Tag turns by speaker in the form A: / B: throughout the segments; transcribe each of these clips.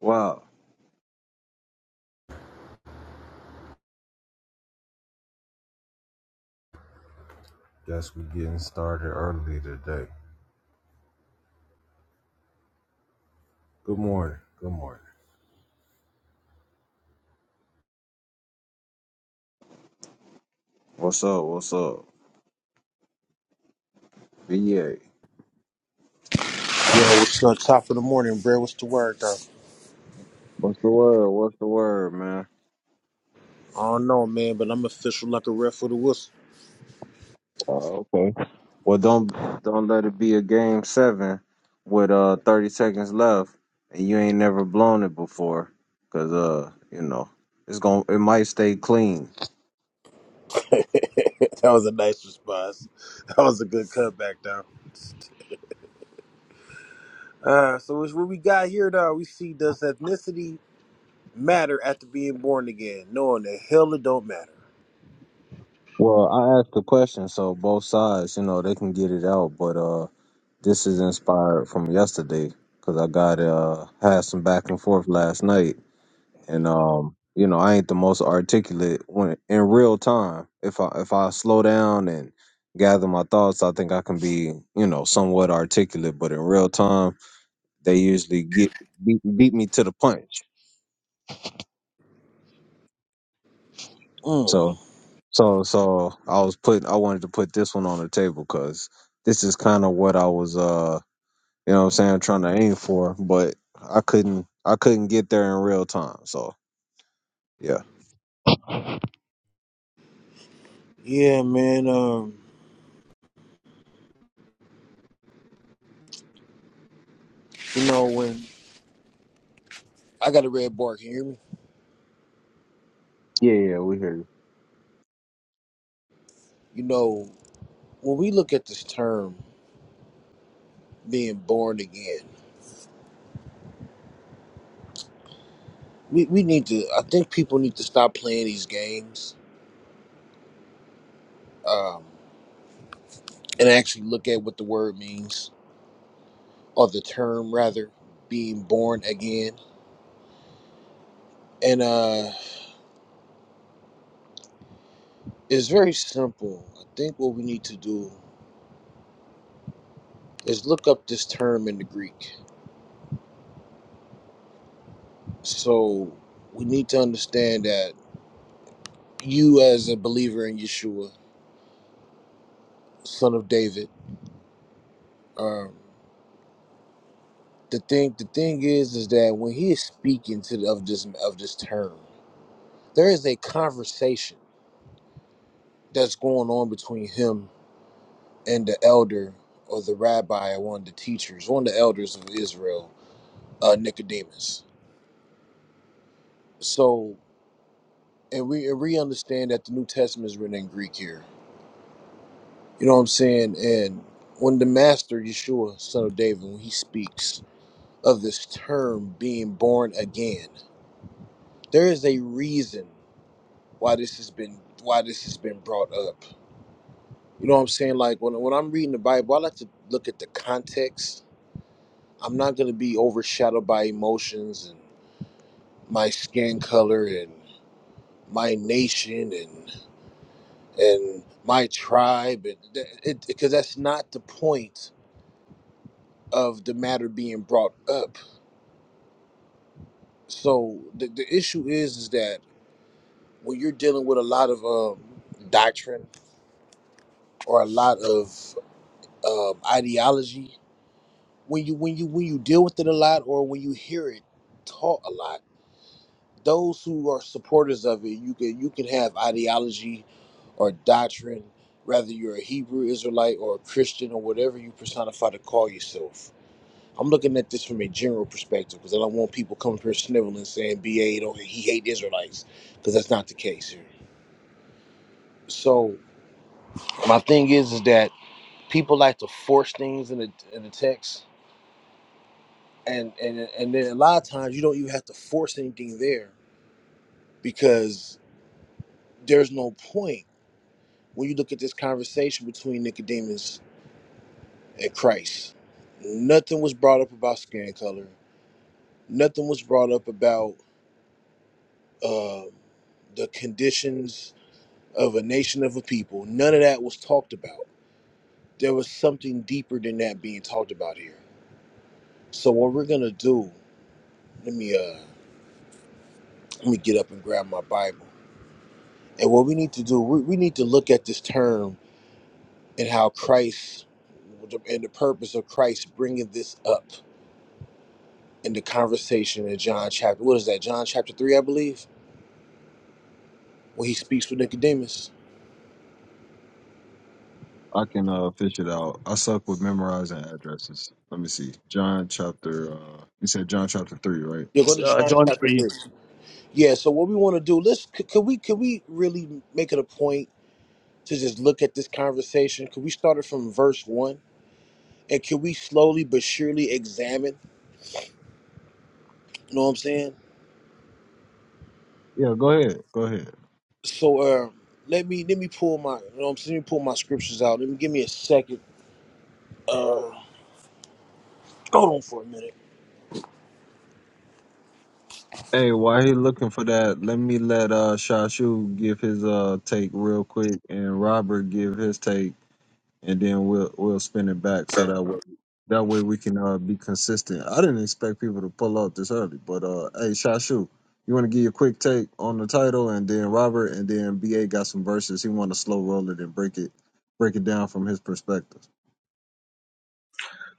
A: Wow. Guess we getting started early today. Good morning. Good morning. What's up? What's up? VA.
B: Yo, what's up? Top of the morning, bro. What's the word, though?
A: What's the word? What's the word, man?
B: I don't know, man, but I'm official like a ref with a whistle.
A: Oh, okay. Well, don't don't let it be a game seven with uh 30 seconds left and you ain't never blown it before, cause uh you know it's going to it might stay clean.
B: that was a nice response. That was a good cutback, though. Uh, so it's what we got here, though. We see does ethnicity matter after being born again? Knowing the hell it don't matter.
A: Well, I asked the question so both sides you know they can get it out, but uh. This is inspired from yesterday because I got uh had some back and forth last night, and um you know I ain't the most articulate when in real time. If I if I slow down and gather my thoughts, I think I can be you know somewhat articulate. But in real time, they usually get beat, beat me to the punch.
B: Mm.
A: So so so I was put I wanted to put this one on the table because this is kind of what I was uh you know what I'm saying, trying to aim for, but I couldn't I couldn't get there in real time. So yeah.
B: Yeah, man. Um, you know when I got a red bar, can you hear me?
A: Yeah, yeah, we hear you.
B: You know when we look at this term being born again, we we need to. I think people need to stop playing these games. Um, and actually look at what the word means or the term rather being born again and uh it's very simple i think what we need to do is look up this term in the greek so we need to understand that you as a believer in yeshua son of david um the thing the thing is is that when he is speaking to the, of this of this term there is a conversation that's going on between him and the elder or the rabbi, one of the teachers, one of the elders of Israel, uh, Nicodemus. So, and we and we understand that the New Testament is written in Greek here. You know what I'm saying? And when the Master Yeshua, Son of David, when he speaks of this term being born again, there is a reason why this has been why this has been brought up. You know what I'm saying? Like when when I'm reading the Bible, I like to look at the context. I'm not going to be overshadowed by emotions my skin color and my nation and and my tribe and because it, because that's not the point of the matter being brought up so the, the issue is is that when you're dealing with a lot of um, doctrine or a lot of um, ideology when you when you when you deal with it a lot or when you hear it taught a lot those who are supporters of it, you can you can have ideology or doctrine, whether you're a Hebrew Israelite or a Christian or whatever you personify to call yourself. I'm looking at this from a general perspective because I don't want people coming here sniveling saying BA don't he hate Israelites because that's not the case here. So my thing is is that people like to force things in the in the text, and and and then a lot of times you don't even have to force anything there because there's no point when you look at this conversation between Nicodemus and Christ, nothing was brought up about skin color. Nothing was brought up about uh, the conditions of a nation of a people. None of that was talked about. There was something deeper than that being talked about here. So what we're gonna do? Let me uh, let me get up and grab my Bible. And what we need to do, we, we need to look at this term and how Christ and the purpose of Christ bringing this up in the conversation in John chapter, what is that, John chapter 3, I believe, when he speaks with Nicodemus.
A: I can uh, fish it out. I suck with memorizing addresses. Let me see. John chapter. Uh, you said John chapter three, right?
B: You go to
C: uh,
B: John
C: John
B: chapter
C: 3.
B: 3. Yeah, so what we want to do, let's, c- could we, could we really make it a point to just look at this conversation? Could we start it from verse 1? And can we slowly but surely examine, you know what I'm saying?
A: Yeah, go ahead. Go ahead.
B: So, uh, let me, let me pull my, you know what I'm saying, let me pull my scriptures out. Let me, give me a second. Uh, hold on for a minute.
A: Hey, while he looking for that, let me let uh Shashu give his uh take real quick, and Robert give his take. and then we'll we'll spin it back so that way that way we can uh, be consistent. I didn't expect people to pull up this early, but uh, hey, Shashu, you want to give your quick take on the title, and then Robert, and then Ba got some verses. He want to slow roll it and break it break it down from his perspective.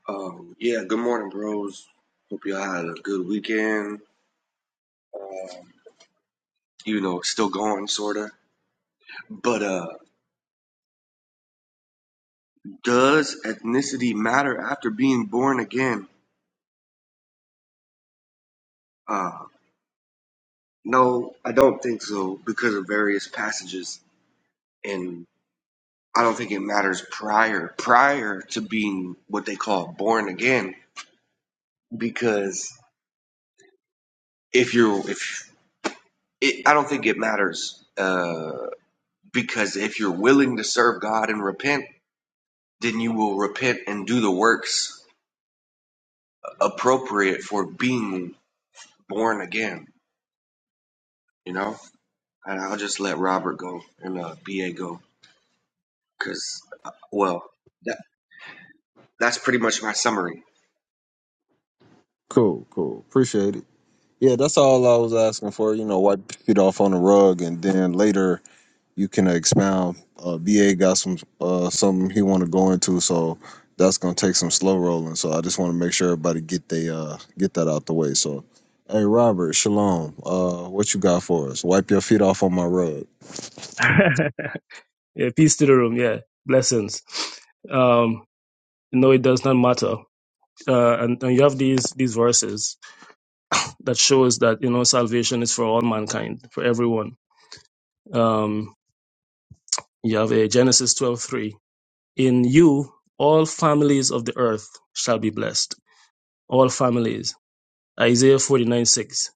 D: Um, yeah, good morning, bros. Hope y'all had a good weekend. Uh, you know, still going, sorta. But uh, does ethnicity matter after being born again? Uh, no, I don't think so because of various passages, and I don't think it matters prior prior to being what they call born again because if you're if it, I don't think it matters uh, because if you're willing to serve God and repent then you will repent and do the works appropriate for being born again. You know, and I'll just let Robert go and uh, BA go because, uh, well, that that's pretty much my summary.
A: Cool, cool, appreciate it. Yeah, that's all I was asking for. You know, wipe it off on the rug, and then later you can expound. Uh, BA got some uh, something he want to go into, so that's gonna take some slow rolling. So I just want to make sure everybody get they uh, get that out the way. So, hey Robert, shalom. Uh, what you got for us? Wipe your feet off on my rug.
C: yeah, peace to the room. Yeah, blessings. Um, no, it does not matter. Uh, and, and you have these these verses that shows that you know salvation is for all mankind, for everyone. Um, you have a Genesis twelve three. In you, all families of the earth shall be blessed. All families. Isaiah 49 6.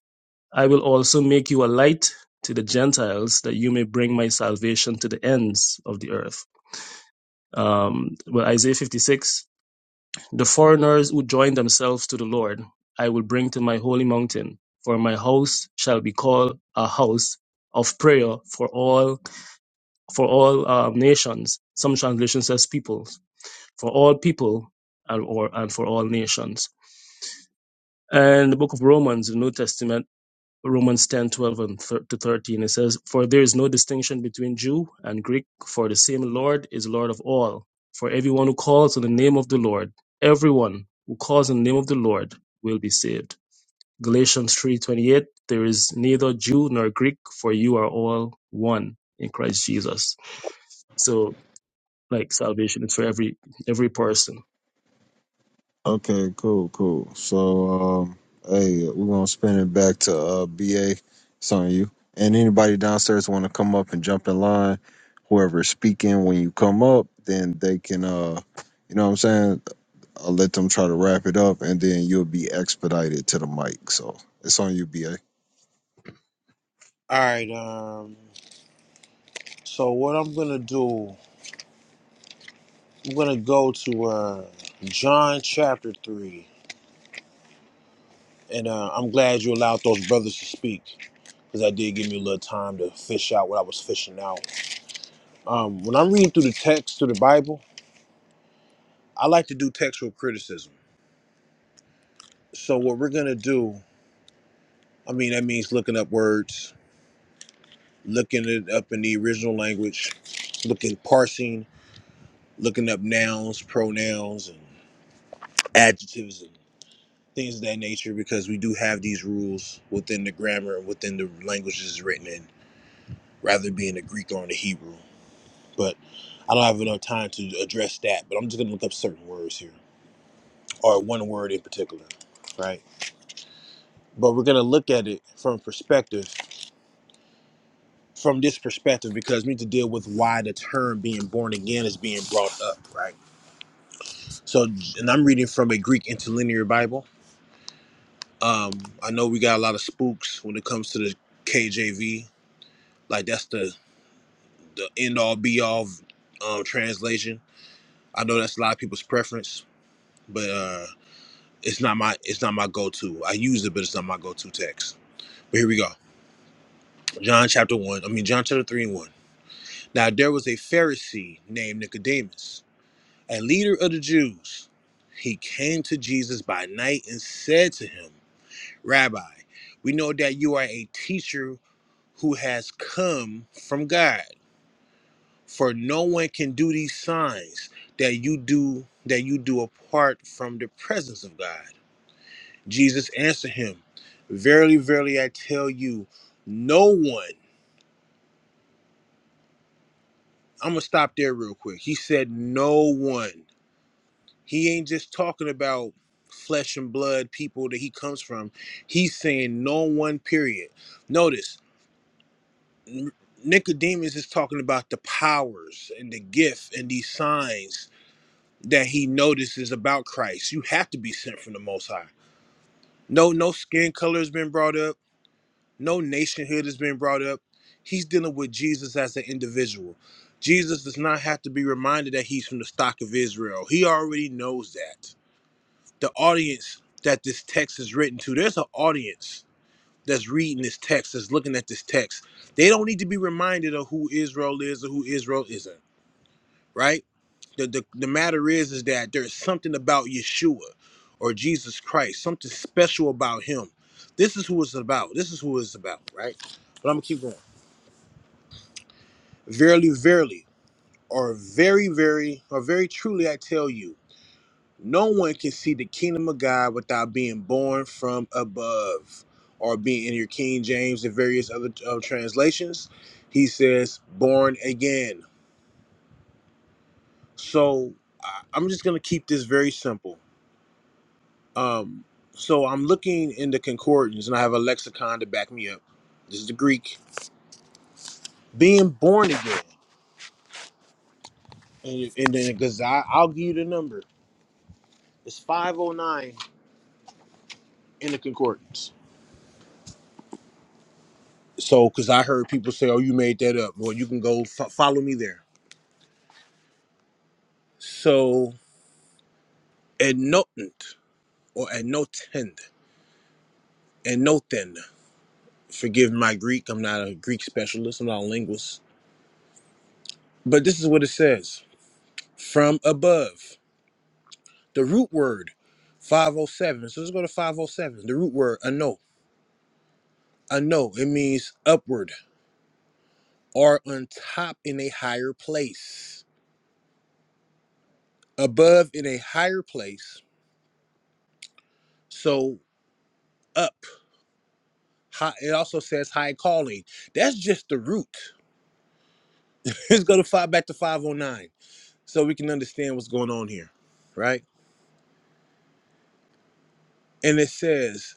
C: I will also make you a light to the Gentiles that you may bring my salvation to the ends of the earth. Um, well, Isaiah 56, the foreigners who join themselves to the Lord, I will bring to my holy mountain, for my house shall be called a house of prayer for all, for all um, nations. Some translation says peoples, for all people and, or, and for all nations. And the book of Romans, the New Testament, Romans 10 12 and thir- to 13. It says, For there is no distinction between Jew and Greek, for the same Lord is Lord of all. For everyone who calls on the name of the Lord, everyone who calls on the name of the Lord will be saved. Galatians three twenty there is neither Jew nor Greek, for you are all one in Christ Jesus. So, like salvation is for every every person.
A: Okay, cool, cool. So, um, hey, we're gonna spin it back to uh, BA. It's on you. And anybody downstairs want to come up and jump in line? Whoever's speaking, when you come up, then they can, uh, you know what I'm saying? I'll let them try to wrap it up, and then you'll be expedited to the mic. So it's on you, BA.
B: All right, um, so what I'm going to do. I'm gonna go to uh, John chapter three, and uh, I'm glad you allowed those brothers to speak because that did give me a little time to fish out what I was fishing out. Um, when I'm reading through the text through the Bible, I like to do textual criticism. So what we're gonna do, I mean, that means looking up words, looking it up in the original language, looking parsing, looking up nouns, pronouns, and adjectives. and things of that nature because we do have these rules within the grammar and within the languages it's written in, rather it being the Greek or in the Hebrew. But I don't have enough time to address that, but I'm just gonna look up certain words here, or one word in particular, right? But we're gonna look at it from perspective, from this perspective, because we need to deal with why the term being born again is being brought up, right? So, and I'm reading from a Greek interlinear Bible. Um, I know we got a lot of spooks when it comes to the KJV, like that's the the end all be all um, translation. I know that's a lot of people's preference, but uh, it's not my it's not my go to. I use it, but it's not my go to text. But here we go. John chapter one. I mean John chapter three and one. Now there was a Pharisee named Nicodemus, a leader of the Jews. He came to Jesus by night and said to him, Rabbi, we know that you are a teacher who has come from God. for no one can do these signs that you do that you do apart from the presence of God. Jesus answered him, Verily, verily, I tell you, no one, I'm gonna stop there real quick. He said, No one. He ain't just talking about flesh and blood people that he comes from. He's saying no one, period. Notice N- Nicodemus is talking about the powers and the gift and these signs that he notices about Christ. You have to be sent from the Most High. No, no skin color has been brought up. No nationhood has been brought up. He's dealing with Jesus as an individual. Jesus does not have to be reminded that he's from the stock of Israel. He already knows that. The audience that this text is written to, there's an audience that's reading this text, that's looking at this text. They don't need to be reminded of who Israel is or who Israel isn't. right? The, the the matter is is that there's something about Yeshua or Jesus Christ, something special about him. This is who it's about. This is who it's about, right? But I'm gonna keep going. Verily, verily, or very, very, or very truly I tell you, no one can see the kingdom of God without being born from above. Or being in your King James and various other uh, translations, he says, born again. So I- I'm just gonna keep this very simple Um, so I'm looking in the concordance, and I have a lexicon to back me up. This is the Greek. Being born again, and, and then because I'll give you the number. It's 509 in the concordance. So, because I heard people say, "Oh, you made that up." Well, you can go fo- follow me there. So, enotent or enotend, enoten. Forgive my Greek. I'm not a Greek specialist. I'm not a linguist. But this is what it says: from above. The root word, 507. So let's go to 507. The root word, ano. Ano, it means upward or on top in a higher place, above in a higher place. So up. High, it also says high calling. That's just the root. Let's go to five back to 509 so we can understand what's going on here, right? And it says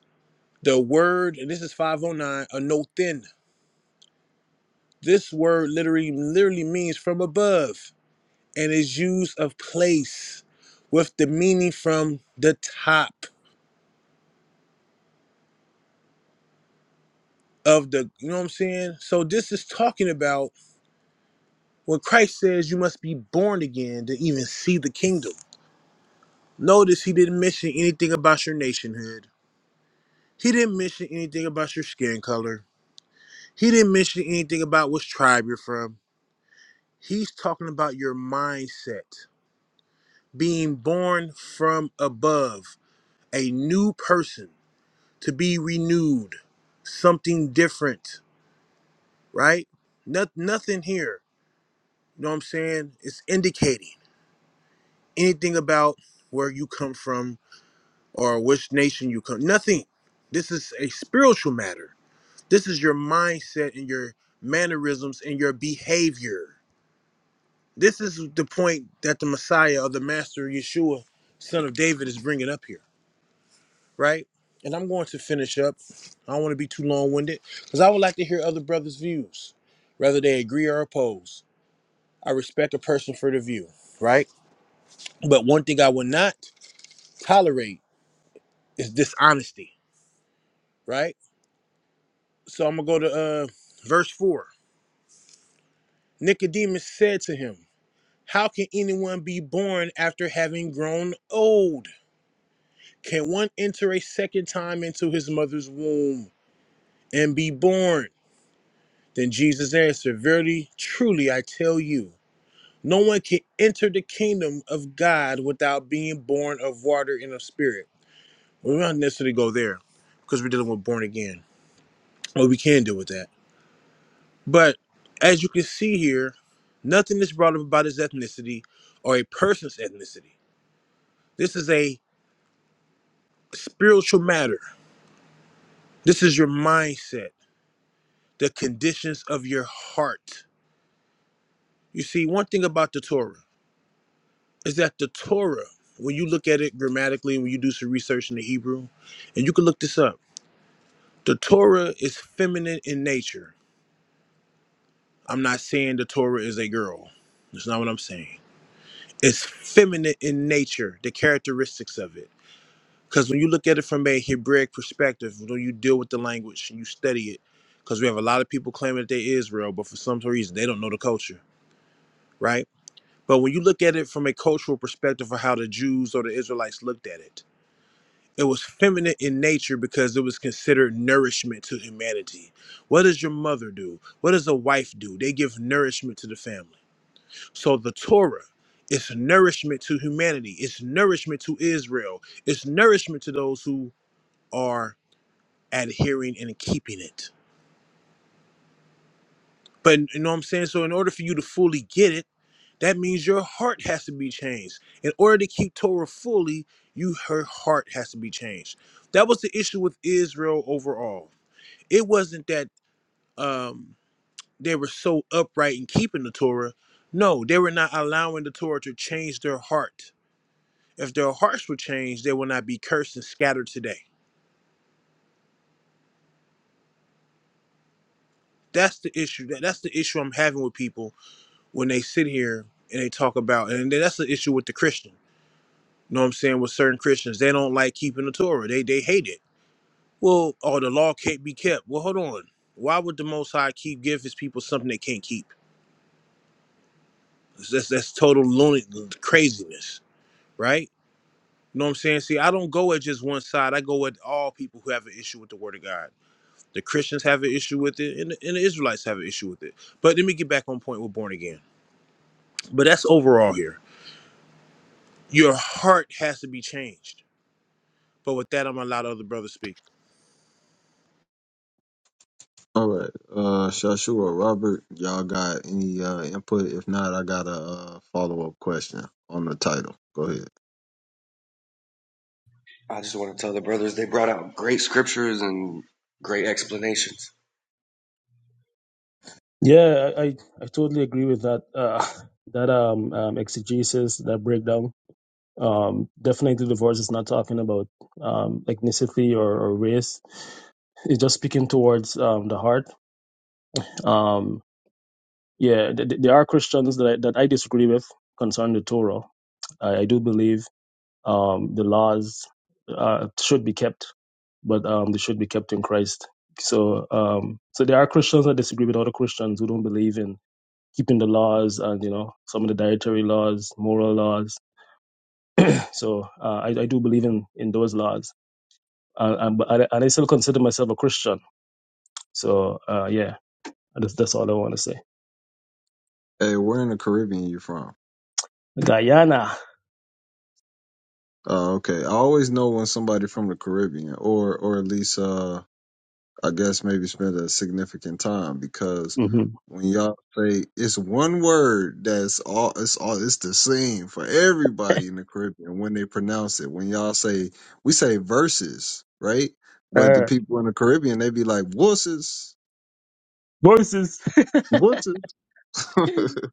B: the word, and this is 509, ano thin. This word literally literally means from above. and is used of place with the meaning from the top of the you know what I'm saying? So this is talking about when Christ says you must be born again to even see the kingdom. Notice he didn't mention anything about your nationhood. He didn't mention anything about your skin color. He didn't mention anything about which tribe you're from. He's talking about your mindset, being born from above, a new person, to be renewed, something different right? Not, nothing here. You know what I'm saying? It's indicating anything about where you come from or which nation you come. Nothing. This is a spiritual matter. This is your mindset and your mannerisms and your behavior. This is the point that the Messiah or the Master Yeshua, son of David, is bringing up here, right? And I'm going to finish up. I don't want to be too long winded because I would like to hear other brothers' views, whether they agree or oppose. I respect a person for the view, right? But one thing I will not tolerate is dishonesty, right? So I'm gonna go to uh, verse four. Nicodemus said to him, "How can anyone be born after having grown old? Can one enter a second time into his mother's womb and be born?" Then Jesus answered, "Verily, truly, I tell you." No one can enter the kingdom of God without being born of water and of spirit. Well, We do not necessarily go there because we're dealing with born again. What we can deal with that. But as you can see here, nothing is brought up about his ethnicity or a person's ethnicity. This is a spiritual matter. This is your mindset, the conditions of your heart. You see, one thing about the Torah is that the Torah, when you look at it grammatically, when you do some research in the Hebrew, and you can look this up, the Torah is feminine in nature I'm not saying the Torah is a girl. That's not what I'm saying. It's feminine in nature, the characteristics of it. Because when you look at it from a Hebraic perspective, when you deal with the language and you study it, because we have a lot of people claiming that they Israel, but for some reason they don't know the culture, right? But when you look at it from a cultural perspective of how the Jews or the Israelites looked at it, it was feminine in nature because it was considered nourishment to humanity. What does your mother do? What does a wife do? They give nourishment to the family. So the Torah is nourishment to humanity, it's nourishment to Israel, it's nourishment to those who are adhering and keeping it. But you know what I'm saying? So in order for you to fully get it, that means your heart has to be changed. In order to keep Torah fully, you her heart has to be changed. That was the issue with Israel overall. It wasn't that um they were so upright in keeping the Torah. No, they were not allowing the Torah to change their heart If their hearts were changed, they will not be cursed and scattered today. That's the issue. That that's the issue I'm having with people when they sit here and they talk about, and that's the issue with the Christian. You know what I'm saying? With certain Christians, they don't like keeping the Torah. They they hate it. Well, oh, the law can't be kept. Well, hold on. Why would the Most High keep give His people something they can't keep? That's that's, that's total lunatic craziness, right? You know what I'm saying? See, I don't go at just one side. I go at all people who have an issue with the Word of God. The Christians have an issue with it, and the, and the Israelites have an issue with it. But let me get back on point with born again. But that's overall here. Your heart has to be changed. But with that, I'm gonna allow the other brothers speak.
A: All right, uh, Shashua, Robert, y'all got any uh, input? If not, I got a uh, follow up question on the title. Go ahead.
D: I just want to tell the brothers they brought out great scriptures and great explanations.
C: Yeah, I I, I totally agree with that uh, that um, um exegesis that breakdown Um, definitely, the verse is not talking about um, ethnicity or, or race. It's just speaking towards um, the heart. Um, yeah, th- th- there are Christians that I, that I disagree with concerning the Torah. I, I do believe um, the laws uh, should be kept, but um, they should be kept in Christ. So, um, so there are Christians that disagree with other Christians who don't believe in keeping the laws and you know some of the dietary laws, moral laws. So, uh, I, I do believe in in those laws Uh, and, but I, and I still consider myself a Christian. So, uh, yeah, that's, that's all I want to say.
A: Hey, where in the Caribbean you from?
C: Guyana.
A: Oh, okay. I always know when somebody from the Caribbean, or or at least, uh, I guess maybe spend a significant time because
C: hmm
A: when y'all say it's one word that's all, it's all, it's the same for everybody in the Caribbean when they pronounce it. When y'all say, we say verses, right? But the
C: Uh,
A: people in the Caribbean, they be like wusses,
C: voices.
A: wusses.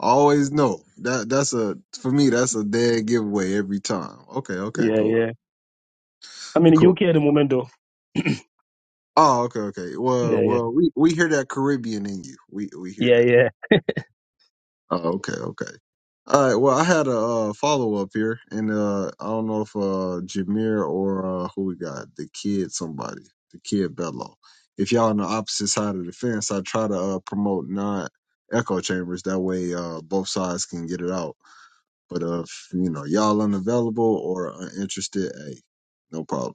A: always know that that's a for me that's a dead giveaway every time. Okay, okay,
C: yeah,
A: cool,
C: yeah. I'm in the
A: cool.
C: UK at the moment, though.
A: Oh, okay, okay.
C: Yeah,
A: Well,
C: yeah.
A: well, we we hear that Caribbean in you. We we hear that.
C: Yeah,
A: Oh, okay, okay. All right. Well, I had a uh, follow up here, and uh, I don't know if uh, Jameer or uh, who we got, the kid, somebody, the kid Bello. If y'all on the opposite side of the fence, I try to uh, promote non echo chambers. That way, uh, both sides can get it out. But uh, if you know y'all unavailable or uninterested, hey, no problem.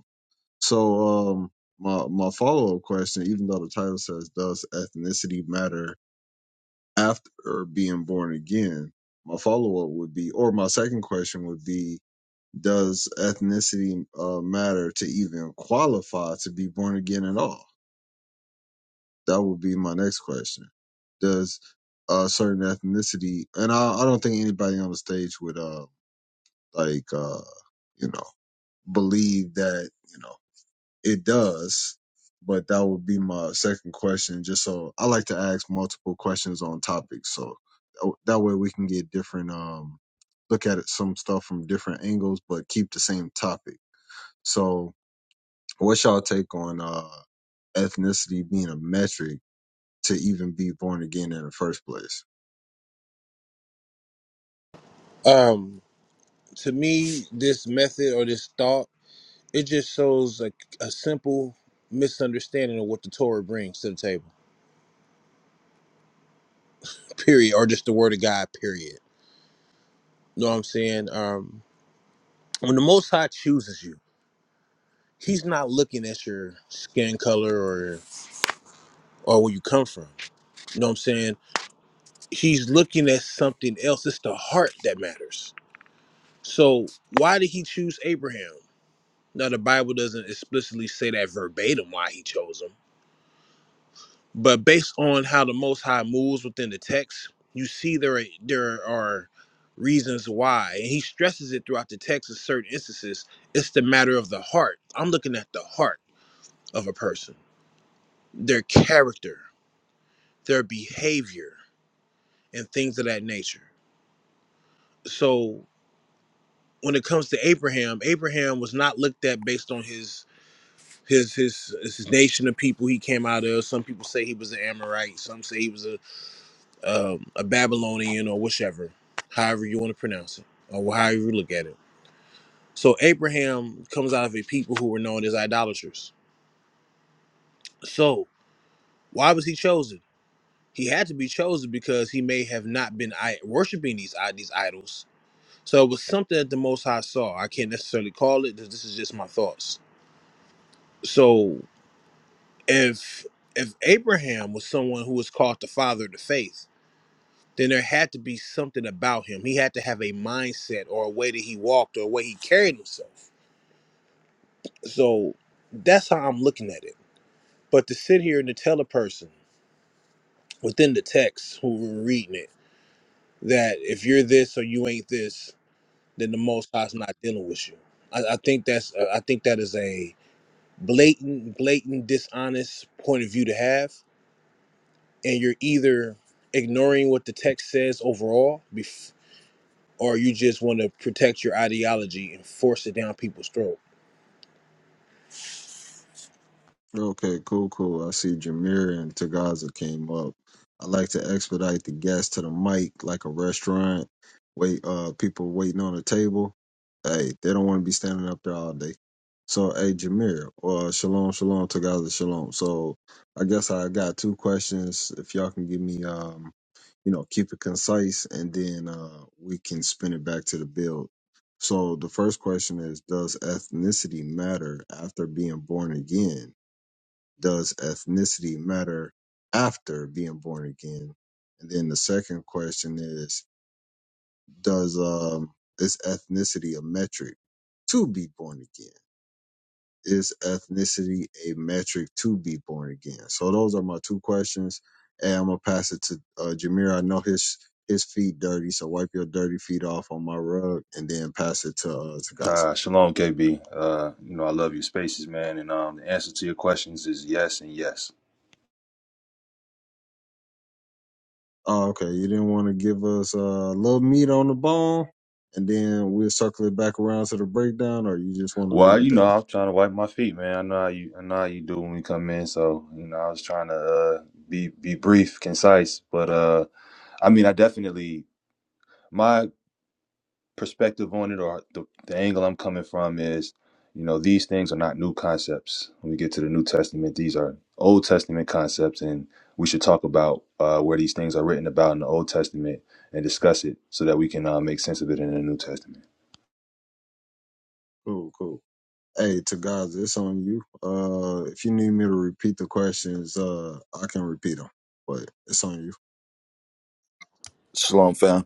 A: So um my my follow up question, even though the title says does ethnicity matter after being born again, my follow up would be or my second question would be does ethnicity uh, matter to even qualify to be born again at all? That would be my next question. Does a certain ethnicity, and I, I don't think anybody on the stage would uh like uh you know believe that you know It does, but that would be my second question. Just so I like to ask multiple questions on topics, so tha- that way we can get different um look at it, some stuff from different angles, but keep the same topic. So, what's y'all take on uh ethnicity being a metric to even be born again in the first place?
B: Um, to me, this method or this thought, it just shows like a simple misunderstanding of what the Torah brings to the table. Period, or just the Word of God. Period. know what I'm saying? Um, when the Most High chooses you, He's not looking at your skin color or or where you come from. You know what I'm saying? he's looking at something else. It's the heart that matters. So why did he choose Abraham? Now the Bible doesn't explicitly say that verbatim why he chose him, but based on how the Most High moves within the text, you see there are, there are reasons why, and he stresses it throughout the text in certain instances. It's the matter of the heart. I'm looking at the heart of a person, their character, their behavior, and things of that nature. So when it comes to Abraham, Abraham was not looked at based on his his his his nation of people he came out of. Some people say he was an Amorite, some say he was a um, a Babylonian or whichever, however you want to pronounce it or however you look at it. So Abraham comes out of a people who were known as idolaters. So why was he chosen? He had to be chosen because he may have not been I- worshiping these i- these idols. So it was something that the Most High saw. I can't necessarily call it. This this is just my thoughts. So if if Abraham was someone who was called the father of the faith, then there had to be something about him. He had to have a mindset or a way that he walked or a way he carried himself. So that's how I'm looking at it. But to sit here and to tell a person within the text who were reading it that if you're this or you ain't this, then the Most High's not dealing with you. I, I think that's I think that is a blatant, blatant, dishonest point of view to have and you're either ignoring what the text says overall, bef- or you just want to protect your ideology and force it down people's throat.
A: Okay, cool, cool. I see Jameer and Tagaza came up. I like to expedite the guests to the mic like a restaurant. Wait, uh, people waiting on a table. Hey, they don't want to be standing up there all day. So, hey, Jameer, uh, shalom, shalom, Tagaza, shalom. So, I guess I got two questions. If y'all can give me, um, you know, keep it concise, and then uh, we can spin it back to the build. So, the first question is, does ethnicity matter after being born again? Does ethnicity matter after being born again? And then the second question is, does um is ethnicity a metric to be born again? Is ethnicity a metric to be born again? So those are my two questions. And I'm gonna pass it to uh Jameer. I know his his feet dirty, so wipe your dirty feet off on my rug and then pass it to uh to Gospel.
E: Uh, shalom, KB. Uh, you know I love your spaces, man. And um, the answer to your questions is yes and yes.
A: Oh, okay. You didn't want to give us uh, a little meat on the bone, and then we'll circle it back around to the breakdown, or you just want to
E: Well,
A: leave it
E: you know
A: there.
E: I'm trying to wipe my feet, man. I know how you, I know how you do when we come in. So you know I was trying to uh, be be brief, concise. But uh, I mean I definitely my perspective on it or the, the angle I'm coming from is, you know, these things are not new concepts. When we get to the New Testament, these are Old Testament concepts, and we should talk about uh, where these things are written about in the Old Testament and discuss it so that we can uh, make sense of it in the New Testament.
A: Cool, cool. Hey, to guys, it's on you. Uh, if you need me to repeat the questions, uh, I can repeat them, but it's on you.
F: Shalom, fam.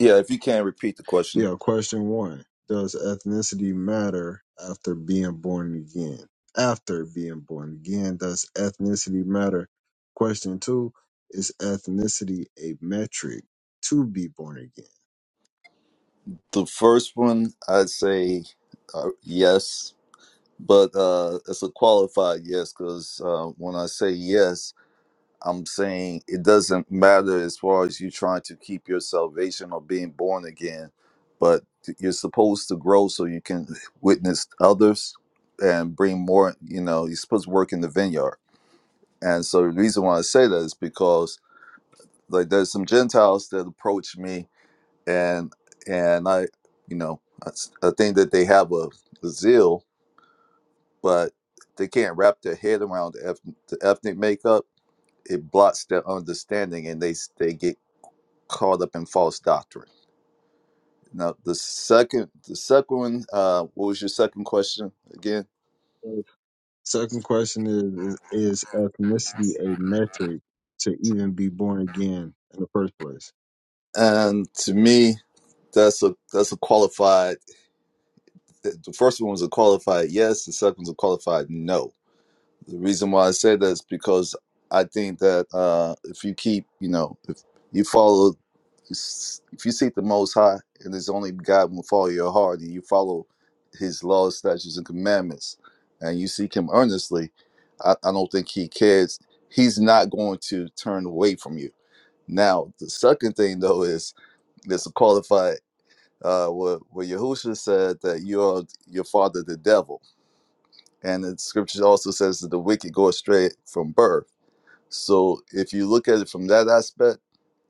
F: Yeah, if you can repeat the question.
A: Yeah. Question one: Does ethnicity matter after being born again? After being born again, does ethnicity matter? Question two: Is ethnicity a metric to be born again?
F: The first one, I'd say uh, yes, but uh, it's a qualified yes because uh, when I say yes, I'm saying it doesn't matter as far as you trying to keep your salvation or being born again, but you're supposed to grow so you can witness others and bring more. You know, you're supposed to work in the vineyard, and so the reason why I say that is because like there's some Gentiles that approach me and and I, you know, I, s- I think that they have a, a zeal, but they can't wrap their head around the, eth- the ethnic makeup. It blocks their understanding, and they s- they get caught up in false doctrine. Now the second the second one, uh, what was your second question again?
A: Second question is Is ethnicity a metric to even be born again in the first place?
F: And to me, that's a that's a qualified. The the first one was a qualified yes. The second one's a qualified no The reason why I say that is because I think that uh, if you keep, you know, if you follow, if you seek the Most High and His only God will follow your heart, and you follow His laws, statutes, and commandments, and you seek Him earnestly, I, I don't think He cares. He's not going to turn away from you. Now, the second thing though is there's a qualified uh, where, where Yahushua said that you are your father, the devil. And the scripture also says that the wicked go astray from birth. So if you look at it from that aspect,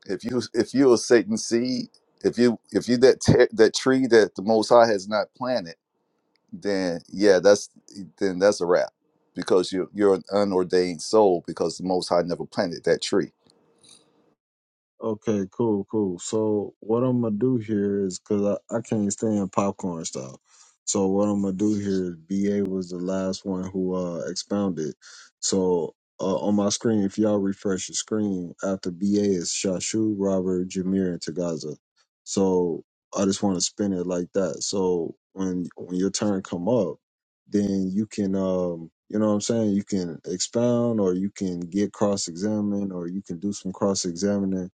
F: if you if you're a Satan seed, if you if you that te- that tree that the Most High has not planted, then yeah, that's then that's a wrap because you are you're an unordained soul because the Most High never planted that tree.
A: Okay, cool, cool. So what I'm gonna do here is because I, I can't stand popcorn style. So what I'm gonna do here is BA was the last one who uh expounded. So uh, on my screen, if y'all refresh the screen after BA is Shashu, Robert, Jameer, and Tagaza. So I just want to spin it like that. So when when your turn come up, then you can um you know what I'm saying you can expound or you can get cross examined or you can do some cross examining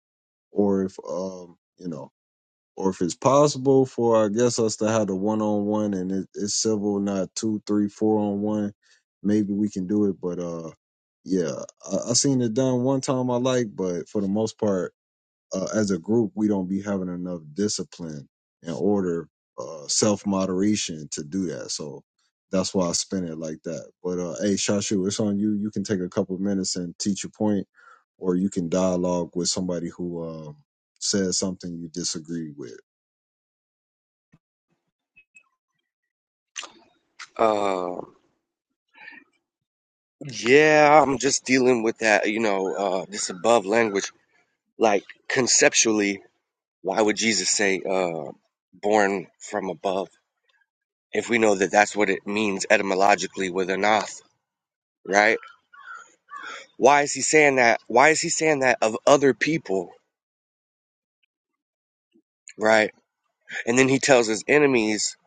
A: or if um you know or if it's possible for I guess us to have the one on one and it, it's civil, not two, three, four on one, maybe we can do it. But uh, yeah, I, I seen it done one time I like, but for the most part uh, as a group, we don't be having enough discipline and order, uh, self moderation to do that. So that's why I spin it like that. But uh, hey, Shashu, it's on you. You can take a couple minutes and teach your point, or you can dialogue with somebody who um, says something you disagree with.
D: Uh, yeah, I'm just dealing with that, you know, uh, this above language. Like conceptually, why would Jesus say, uh, born from above? if we know that that's what it means etymologically with anath, right? Why is he saying that? Why is he saying that of other people, right? And then he tells his enemies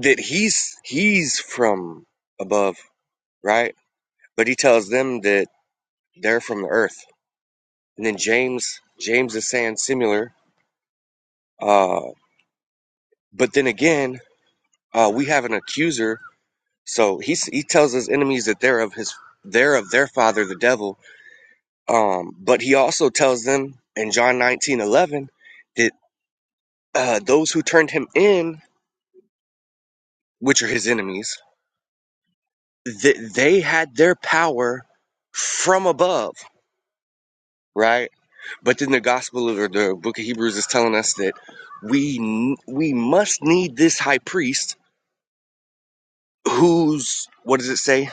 D: that he's he's from above, right? But he tells them that they're from the earth. And then James James is saying similar. Uh, but then again, uh, we have an accuser, so he he tells his enemies that they're of his they're of their father, the devil, Um, but he also tells them in John nineteen eleven that uh, those who turned him in, which are his enemies, that they had their power from above, right? But then the gospel or the book of Hebrews is telling us that we n- we must need this high priest who's what does it say?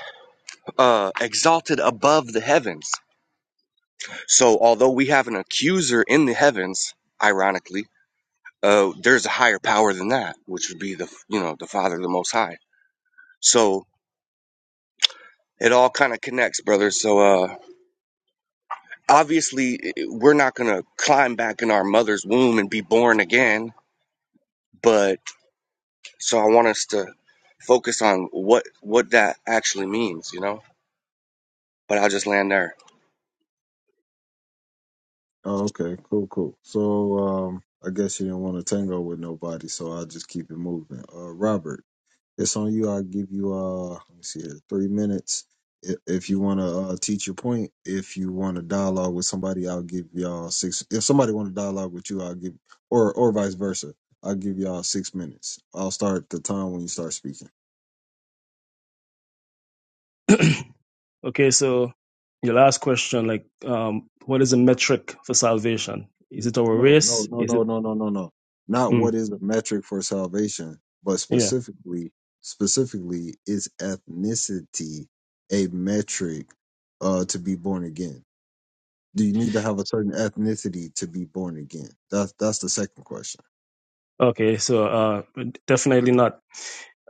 D: Uh, exalted above the heavens. So although we have an accuser in the heavens, ironically uh, there's a higher power than that, which would be the you know the Father, the Most High. So it all kind of connects, brother. So uh, obviously we're not gonna climb back in our mother's womb and be born again, but so I want us to focus on what what that actually means, you know. But I'll just land there.
A: Oh, okay, cool, cool. So um, I guess you didn't want to tango with nobody, so I'll just keep it moving. Uh, Robert. It's on you. I'll give you uh let me see here, three minutes i- if you want to uh, teach your point. If you want to dialogue with somebody, I'll give y'all six. If somebody want to dialogue with you, I'll give or or vice versa. I'll give y'all six minutes. I'll start the time when you start speaking.
C: yeah. okay, so your last question, like, um, what is the metric for salvation? Is it our
A: No, no,
C: race?
A: no,
C: Is
A: no,
C: it?
A: no, no, no, no. Not
C: Mm,
A: what is a metric for salvation, but
C: yeah.
A: specifically, specifically is ethnicity a metric uh, to be born again? Do you need to have a certain ethnicity to be born again? That's that's the second question.
C: Okay, so uh, definitely not.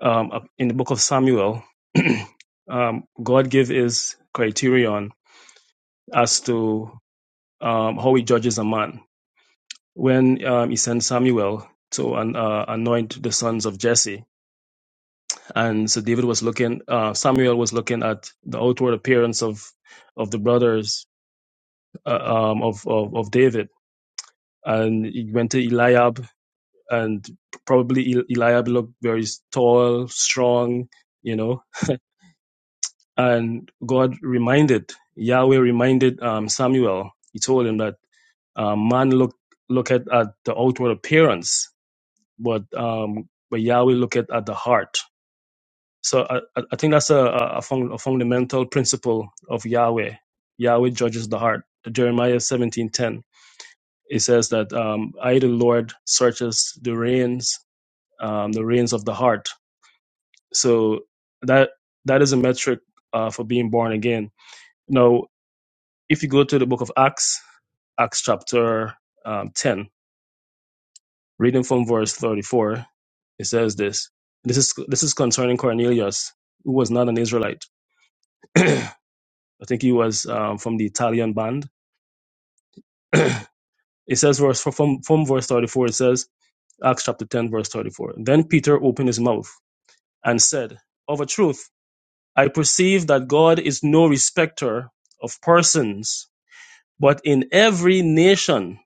C: Um, up in the book of Samuel, um, God gave his criterion as to um, how he judges a man when um, he sent Samuel to an, uh, anoint the sons of Jesse. And so David was looking, uh, Samuel was looking at the outward appearance of of the brothers uh, um, of, of of David, and he went to Eliab, and probably El- Eliab looked very tall, strong, you know. And God reminded Yahweh reminded um, Samuel. He told him that uh, man look look at, at the outward appearance, but um, but Yahweh look at, at the heart. So I, I I think that's a a, a fun, a fundamental principle of Yahweh. Yahweh judges the heart. Jeremiah seventeen ten. It says that um, I the Lord searches the reins, um, the reins of the heart. So that that is a metric uh, for being born again. Now, if you go to the book of Acts, Acts chapter um, ten, Reading from verse 34, it says this. This is this is concerning Cornelius, who was not an Israelite. I think he was um, from the Italian band. it says verse from from verse 34. It says Acts chapter 10 verse 34. Then Peter opened his mouth and said, "Of a truth, I perceive that God is no respecter of persons, but in every nation,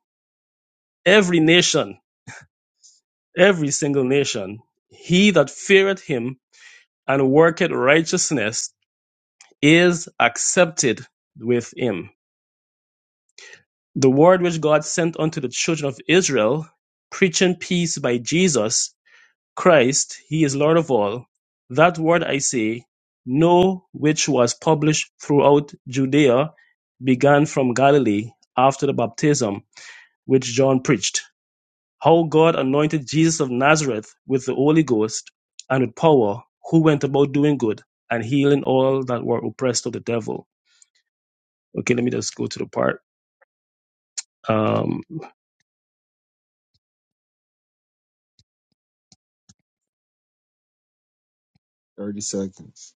C: every nation, every single nation, he that feareth Him and worketh righteousness." is accepted with him. The word which God sent unto the children of Israel, preaching peace by Jesus Christ, he is Lord of all. That word I say, know which was published throughout Judea, began from Galilee after the baptism which John preached. How God anointed Jesus of Nazareth with the Holy Ghost and with power, who went about doing good and healing all that were oppressed of the devil. Okay, let me just go to the part. Um,
A: Thirty seconds.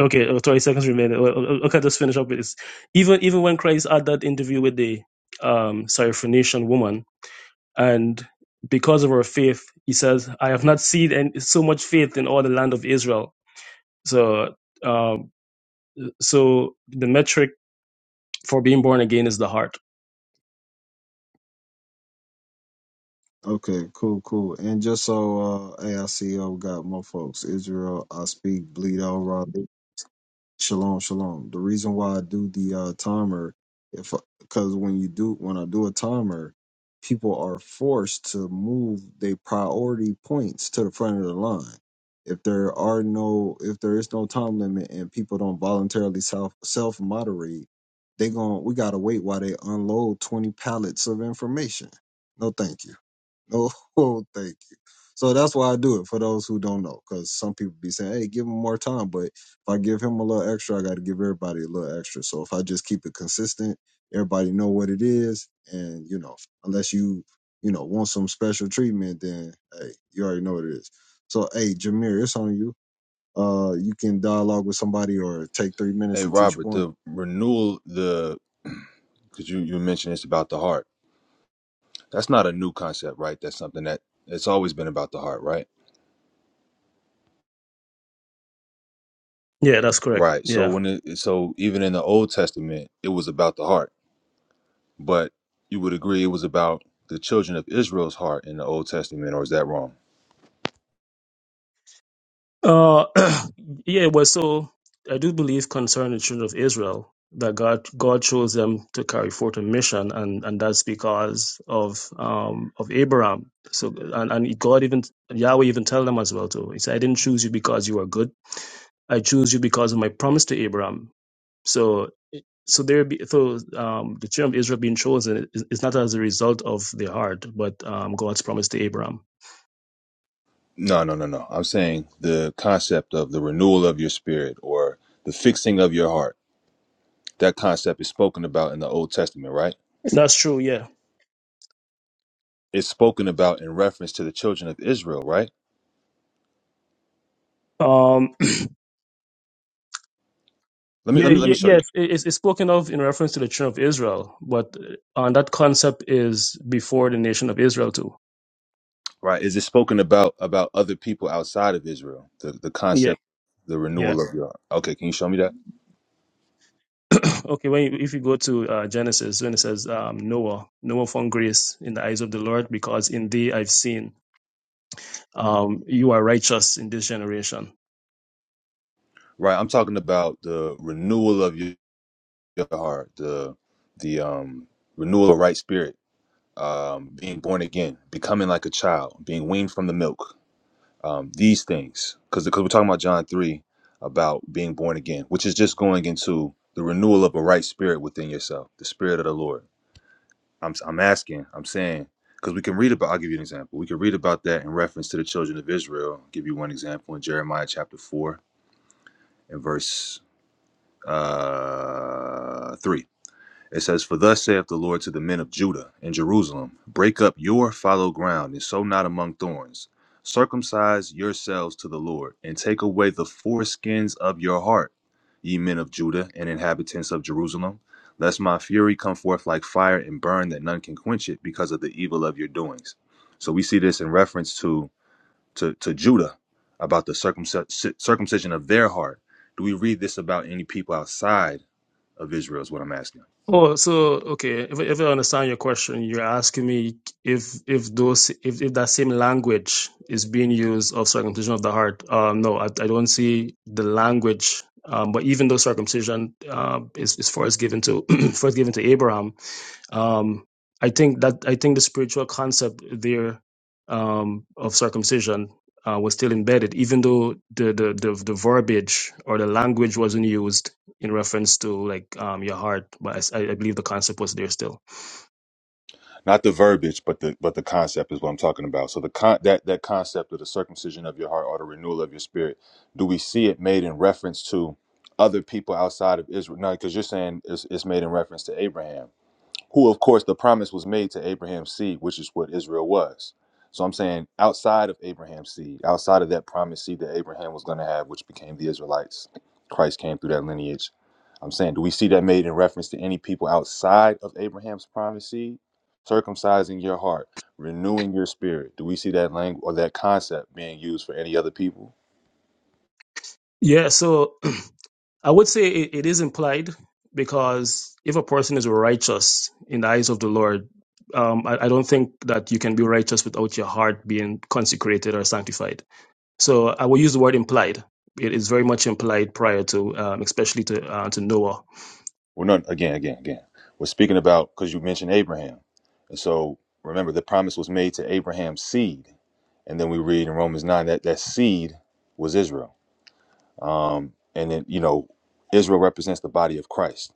C: okay, uh, 20 seconds remaining. Well, uh, Okay, just finish up with this. Even even when Christ had that interview with the um, Syrophoenician woman, and because of her faith, he says, "I have not seen any, so much faith in all the land of Israel." So, um, so the metric for being born again is the heart.
A: Okay, cool, cool. And just so uh AICO got more folks, Israel, I speak Bleedo, Raw Shalom, shalom. The reason why I do the uh, timer, if because when you do when I do a timer, people are forced to move their priority points to the front of the line. If there are no, if there is no time limit and people don't voluntarily self self moderate, they gon' we gotta wait while they unload twenty pallets of information. No, thank you. Oh, thank you. So that's why I do it for those who don't know, because some people be saying, "Hey, give him more time," but if I give him a little extra, I got to give everybody a little extra. So if I just keep it consistent, everybody know what it is, and you know, unless you you know want some special treatment, then hey, you already know what it is. So hey, Jameer, it's on you. Uh, you can dialogue with somebody or take three minutes
E: Hey,
A: and teach a
E: Robert,
A: point.
E: the renewal, the because you you mentioned it's about the heart. That's not a new concept, right? That's something that it's always been about the heart, right?
C: Yeah, that's correct.
E: Right. So
C: Yeah.
E: when it so even in the Old Testament, it was about the heart But you would agree it was about the children of Israel's heart in the Old Testament, or is that wrong?
C: Uh, yeah, well, so I do believe concerning the children of Israel that God God chose them to carry forth a mission, and and that's because of um of Abraham. So and and God even Yahweh even tell them as well too. He said, "I didn't choose you because you are good. I choose you because of my promise to Abraham." So. So there be so um, the children of Israel being chosen is, is not as a result of their heart, but um, God's promise to Abraham.
E: No, no, no, no. I'm saying the concept of the renewal of your spirit or the fixing of your heart. That concept is spoken about in the Old Testament, right?
C: That's true, yeah.
E: It's spoken about in reference to the children of Israel, right?
C: um.
E: Let me
C: Yeah,
E: let me let me
C: ye-
E: show you.
C: yes, it- it's, it's spoken of in reference to the children of Israel, but uh, and that concept is before the nation of Israel too.
E: Right? Is it spoken about about other people outside of Israel? The the
C: Yeah,
E: concept, the
C: yeah.
E: renewal of your. Okay, can you show me that?
C: okay, when you, if you go to uh, Genesis, when it says um, Noah, Noah found grace in the eyes of the Lord because in thee I've seen um, you are righteous in this generation.
E: Right. I'm talking about the renewal of your. your heart, the the um renewal of right spirit, um, being born again, becoming like a child, being weaned from the milk. Um, these things, because because we're talking about John three about being born again, which is just going into the renewal of a right spirit within yourself, the spirit of the Lord. I'm I'm asking, I'm saying, because we can read about. I'll give you an example. We can read about that in reference to the children of Israel. I'll give you one example in Jeremiah chapter four and verse uh three. It says, For thus saith the Lord to the men of Judah and Jerusalem Break up your fallow ground, and sow not among thorns. Circumcise yourselves to the Lord, and take away the foreskins of your heart, ye men of Judah and inhabitants of Jerusalem, lest my fury come forth like fire and burn that none can quench it because of the evil of your doings. So we see this in reference to, to, to Judah about the circumcis- circumcision of their heart. Do we read this about any people outside of Israel? Is what I'm asking.
C: Oh, so okay. If, if I understand your question, you're asking me if if those if, if that same language is being used of circumcision of the heart. Um, no, I, I don't see the language. Um, but even though circumcision uh, is is first given to first given to Abraham, um, I think that I think the spiritual concept there um, of circumcision uh, was still embedded, even though the, the the the verbiage or the language wasn't used in reference to like um, your heart. But I I believe the concept was there still.
E: not the verbiage, but the but the concept is what I'm talking about. So the con- that that concept of the circumcision of your heart or the renewal of your spirit, do we see it made in reference to other people outside of Israel? No, because you're saying it's, it's made in reference to Abraham who of course the promise was made to Abraham's seed, which is what Israel was. So I'm saying outside of Abraham's seed, outside of that promised seed that Abraham was going to have, which became the Israelites, Christ came through that lineage. I'm saying, do we see that made in reference to any people outside of Abraham's promised seed? Circumcising your heart, renewing your spirit. Do we see that language or that concept being used for any other people?
C: Yeah, so I would say it, it is implied because if a person is righteous in the eyes of the Lord. Um, I, I don't think that you can be righteous without your heart being consecrated or sanctified So I will use the word implied. It is very much implied prior to, um, especially to uh, to Noah.
E: Well, no, again, again, again. We're speaking about because you mentioned Abraham. And so remember, the promise was made to Abraham's seed And then we read in Romans 9 that that seed was Israel. And then, you know, Israel represents the body of Christ.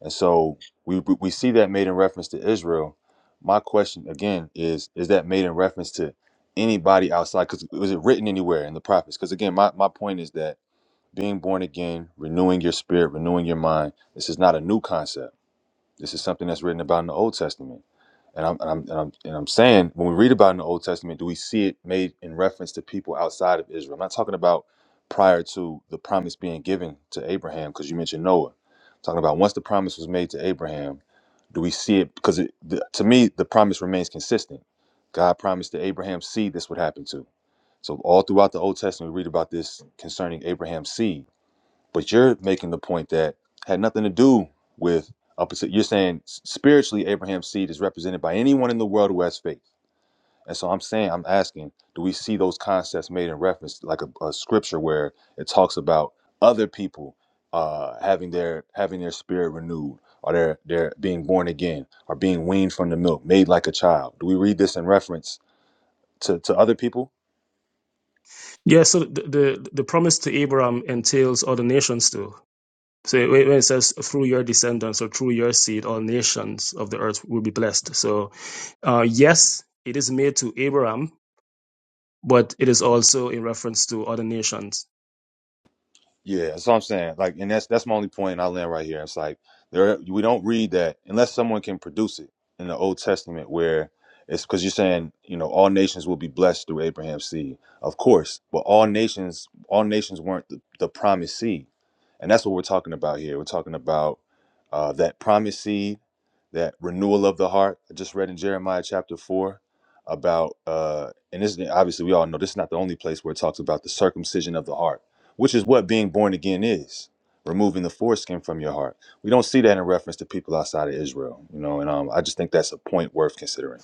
E: And so we we see that made in reference to Israel. My question again is is that made in reference to anybody outside cuz was it written anywhere in the prophets? Cuz again, my my point is that being born again, renewing your spirit, renewing your mind, this is not a new concept this is something that's written about in the Old Testament. And I'm, and I'm, and I'm, and I'm saying, when we read about it in the Old Testament, do we see it made in reference to people outside of Israel? I'm not talking about prior to the promise being given to Abraham, because you mentioned Noah. I'm talking about once the promise was made to Abraham, do we see it? Because it, the, to me, the promise remains consistent. God promised to Abraham's seed this would happen to. So all throughout the Old Testament, we read about this concerning Abraham's seed but you're making the point that had nothing to do with opposite. You're saying spiritually, Abraham's seed is represented by anyone in the world who has faith. And so I'm saying, I'm asking, do we see those concepts made in reference, like a, a scripture where it talks about other people uh, having their having their spirit renewed, or their their being born again, or being weaned from the milk, made like a child? Do we read this in reference to, to other people?
C: Yeah. So the, the the promise to Abraham entails other nations too. So when it says through your descendants or through your seed, all nations of the earth will be blessed. So uh, yes, it is made to Abraham, but it is also in reference to other nations.
E: Yeah, that's what I'm saying. Like, and that's that's my only point. And I land right here. It's like there we don't read that unless someone can produce it in the Old Testament, where it's because you're saying you know all nations will be blessed through Abraham's seed, of course. But all nations, all nations weren't the, the promised seed, and that's what we're talking about here. We're talking about uh, that promised seed that renewal of the heart. I just read in Jeremiah chapter four about, uh, and this is- obviously we all know this is not the only place where it talks about the circumcision of the heart, which is what being born again is, removing the foreskin from your heart. We don't see that in reference to people outside of Israel, you know, and um, I just think that's a point worth considering.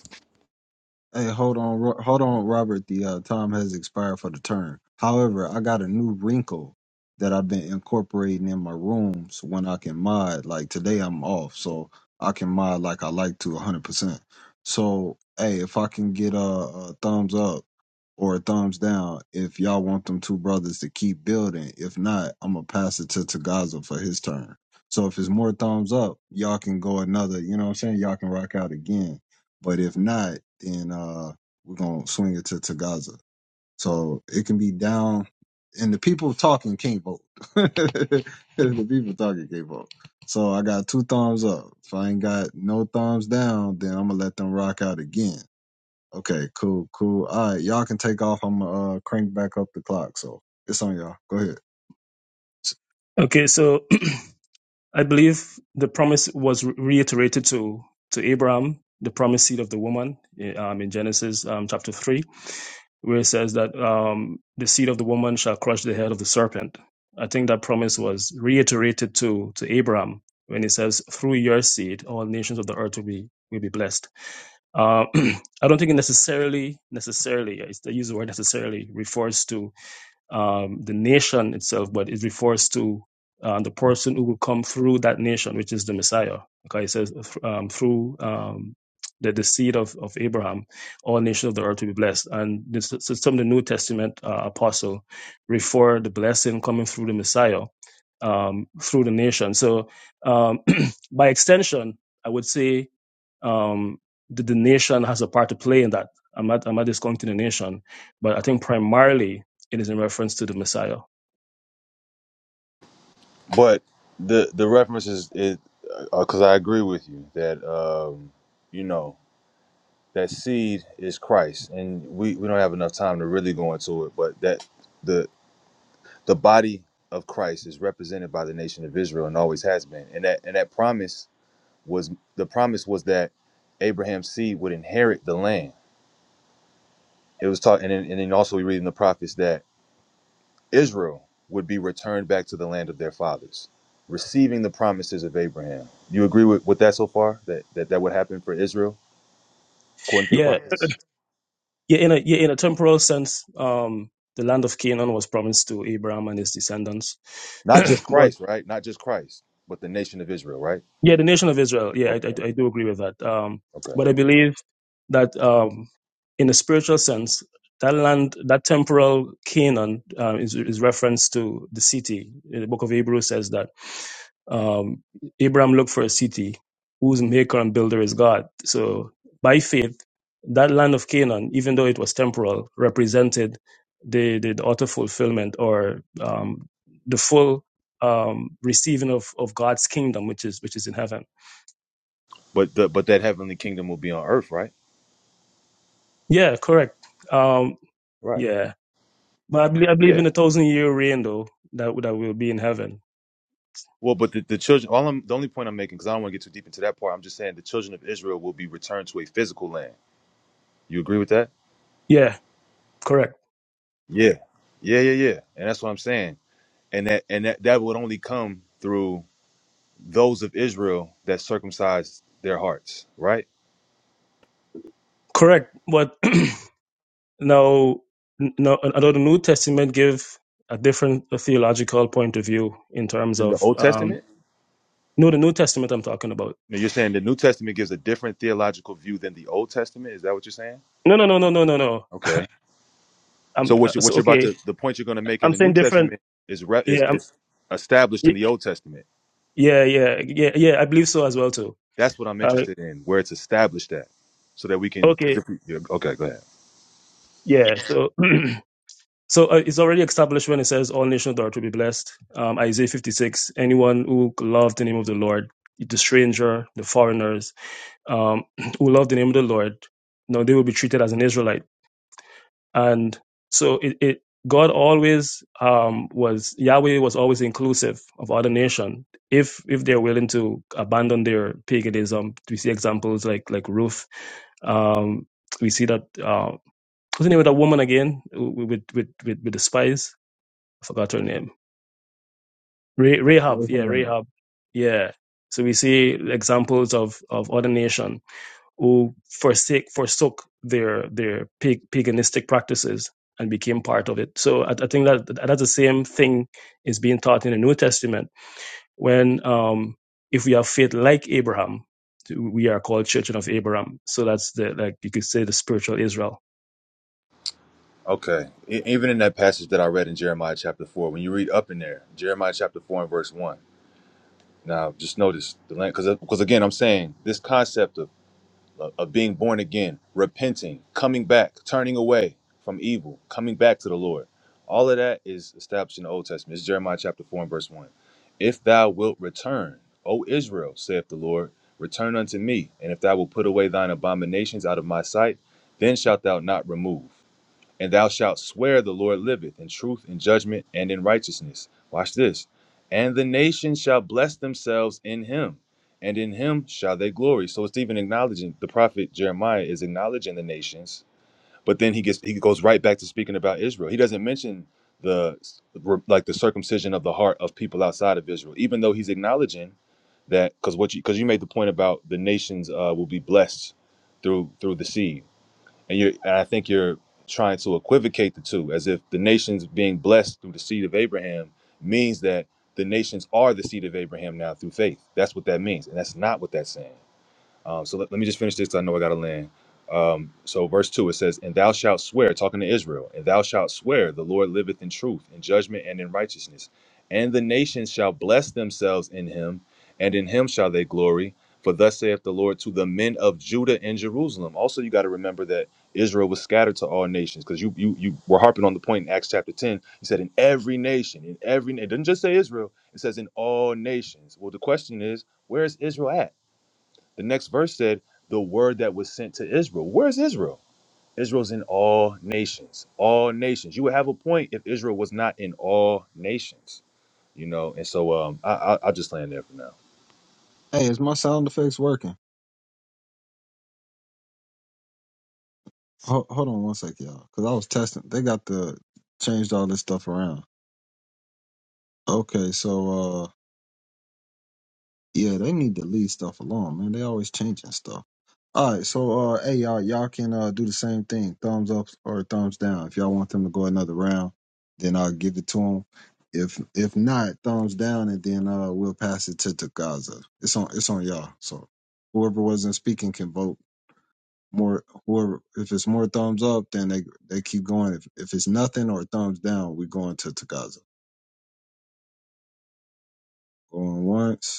A: Hey, hold on, Ro- hold on, Robert. The uh, time has expired for the turn. However, I got a new wrinkle that I've been incorporating in my rooms when I can mod. Like today, I'm off, so I can mod like I like to 100%. So, hey, if I can get a, a thumbs up or a thumbs down, if y'all want them two brothers to keep building, if not, I'm gonna pass it to Tagaza for his turn. So, if it's more thumbs up, y'all can go another. You know what I'm saying? Y'all can rock out again but if not, then uh, we're gonna swing it to, to Gaza. So it can be down, and the people talking can't vote. the people talking can't vote. So I got two thumbs up. If I ain't got no thumbs down, then I'm gonna let them rock out again. Okay, cool, cool. All right, y'all can take off. I'm gonna uh, crank back up the clock. So it's on y'all. Go ahead.
C: Okay. So I believe the promise was re- reiterated to to Abraham, the promised seed of the woman, eh, um, in Genesis um, chapter three, where it says that um, the seed of the woman shall crush the head of the serpent. I think that promise was reiterated to to Abraham when it says, "Through your seed, all nations of the earth will be will be blessed." Uh, I don't think it necessarily necessarily I use the word necessarily refers to um, the nation itself, but it refers to uh, the person who will come through that nation, which is the Messiah. Okay, it says um, through um, the, the seed of, of Abraham, all nations of the earth will be blessed. And this, so some of the New Testament uh, apostle refer the blessing coming through the Messiah um, through the nation. So um, by extension, I would say um, the, the nation has a part to play in that. I'm not, I'm not discounting the nation, but I think primarily it is in reference to the Messiah.
E: But the the reference is it because I agree with you that um, you know that seed is Christ, and we we don't have enough time to really go into it, but that. the. the body of Christ is represented by the nation of Israel and always has been. And that and that promise was the promise was that Abraham's seed would inherit the land. It was taught, and then, and then also we read in the prophets that Israel would be returned back to the land of their fathers, receiving the promises of Abraham. You agree with, with that so far? That, that that would happen for Israel according to the
C: Yeah,
E: prophets?
C: yeah. In a yeah, in a temporal sense, um, the land of Canaan was promised to Abraham and his descendants.
E: Not just
C: but
E: Christ, right? Not just Christ, but the nation of Israel, right?
C: yeah, the nation of Israel. Yeah, I, I,
E: Okay,
C: I do agree with that. Um,
E: okay.
C: but I believe that um, in a spiritual sense, that land, that temporal Canaan, uh, is is reference to the city. The book of Hebrews says that um, Abraham looked for a city whose maker and builder is God. So by faith, that land of Canaan, even though it was temporal, represented the, the, the utter fulfillment or um, the full um, receiving of, of God's kingdom, which is which is in heaven.
E: But the, but that heavenly kingdom will be on earth, right?
C: Yeah, correct. Um,
E: Right.
C: yeah, but I believe, I believe
E: Yeah.
C: in a thousand year reign though that that will be in heaven.
E: Well, but the, the children, all I'm, the only point I'm making, because I don't want to get too deep into that part, I'm just saying the children of Israel will be returned to a physical land. You agree with that?
C: Yeah, correct,
E: Yeah. Yeah, yeah, yeah. And that's what I'm saying. And that and that, that would only come through those of Israel that circumcised their hearts, right?
C: correct. But Now, n- now, although the New Testament give a different theological point of view in terms
E: In the
C: of
E: Old
C: um,
E: Testament?
C: no, the New Testament I'm talking about.
E: No, you're saying the New Testament gives a different theological view than the Old Testament. Is that what you're saying?
C: No, no, no, no, no, no, no.
E: Okay. So
C: I'm uh,
E: what you what
C: so
E: you're about
C: okay.
E: to the point you're going to make in
C: I'm
E: the New
C: saying different.
E: Testament is re, is,
C: Yeah, I'm,
E: is established in
C: y-
E: the Old Testament.
C: yeah, yeah, yeah, yeah. I believe so as well too.
E: That's what I'm
C: Uh,
E: interested in, where it's established at, so that we can. Cause
C: okay,
E: if we, yeah, okay, go ahead.
C: yeah. So, so uh, it's already established when it says all nations are to be blessed. Um, Isaiah 56. Anyone who loved the name of the Lord, the stranger, the foreigners um, who love the name of the Lord, you know, they will be treated as an Israelite. And so it, it God always um, was Yahweh was always inclusive of other nation if if they're willing to abandon their paganism. We see examples like like Ruth. Um, we see that uh, what's the name of that woman again with with with, with with the spies? I forgot her name. Re- Rahab,
A: Raise
C: yeah,
A: hand.
C: Rahab, yeah. So we see examples of of other nation who forsake forsook their their pag- paganistic practices and became part of it. So I, I think that that's the same thing is being taught in the New Testament when um, if we have faith like Abraham, we are called Children of Abraham. So that's the like you could say the spiritual Israel.
E: Okay. E- Even in that passage that I read in Jeremiah chapter 4, when you read up in there, Jeremiah chapter 4 and verse 1. Now, just notice the land, because because again, I'm saying this concept of of of being born again, repenting, coming back, turning away from evil, coming back to the Lord. All of that is established in the Old Testament. It's Jeremiah chapter 4 and verse 1. If thou wilt return, O Israel, saith the Lord, return unto me, and if thou wilt put away thine abominations out of my sight, then shalt thou not remove. And thou shalt swear the Lord liveth in truth in judgment and in righteousness. Watch this. And the nations shall bless themselves in him, and in him shall they glory. So it's even acknowledging the prophet Jeremiah is acknowledging the nations, but then he gets he goes right back to speaking about Israel. He doesn't mention the like the circumcision of the heart of people outside of Israel, even though he's acknowledging that because what you because you made the point about the nations uh, will be blessed through through the seed and you and I think you're trying to equivocate the two, as if the nations being blessed through the seed of Abraham means that the nations are the seed of Abraham now through faith. That's what that means, and that's not what that's saying. Um, so let, let me just finish this 'cause I know I got to land. Um, so, verse 2, it says, And thou shalt swear, talking to Israel, and thou shalt swear, the Lord liveth in truth, in judgment, and in righteousness. And the nations shall bless themselves in him, and in him shall they glory. For thus saith the Lord to the men of Judah and Jerusalem. Also, you got to remember that Israel was scattered to all nations because you, you you were harping on the point in Acts chapter 10. He said, In every nation, in every, na-" it doesn't just say Israel, it says, In all nations. Well, the question is, where is Israel at? The next verse said, The word that was sent to Israel. Where's Israel? Israel's in all nations. All nations. You would have a point if Israel was not in all nations. You know, and so um, I, I, I'll just land there for now.
A: Hey, is my sound effects working? Ho- hold on one sec, y'all, because I was testing. They got the changed all this stuff around. Okay, so uh yeah, they need to leave stuff alone, man. They always changing stuff. All right, so uh hey y'all y'all can uh do the same thing. Thumbs up or thumbs down. If y'all want them to go another round, then I'll give it to them. If if not, thumbs down and then uh we'll pass it to Gaza. It's on it's on y'all. So whoever wasn't speaking can vote more whoever if it's more thumbs up then they they keep going. If if it's nothing or thumbs down, we going to Tagaza. Going once,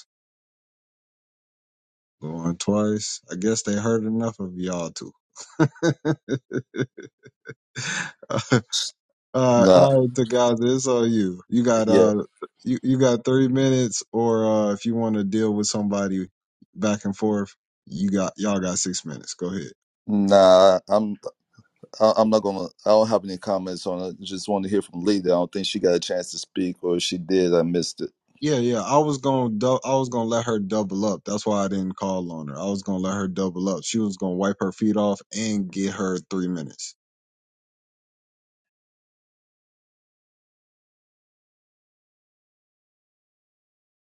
A: Going twice. I guess they heard enough of y'all too. all right,
F: Nah,
A: all right, Tagaza, it's all you. You got
F: yeah,
A: uh, you you got thirty minutes, or uh, if you want to deal with somebody back and forth, you got y'all got six minutes. Go ahead.
F: nah. I'm I- I'm not gonna. I don't have any comments on it. Just want to hear from Lita. I don't think she got a chance to speak, or if she did, I missed it.
A: Yeah, yeah. I was gonna dou- I was gonna let her double up. That's why I didn't call on her. I was gonna let her double up. She was gonna wipe her feet off and get her three minutes.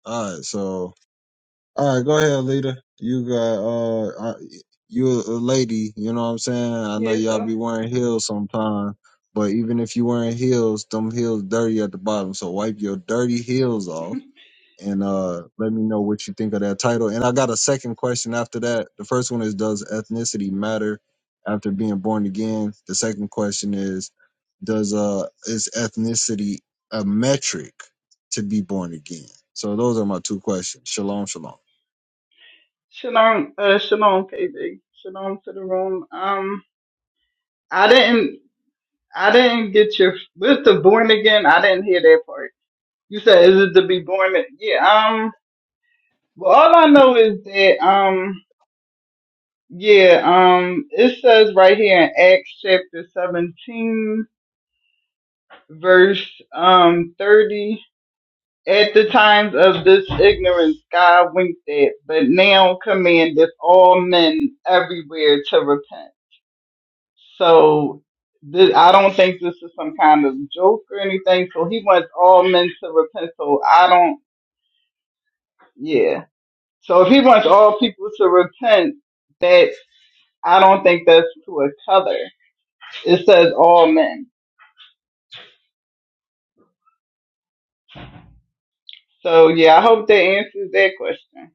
A: All right, so All right, go ahead, leader. You got uh, I, you a a lady. You know what I'm saying? I know
G: Yeah,
A: y'all
G: so
A: be wearing heels sometime, but even if you wearing heels, them heels dirty at the bottom. So wipe your dirty heels off and uh, let me know what you think of that title. And I got a second question after that. The first one is, does ethnicity matter after being born again? The second question is, does uh, is ethnicity a metric to be born again? So those are my two questions. Shalom, shalom.
G: shalom, uh, shalom, KB, shalom to the room. Um, I didn't, I didn't get your with the born again. I didn't hear that part. You said is it to be born? a- Yeah. Um. Well, all I know is that um. Yeah. Um. It says right here in Acts chapter seventeen, verse um thirty. At the times of this ignorance, God winked at, but now commandeth all men everywhere to repent. So th- I don't think this is some kind of joke or anything. So he wants all men to repent. So I don't, yeah. So if he wants all people to repent, that I don't think that's to a color. It says all men. So yeah, I hope that answers that question.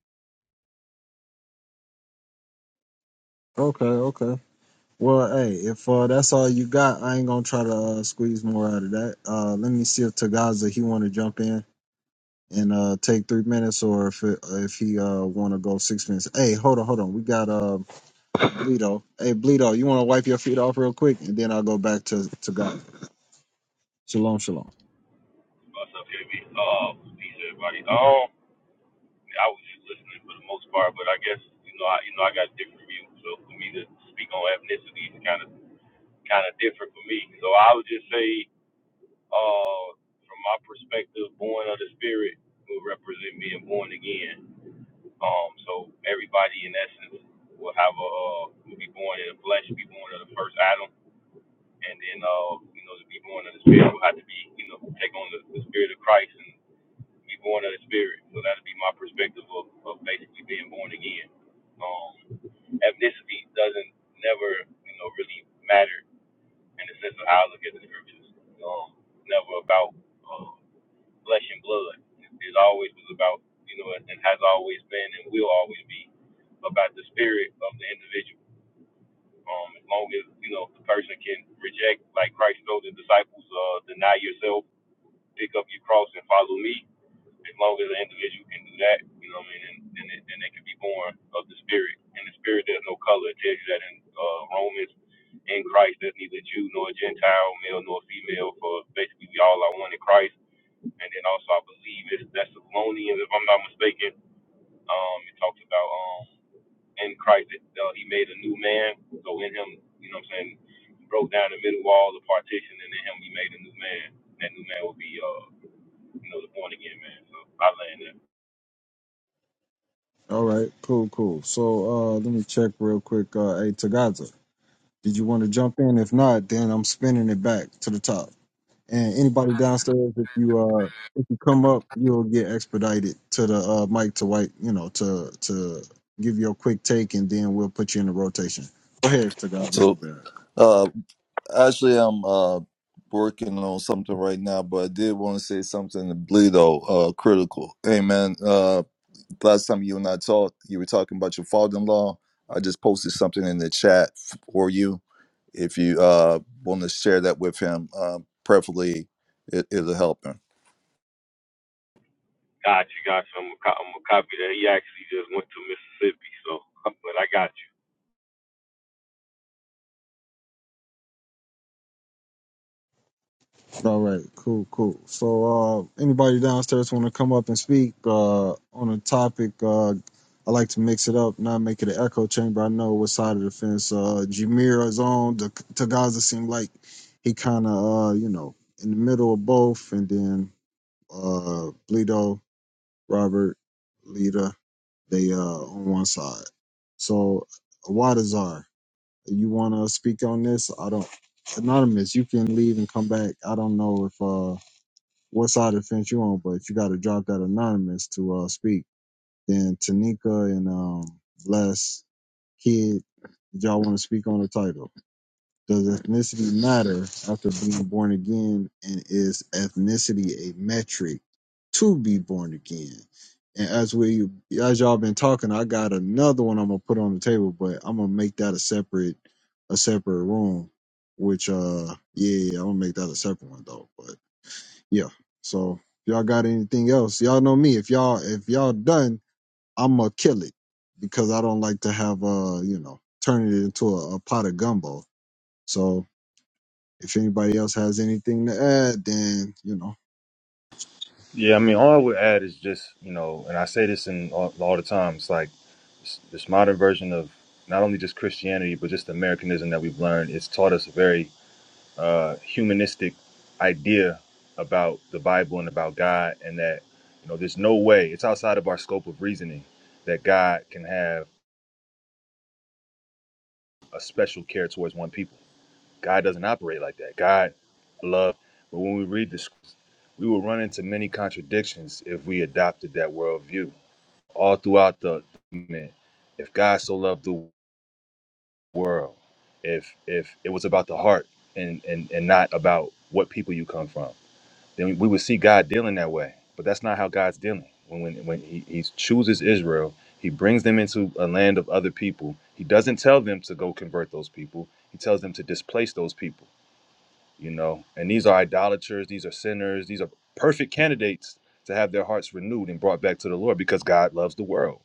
A: Okay, okay. Well, hey, if uh, that's all you got, I ain't gonna try to uh, squeeze more out of that. Uh, let me see if Tagaza he want to jump in and uh, take three minutes, or if it, if he uh want to go six minutes. Hey, hold on, hold on. We got uh Bleedo. Hey, Bleedo, you want to wipe your feet off real quick, and then I'll go back to Tagaza. Shalom, shalom.
H: What's up, KB? Uh, peace, everybody. Um, I was just listening for the most part, but I guess you know, I you know, I got a different view. So for me to speak on ethnicity is kind of kind of different for me. So I would just say, uh, from my perspective, born of the spirit will represent being born again. Um, so everybody in essence will have a uh, will be born in the flesh, be born of the first Adam and then uh, you know, to be born of the spirit will have to be, you know, take on the, the spirit of Christ and be born of the spirit. So that'll be my perspective of, of basically being born again. Um, ethnicity doesn't never, you know, really matter in the sense of how I look at the scriptures. Um, never about uh, flesh and blood. It, it always was about, you know, and has always been and will always be about the spirit of the individual. Um, as long as you know the person can reject, like Christ told the disciples, uh, deny yourself, pick up your cross, and follow me. As long as an individual can do that, you know what I mean, and and, it, and they can be born of the Spirit. And the Spirit, there's no color. It tells you that in uh, Romans, in Christ, there's neither Jew nor Gentile, male nor female, for basically we all are one in Christ and then also I believe it's Thessalonians, if I'm not mistaken. Um, it talks about um, in Christ. Uh, he made a new man. So in him, you know what I'm saying, he broke down the middle wall, the partition, and in him we made a new man. That new man will be, uh, you know, the born again man. So I land that.
A: All right, cool, cool. So uh, let me check real quick. Uh, hey, Tagaza, did you want to jump in? If not, then I'm spinning it back to the top. And anybody downstairs, if you uh if you come up, you'll get expedited to the uh mic to white, you know, to to give you a quick take and then we'll put you in the rotation. Go ahead, Tagazi,
F: So,
A: my bad.
F: uh, Actually, I'm uh, working on something right now, but I did want to say something to Bleedo, uh, critical. Hey, man, uh, last time you and I talked, you were talking about your father-in-law. I just posted something in the chat for you. If you uh, want to share that with him, uh, preferably it, it'll help him.
H: Got you, got you. I'm gonna, co- I'm gonna copy that. He actually just went to Mississippi, so but I got you.
A: All right, cool, cool. So uh anybody downstairs wanna come up and speak uh on a topic, uh I like to mix it up, not make it an echo chamber. I know what side of the fence uh Jameer is on. The Tagaza seemed like he kinda uh, you know, in the middle of both and then uh Bleedo, Robert, Lita, they uh on one side. So Wadazar, you wanna speak on this? I don't anonymous, you can leave and come back. I don't know if uh what side of the fence you on, but you gotta drop that anonymous to uh speak. Then Tanika and um Bless Kid, did y'all wanna speak on the title? Does ethnicity matter after being born again? And is ethnicity a metric to be born again? And as we as y'all been talking, I got another one I'm gonna put on the table, but I'm gonna make that a separate a separate room. Which uh yeah, yeah, I'm gonna make that a separate one though. But yeah. So if y'all got anything else, y'all know me. If y'all if y'all done, I'ma kill it because I don't like to have uh, you know, turn it into a, a pot of gumbo. So if anybody else has anything to add, then you know.
E: Yeah, I mean, all I would add is just you know, and I say this in all, all the time. It's like s- this modern version of not only just Christianity, but just Americanism that we've learned. It's taught us very uh, humanistic idea about the Bible and about God, and that you know there's no way it's outside of our scope of reasoning that God can have a special care towards one people. God doesn't operate like that. God love, but when we read this, we will run into many contradictions if we adopted that worldview all throughout the document. If God so loved the world, if if it was about the heart and and and not about what people you come from then we would see God dealing that way. But that's not how God's dealing. When when, when he, he chooses Israel, he brings them into a land of other people. He doesn't tell them to go convert those people. He tells them to displace those people you know and these are idolaters these are sinners these are perfect candidates to have their hearts renewed and brought back to the lord because god loves the world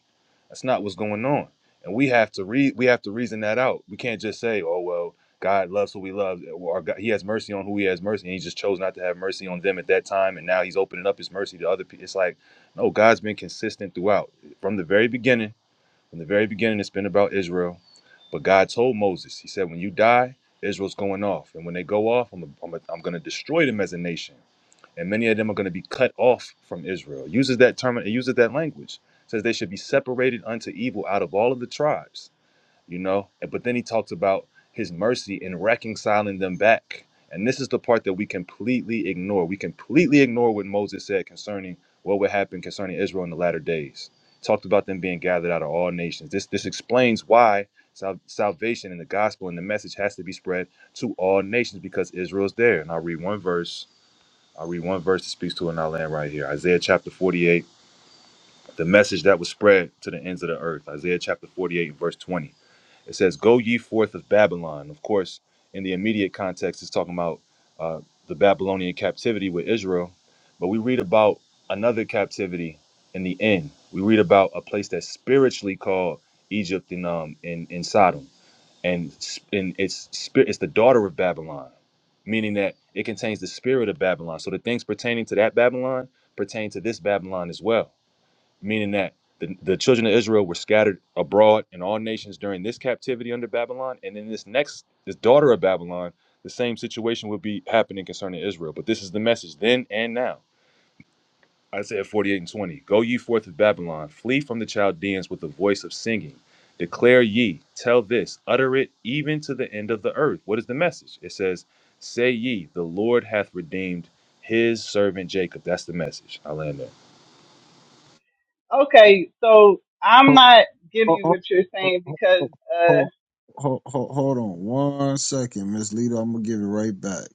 E: that's not what's going on and we have to read we have to reason that out we can't just say oh well god loves who he loves or god, he has mercy on who he has mercy and he just chose not to have mercy on them at that time and now he's opening up his mercy to other people it's like no god's been consistent throughout from the very beginning from the very beginning, it's been about Israel. But God told Moses, He said, when you die, Israel's going off. And when they go off, I'm, I'm, I'm going to destroy them as a nation. And many of them are going to be cut off from Israel. It uses that term, it uses that language. It says they should be separated unto evil out of all of the tribes you know And- but then he talks about his mercy in reconciling them back and this is the part that we completely ignore we completely ignore what moses said concerning what would happen concerning israel in the latter days talked about them being gathered out of all nations this this explains why sal- salvation and the gospel and the message has to be spread to all nations because israel's there and i'll read one verse i'll read one verse that speaks to it in our land right here isaiah chapter 48 the message that was spread to the ends of the earth. Isaiah chapter 48, and verse 20. It says, Go ye forth of Babylon. Of course, in the immediate context, it's talking about uh, the Babylonian captivity with Israel. But we read about another captivity in the end. We read about a place that's spiritually called Egypt in, um, in, in Sodom. And, s- and it's, spi- it's the daughter of Babylon, meaning that it contains the spirit of Babylon. So the things pertaining to that Babylon pertain to this Babylon as well meaning that the, the children of Israel were scattered abroad in all nations during this captivity under Babylon, and in this next, this daughter of Babylon, the same situation will be happening concerning Israel. But this is the message then and now. Isaiah 48 and 20. Go ye forth with Babylon, flee from the Chaldeans with the voice of singing. Declare ye, tell this, utter it even to the end of the earth. What is the message? It says, Say ye, the Lord hath redeemed his servant Jacob. That's the message. I land there.
G: Okay, so I'm
A: Hold,
G: not
A: hold,
G: getting
A: hold,
G: what you're saying because uh,
A: hold, hold, hold on one second, Miss Lita. I'm gonna give it right back,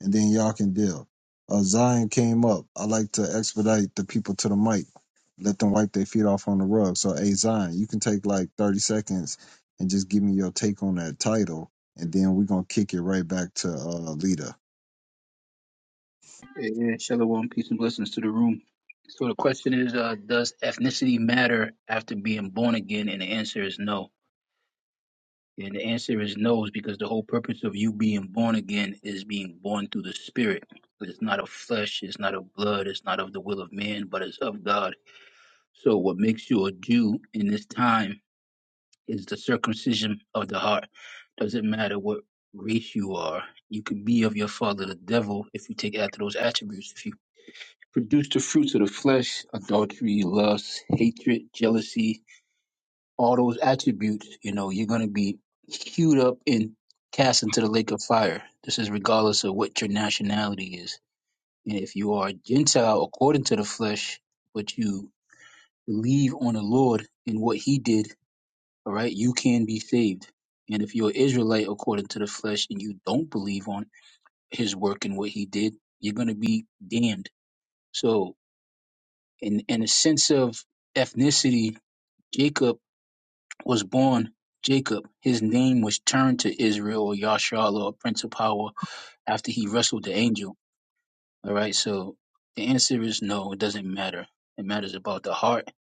A: and then y'all can deal. Uh, Zion came up. I like to expedite the people to the mic, let them wipe their feet off on the rug. So, hey Zion, you can take like 30 seconds and just give me your take on that title, and then we're gonna kick it right back to uh, Lita.
I: Yeah, shalom, peace and blessings to the room. So the question is, uh, does ethnicity matter after being born again? And the answer is no. And the answer is no, is because the whole purpose of you being born again is being born through the Spirit. It's not of flesh, it's not of blood, it's not of the will of man, but it's of God. So what makes you a Jew in this time is the circumcision of the heart. Doesn't matter what race you are, you could be of your father, the devil, if you take after those attributes. If you produce the fruits of the flesh adultery lust hatred jealousy all those attributes you know you're going to be queued up and cast into the lake of fire this is regardless of what your nationality is and if you are a gentile according to the flesh but you believe on the lord and what he did all right you can be saved and if you're an israelite according to the flesh and you don't believe on his work and what he did you're going to be damned so in, in a sense of ethnicity, Jacob was born Jacob. His name was turned to Israel or Yashar or Prince of Power after he wrestled the angel. All right, so the answer is no, it doesn't matter. It matters about the heart.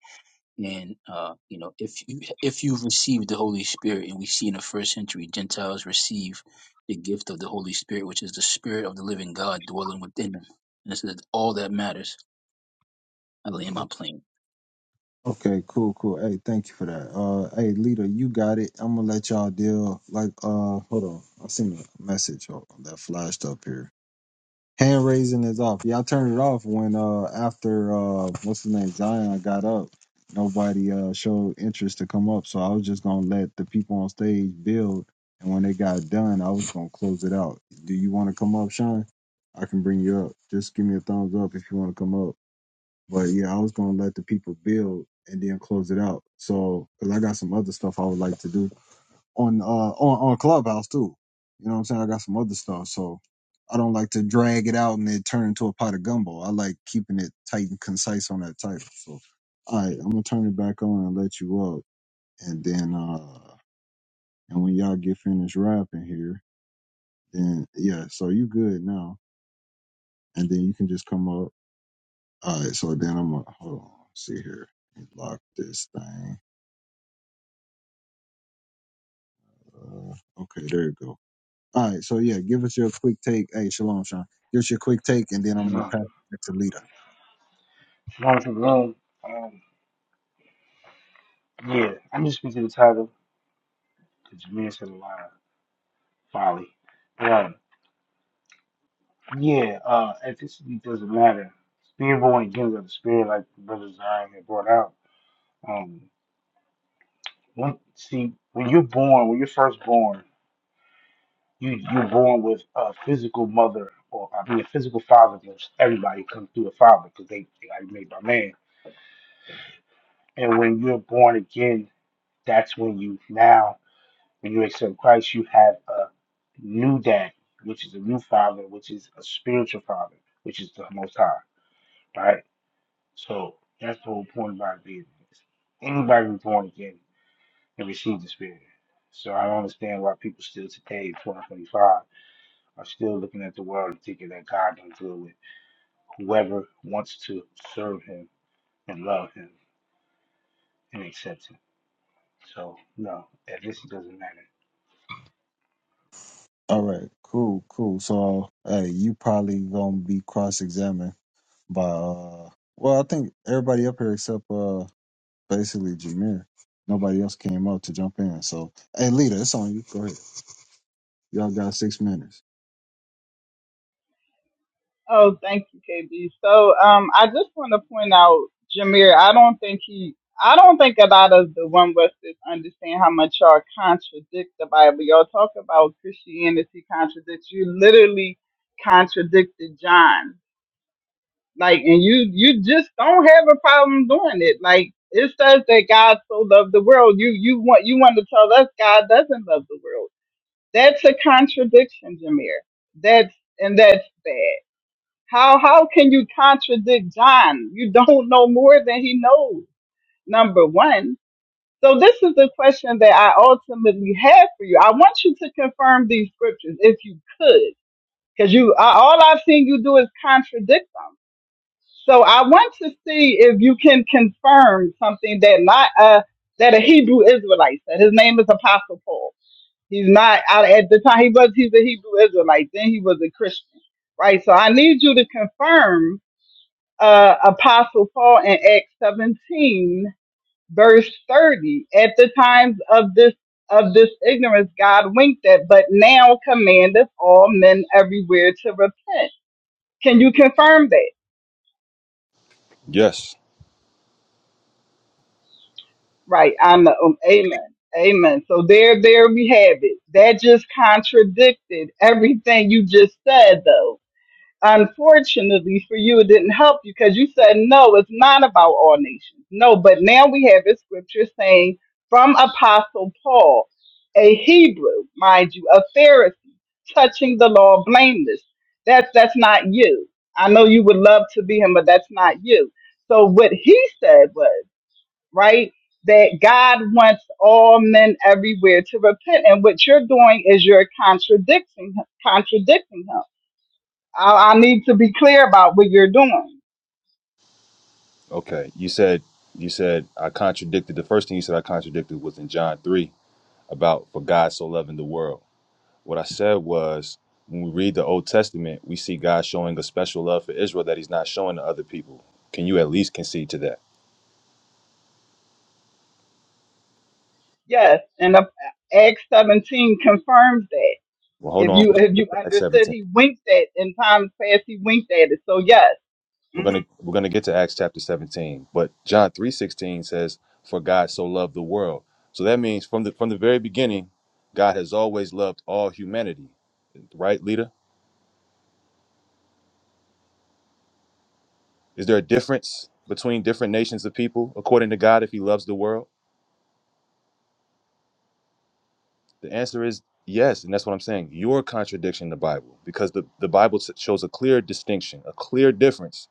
I: And uh, you know, if you if you've received the Holy Spirit, and we see in the first century Gentiles receive the gift of the Holy Spirit, which is the Spirit of the living God dwelling within them. And this is all that matters. I lay in my plane.
A: Okay, cool, cool. Hey, thank you for that. Uh, hey, leader, you got it. I'm gonna let y'all deal. Like, uh, hold on. I seen a message oh, that flashed up here. Hand raising is off. Y'all turned it off when uh after uh what's his name Zion got up. Nobody uh showed interest to come up, so I was just gonna let the people on stage build. And when they got done, I was gonna close it out. Do you want to come up, Sean? I can bring you up. Just give me a thumbs up if you want to come up. But yeah, I was gonna let the people build and then close it out. So, 'cause I got some other stuff I would like to do on uh on on Clubhouse too. You know what I'm saying? I got some other stuff, so I don't like to drag it out and then turn into a pot of gumbo. I like keeping it tight and concise on that title. So, all right, I'm gonna turn it back on and let you up, and then uh and when y'all get finished rapping here, then yeah, so you good now, and then you can just come up. All right, so then I'm gonna hold on, see here, let me lock this thing. Uh, okay, there you go. All right, so yeah, give us your quick take. Hey, shalom, Sean. Give us your quick take, and then I'm gonna
J: Shalom.
A: pass it back to Lita.
J: Shalom to the room. Um, yeah, I'm just speaking to the title because Jameer said a lot of folly. um, yeah, uh, ethnicity doesn't matter. Being born again of the spirit, like the brothers Zion had brought out. Um, when, see, when you're born, when you're first born, you, you're born with a physical mother, or I mean, a physical father, because everybody comes through a father because they, they got made by man. And when you're born again, that's when you now When you accept Christ, you have a new dad, which is a new father, which is a spiritual father, which is the Most High, right? So that's the whole point about being this. Anybody who's born again can receive the Spirit. So I don't understand why people still today, in 2025, are still looking at the world and thinking that God don't deal with whoever wants to serve Him and love Him and accept Him. So no, ethnicity doesn't matter.
A: All right, cool, cool. So, hey, you probably gonna be cross-examined by, uh, well, I think everybody up here except uh, basically Jameer. Nobody else came up to jump in. So, hey, Lita, it's on you. Go ahead. Y'all got six minutes.
G: Oh, thank you, KB. So, um, I just want to point out, Jameer, I don't think he, I don't think a lot of the One Westers understand how much y'all contradict the Bible. Y'all talk about Christianity contradicts. You literally contradicted John. Like, and you, you just don't have a problem doing it. Like, it says that God so loved the world. You, you want, you want to tell us God doesn't love the world. That's a contradiction, Jameer. That's, and that's bad. How how can you contradict John? You don't know more than he knows. Number one. So this is the question that I ultimately have for you. I want you to confirm these scriptures if you could, because you I- all I've seen you do is contradict them. So I want to see if you can confirm something that not uh that a Hebrew Israelite said. His name is Apostle Paul. He's not I- at the time he was he's a Hebrew Israelite. Then he was a Christian, right? So I need you to confirm uh, Apostle Paul in Acts 17, verse 30. At the times of this of this ignorance, God winked at, but now commandeth all men everywhere to repent. Can you confirm that?
E: Yes.
G: Right. I'm a, um, amen. Amen. So there, there we have it. That just contradicted everything you just said, though unfortunately for you, it didn't help you because you said, no, it's not about all nations. No, but now we have a scripture saying from Apostle Paul, a Hebrew, mind you, a Pharisee, touching the law blameless. That's that's not you. I know you would love to be him, but that's not you. So what he said was, right, that God wants all men everywhere to repent. And what you're doing is you're contradicting contradicting him I, I need to be clear about what you're doing.
E: Okay. You said you said I contradicted the first thing you said I contradicted was in John 3 about for God so loving the world. What I said was when we read the Old Testament, we see God showing a special love for Israel that he's not showing to other people. Can you at least concede to that?
G: Yes, and the Acts 17 confirms that.
E: Well, hold
G: If
E: on.
G: you
E: We're going
G: if
E: to
G: you
E: get to Acts
G: understood,
E: 17.
G: he winked at in times past. He winked at it. So yes.
E: We're
G: hmm
E: going to we're going to get to Acts chapter 17. But John 3:16 says for God so loved the world. So that means from the from the very beginning, God has always loved all humanity, right, leader? Is there a difference between different nations of people according to God if he loves the world? The answer is yes, and that's what I'm saying. You're contradicting the Bible because the, the Bible s- shows a clear distinction, a clear difference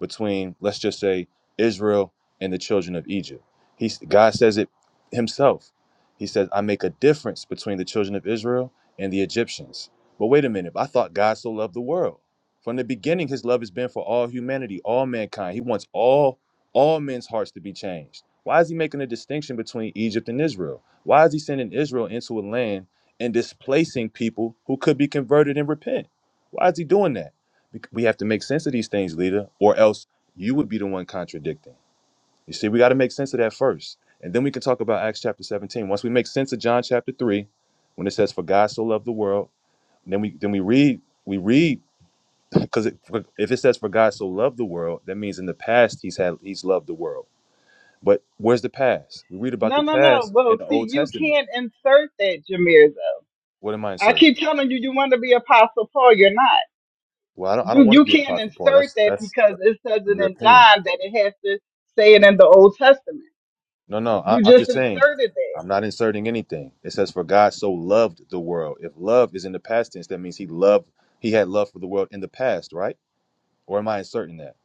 E: between, let's just say, Israel and the children of Egypt. He's, God says it himself. He says, I make a difference between the children of Israel and the Egyptians. But wait a minute, I thought God so loved the world. From the beginning, his love has been for all humanity, all mankind. He wants all all men's hearts to be changed. Why is he making a distinction between Egypt and Israel? Why is he sending Israel into a land and displacing people who could be converted and repent? Why is he doing that? Bec- We have to make sense of these things, leader, or else you would be the one contradicting. You see, we got to make sense of that first. And then we can talk about Acts chapter 17. Once we make sense of John chapter 3, when it says, For God so loved the world, then we then we read, we read, because if it says for God so loved the world, that means in the past he's had he's loved the world. But where's the past? We read about
G: No,
E: the
G: no, no.
E: past in
G: Well,
E: the
G: see,
E: Old
G: you
E: Testament.
G: can't insert that, Jameer. Though
E: What am I
G: I
E: inserting?
G: keep telling you, you want to be Apostle Paul. You're not.
E: Well, I don't, I don't
G: You
E: want
G: you
E: to be a
G: can't
E: pocket paw.
G: insert
E: That's
G: that
E: that's
G: because
E: uh,
G: it says it
E: your
G: in
E: opinion.
G: John that it has to say it in the Old Testament.
E: No, no, I,
G: You
E: I'm
G: just
E: just saying.
G: inserted that.
E: I'm not inserting anything. It says, "For God so loved the world." If love is in the past tense, that means He loved. He had love for the world in the past, right? Or am I inserting that?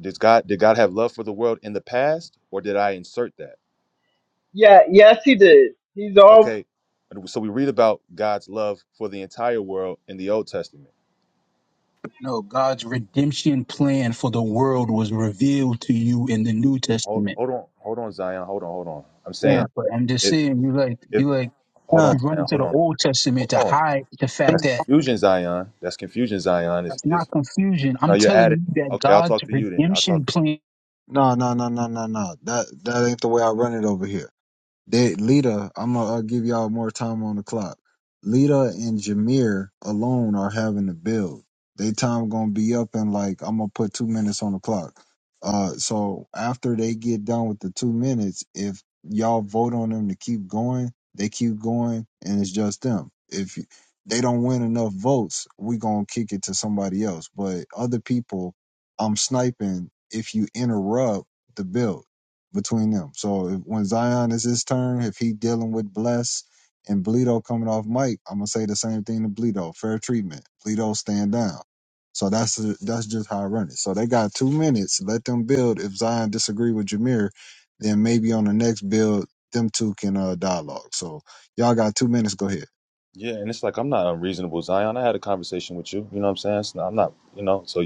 E: Does God did God have love for the world in the past, or did I insert that?
G: Yeah. Yes, he did. He's all.
E: Okay, so we read about God's love for the entire world in the Old Testament.
I: No, God's redemption plan for the world was revealed to you in the New
E: Hold,
I: Testament.
E: hold on, hold on, Zion. Hold on, hold on. I'm saying
A: Yeah.
I: Yeah, but I'm just
E: if
I: saying, you like,
E: if
I: you like,
E: hold on,
A: Uh,
I: you run
E: Zion.
I: into
E: Hold
I: the
E: on,
I: Old
E: hold
I: Testament to
E: on.
I: hide the fact
E: That's
I: that
E: confusion, Zion. That's confusion, Zion. If
I: that's
E: if
I: not confusion.
E: no,
I: I'm
E: you're
I: telling
E: adding.
I: you that
E: Okay, I'll
I: God's
E: talk to you then. I'll
I: redemption
E: talk to
I: plan.
A: no, no, no, no, no, no. That that ain't the way I run it over here. They, Lita, I'm gonna uh, give y'all more time on the clock. Lita and Jameer alone are having to build. They time gonna be up in like I'm gonna put two minutes on the clock. Uh, so after they get done with the two minutes, if y'all vote on them to keep going, they keep going, and it's just them. If you- they don't win enough votes, we gonna kick it to somebody else. But other people, I'm sniping if you interrupt the build between them. So if, when Zion is his turn, if he dealing with Bless and Bleedo coming off mic, I'm gonna say the same thing to Bleedo. Fair treatment. Bleedo stand down. So that's that's just how I run it. So they got two minutes. Let them build. If Zion disagree with Jameer, then maybe on the next build, them two can uh, dialogue. So y'all got two minutes. Go ahead.
E: you. Yeah, and it's like I'm not unreasonable, Zion. I had a conversation with you. You know what I'm saying? It's not- I'm not. You know. So,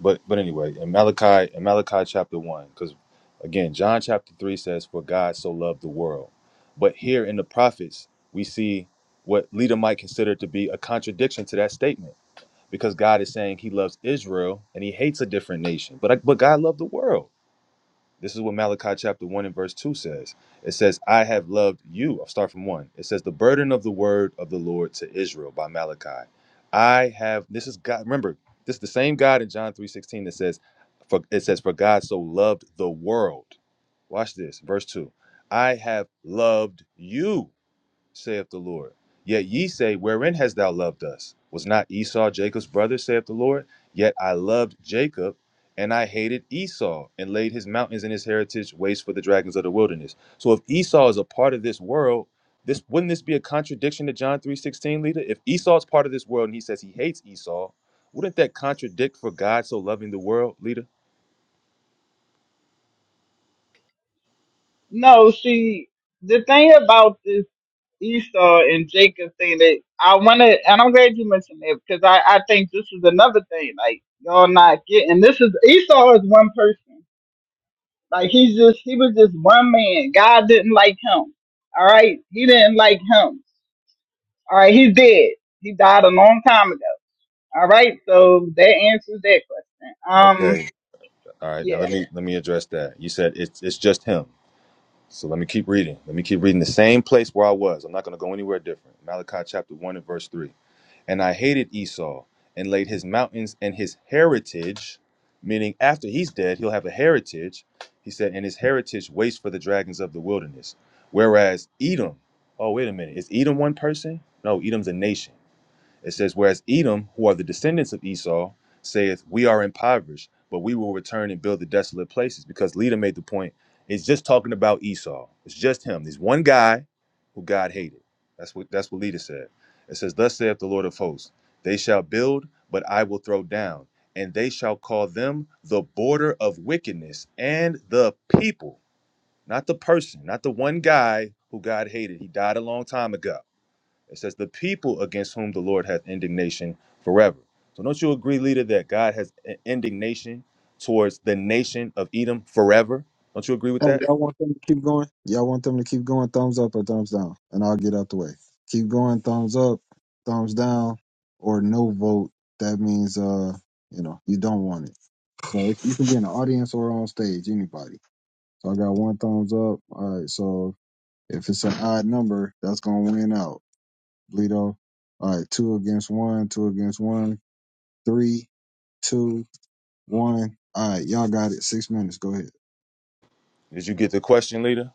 E: but but anyway, in Malachi, in Malachi chapter one, because again, John chapter three says, "For God so loved the world," but here in the prophets, we see what leader might consider to be a contradiction to that statement, because God is saying He loves Israel and He hates a different nation, but but God loved the world. This is what Malachi chapter 1 and verse 2 says. It says, I have loved you. I'll start from 1. It says, The burden of the word of the Lord to Israel by Malachi. I have, this is God. Remember, this is the same God in John three sixteen that says, for, It says, For God so loved the world. Watch this, verse 2. I have loved you saith the Lord. Yet ye say, Wherein hast thou loved us? Was not Esau Jacob's brother, saith the Lord? Yet I loved Jacob, and I hated Esau, and laid his mountains and his heritage waste for the dragons of the wilderness. So if Esau is a part of this world, this wouldn't this be a contradiction to John 3:16, leader? If Esau's part of this world and he says he hates Esau, wouldn't that contradict for God so loving the world, leader?
G: No, see, the thing about this Esau and Jacob thing that I want to, and I'm glad you mentioned that because I, I think this is another thing. Like, y'all not getting this is Esau is one person. Like, he's just, he was just one man. God didn't like him. All right. He didn't like him. All right. He's dead. He died a long time ago. All right. So that answers that question. Um,
E: Okay. All right. Now
G: yeah.
E: let me let me address that. You said it's it's just him. So let me keep reading. Let me keep reading the same place where I was. I'm not going to go anywhere different. Malachi chapter 1 and verse 3. And I hated Esau and laid his mountains and his heritage, meaning after he's dead, he'll have a heritage. He said, and his heritage waits for the dragons of the wilderness. Whereas Edom, oh, wait a minute. Is Edom one person? No, Edom's a nation. It says, Whereas Edom, who are the descendants of Esau, saith, We are impoverished, but we will return and build the desolate places. Because Leda made the point, it's just talking about Esau. It's just him. There's one guy who God hated. That's what that's what Leda said. It says, Thus saith the Lord of hosts, they shall build, but I will throw down, and they shall call them the border of wickedness and the people, not the person, not the one guy who God hated. He died a long time ago it says, the people against whom the Lord hath indignation forever. So don't you agree, leader, that God has i- indignation towards the nation of Edom forever? Don't you agree with
A: Hey,
E: that?
A: y'all want them to keep going? Y'all want them to keep going? Thumbs up or thumbs down? And I'll get out the way. Keep going, thumbs up, thumbs down, or no vote. That means uh, you know, you don't want it. So it- you can be in the audience or on stage, anybody. So I got one thumbs up. All right, so if it's an odd number, that's gonna win out. Bleedo. All right, two against one, two against one, three, two, one. All right, y'all got it. Six minutes. Go ahead.
E: Did you get the question, leader?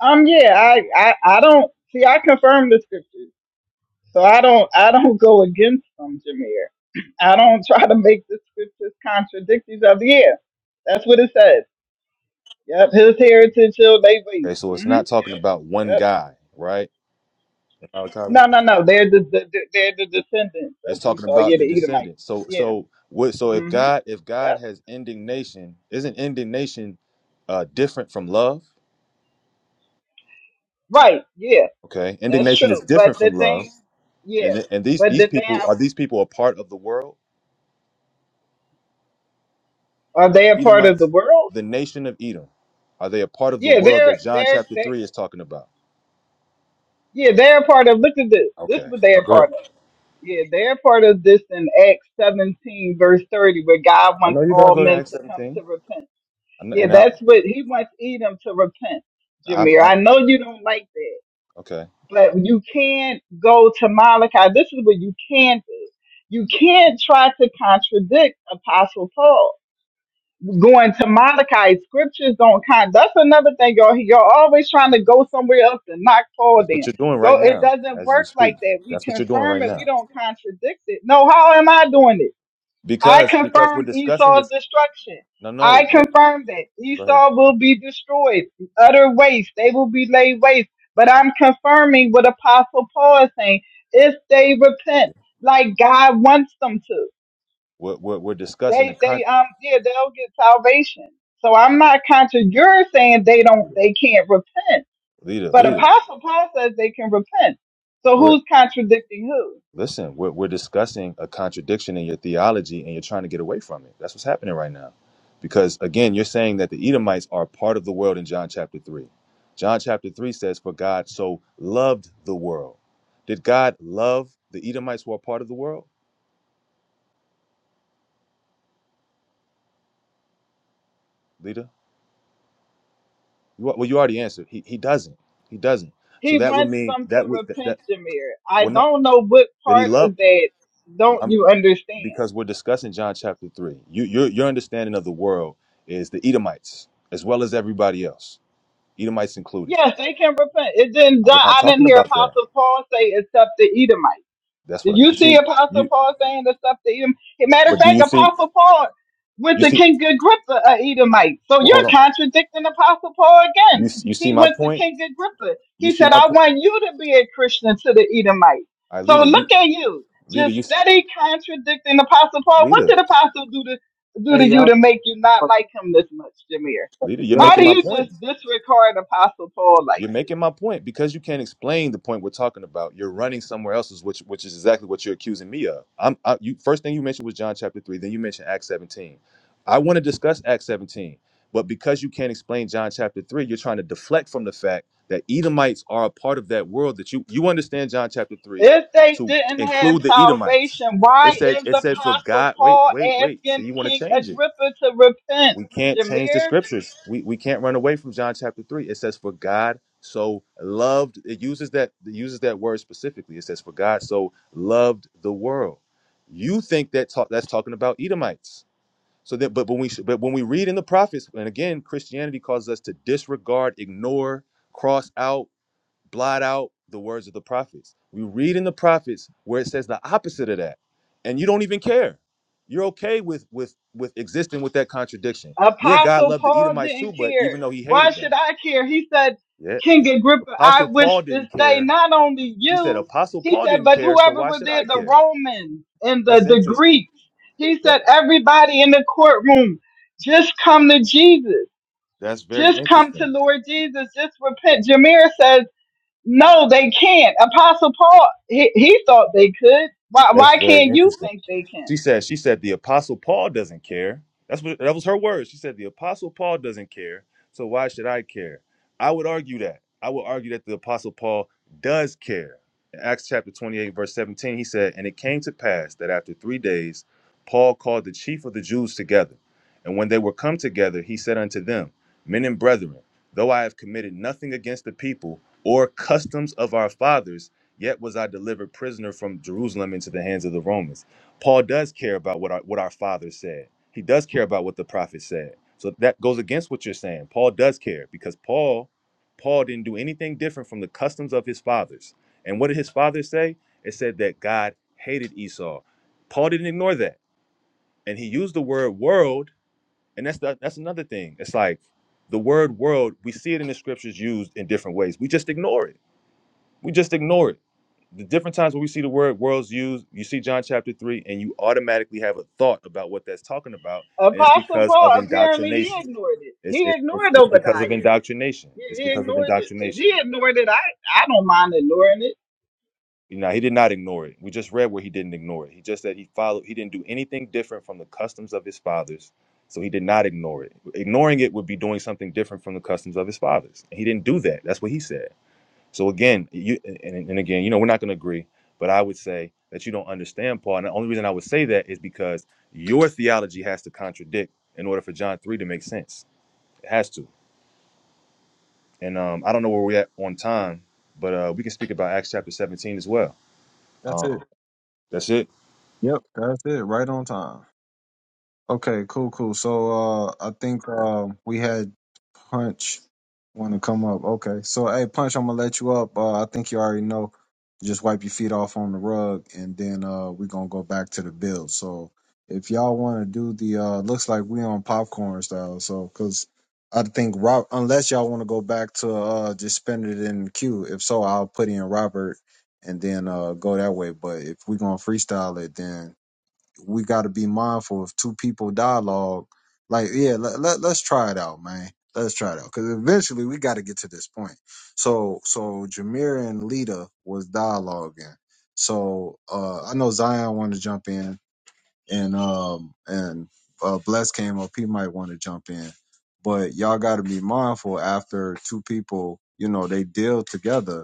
G: Um, yeah, I, I, I don't, see, I confirm the scriptures. So I don't I don't go against them, Jameer. I don't try to make the scriptures contradict each other. Yeah, that's what it says. Yep, his heritage shall they be.
E: Okay, so it's
G: hmm
E: not talking about one
G: Yep.
E: guy, right? Malachi 1.
G: No, no, no. They're the, the the- they're the descendants
E: It's
G: of
E: talking
G: Esau.
E: about
G: Yeah,
E: the
G: the Edomites.
E: descendants. So
G: Yeah.
E: so what so if
G: hmm
E: God if God
G: Yep.
E: has indignation, isn't indignation uh different from love?
G: Right. Yeah,
E: Okay.
G: that's
E: Indignation is
G: true. But
E: different
G: the
E: from love.
G: thing, yeah,
E: And and these
G: but
E: these
G: the thing,
E: people are these people a part of the world?
G: are
E: Are
G: they a
E: the
G: part of the
E: Edomites
G: world?
E: the nation of Edom? Are they a part of the
G: Yeah,
E: world
G: they're
E: that John
G: they're
E: chapter
G: they.
E: 3 is talking about?
G: Yeah, they're a part of. Look at this. This is
E: Okay.
G: what
E: Uh,
G: they're a
E: go
G: part
E: ahead.
G: of. Yeah, they're part of this in Acts 17, verse 30, where God
E: I know
G: wants
E: you're going to
G: all
E: go to
G: men
E: Acts
G: to come
E: 17.
G: to repent.
E: I kn-
G: Yeah,
E: And I,
G: that's what he wants Edom to repent,
E: I,
G: Jameer.
E: I,
G: I know you don't like that,
E: okay.
G: but you can't go to Malachi. This is what you can do. You can't try to contradict Apostle Paul going to Malachi. Scriptures don't count. That's another thing, y'all. Y'all always trying to go somewhere else to knock Paul
E: That's what
G: down.
E: you're doing
G: Go.
E: right
G: It
E: now
G: doesn't
E: as you
G: work like
E: speak.
G: that. We
E: That's what you're doing
G: confirm
E: right
G: it. We
E: now.
G: don't contradict it. No. How am I doing it? I
E: Because because we're
G: confirm
E: discussing
G: Esau's
E: this.
G: destruction.
E: No,
G: I
E: no, no.
G: confirm that
E: Go ahead.
G: Esau will be destroyed, utter waste. They will be laid waste. But I'm confirming what Apostle Paul is saying. If they repent, like God wants them to.
E: We're, we're, we're discussing the
G: They
E: con.
G: they um yeah they'll get salvation. So I'm not contra. You're saying they don't they can't repent,
E: Leader,
G: but
E: leader.
G: Apostle Paul says they can repent. So
E: We're
G: who's contradicting who?
E: Listen, we're, we're discussing a contradiction in your theology and you're trying to get away from it. That's what's happening right now. Because again, you're saying that the Edomites are part of the world in John chapter 3. John chapter 3 says, For God so loved the world. Did God love the Edomites who are part of the world, Lita? You, al- well, you already answered. He, he doesn't. He doesn't. So
G: He
E: that would
G: wants
E: mean
G: them to
E: that would that,
G: repent,
E: that
G: Jameer. I
E: well no
G: don't know what
E: that he
G: part of
E: loved
G: that don't
E: I'm
G: you understand.
E: because we're discussing John chapter three. You your your understanding of the world is the Edomites as well as everybody else. Edomites included.
G: Yes, they can repent. It didn't.
E: We're not
G: I didn't
E: talking
G: hear
E: about that.
G: Apostle Paul say except the Edomites.
E: That's
G: Did
E: what I,
G: you
E: you
G: see
E: see.
G: Apostle
E: You
G: Paul saying the stuff to Edom? Hey, Matter of
E: but do
G: fact,
E: you see?
G: Apostle Paul went
E: You
G: to
E: see?
G: King Agrippa, a Edomite. So
E: Well,
G: you're
E: hold on.
G: contradicting Apostle Paul
E: You
G: again.
E: you see
G: He
E: my
G: went to
E: point?
G: King Agrippa.
E: You
G: He
E: see
G: said,
E: my
G: I
E: point?
G: want you to be a Christian to the Edomite.
E: I
G: So
E: leader. You
G: look at you,
E: leader.
G: just
E: You
G: steady contradicting Apostle Paul. What
E: leader.
G: did Apostle do to do
A: Hey,
G: to you
A: y'all.
G: to make you not like him this much, Jameer?
E: Leader. You're
A: Y'all,
G: Why do
E: making
A: if,
E: my
G: you just
E: point.
G: disregard Apostle Paul like that?
E: You're making my point because you can't explain the point we're talking about. You're running somewhere else's, which which is exactly what you're accusing me of. I'm I, you first thing you mentioned was John chapter three, then you mentioned Acts 17. I want to discuss Acts 17, but because you can't explain John chapter three, you're trying to deflect from the fact that Edomites are a part of that world that you you understand John chapter three
G: If they
E: to
G: didn't have
E: include the
G: salvation,
E: Edomites.
G: why
E: It said
G: is
E: it said for
G: Apostle
E: God. Wait
G: Paul
E: wait wait. So
G: asking
E: you want to
G: King
E: change it?
G: Agrippa to repent?
E: We can't change the
G: Jameer,
E: scriptures. We we can't run away from John chapter three. It says, "For God so loved." It uses that it uses that word specifically. It says, "For God so loved the world." You think that talk, that's talking about Edomites? So that, but but when we sh- but when we read in the prophets, and again, Christianity causes us to disregard, ignore, cross out blot out the words of the prophets. We read in the prophets where it says the opposite of that, and you don't even care. You're okay with with with existing with that contradiction. Yeah, God
G: Apostle
E: loved the
G: Paul
E: Edomites too,
G: didn't
E: but
G: care.
E: even though He
G: Why
E: hated
G: should
E: them,
G: I care? He said,
E: yeah,
G: King
E: yeah.
G: Agrippa, I
E: Apostle
G: wish
E: Paul
G: this
E: didn't
G: day
E: care.
G: not only
E: She said
G: you,
E: Apostle
G: he
E: Paul
G: said,
E: didn't
G: but
E: care, so
G: whoever
E: why
G: was
E: should
G: there,
E: I
G: the
E: care?
G: Romans and the,
E: That's
G: the
E: interesting.
G: Greeks. He said,
E: That,
G: everybody in the courtroom, just come to Jesus.
E: that's very
G: Just come to
E: interesting.
G: Lord Jesus. Just repent. Jameer says, No, they can't. Apostle Paul, he, he thought they could. Why,
E: That's
G: why
E: very
G: can't you
E: interesting.
G: think they
E: She
G: can?
E: said, she said the apostle Paul doesn't care. That's what that was her words. She said the apostle Paul doesn't care. So why should I care? I would argue that. I would argue that the apostle Paul does care. In Acts chapter 28, verse 17, he said, And it came to pass that after three days, Paul called the chief of the Jews together. And when they were come together, he said unto them, Men and brethren, though I have committed nothing against the people or customs of our fathers, yet was I delivered prisoner from Jerusalem into the hands of the Romans Paul does care about what our what our father said. He does care about what the prophet said. So that goes against what you're saying. Paul does care because Paul Paul didn't do anything different from the customs of his fathers. And what did his father say? It said that God hated Esau. Paul didn't ignore that. And he used the word world, and that's the, that's another thing. It's like the word world, we see it in the scriptures used in different ways. We just ignore it we just ignore it. The different times when we see the word worlds used, you see John chapter 3, and you automatically have a thought about what that's talking about. And it's
G: Apostle
E: because of
G: Paul, apparently he
E: indoctrination.
G: ignored it.
E: It's,
G: He
E: it's, it's,
G: ignored
E: it's
G: Obadiah.
E: because of indoctrination.
G: He,
E: It's
G: he
E: because of
G: ignored it. If he
E: indoctrination.
G: ignored it, I, I don't mind ignoring it.
E: You know, he did not ignore it. We just read where he didn't ignore it. He just said he followed, he didn't do anything different from the customs of his fathers. So he did not ignore it. Ignoring it would be doing something different from the customs of his fathers. And he didn't do that. That's what he said. So again, you and, and again, you know, we're not going to agree, but I would say that you don't understand Paul. And the only reason I would say that is because your theology has to contradict in order for John three to make sense. It has to. And um, I don't know where we're at on time, but uh, we can speak about Acts chapter seventeen as well.
A: that's it.
E: Um, that's it.
A: Yep, that's it. Right on time. Okay, cool, cool. So uh I think uh, we had Punch want to come up. Okay. So hey Punch, I'm gonna let you up. Uh I think you already know. Just wipe your feet off on the rug and then uh we're gonna go back to the build. So if y'all wanna do the uh looks like we on popcorn style, so cause I think Rob unless y'all wanna go back to uh just spend it in the queue. If so, I'll put in Robert and then uh go that way. But if we're gonna freestyle it then we got to be mindful of two people dialogue. Like, yeah, let, let, let's try it out, man. Let's try it out because eventually we got to get to this point. So, so Jameer and Lita was dialoguing. So, uh, I know Zion wanted to jump in, and um, and uh, Bless came up. He might want to jump in, but y'all got to be mindful after two people, you know, they deal together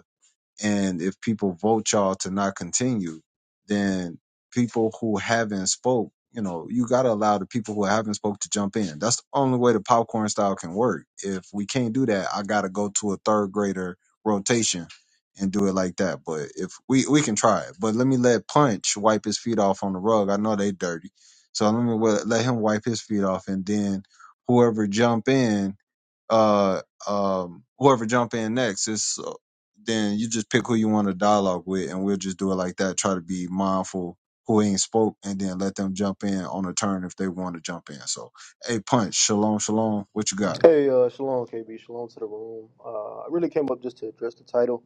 A: and if people vote y'all to not continue, then people who haven't spoke, you know, you got to allow the people who haven't spoke to jump in. That's the only way the popcorn style can work. If we can't do that, I got to go to a third grader rotation and do it like that. But if we, we can try it, but let me let punch wipe his feet off on the rug. I know they dirty. So let me wa- let him wipe his feet off and then whoever jump in uh um whoever jump in next it's uh, then you just pick who you want to dialogue with and we'll just do it like that try to be mindful who ain't spoke and then let them jump in on a turn if they want to jump in so hey punch shalom shalom what you got
K: Hey, uh, shalom, KB. Shalom to the room. Uh, I really came up just to address the title,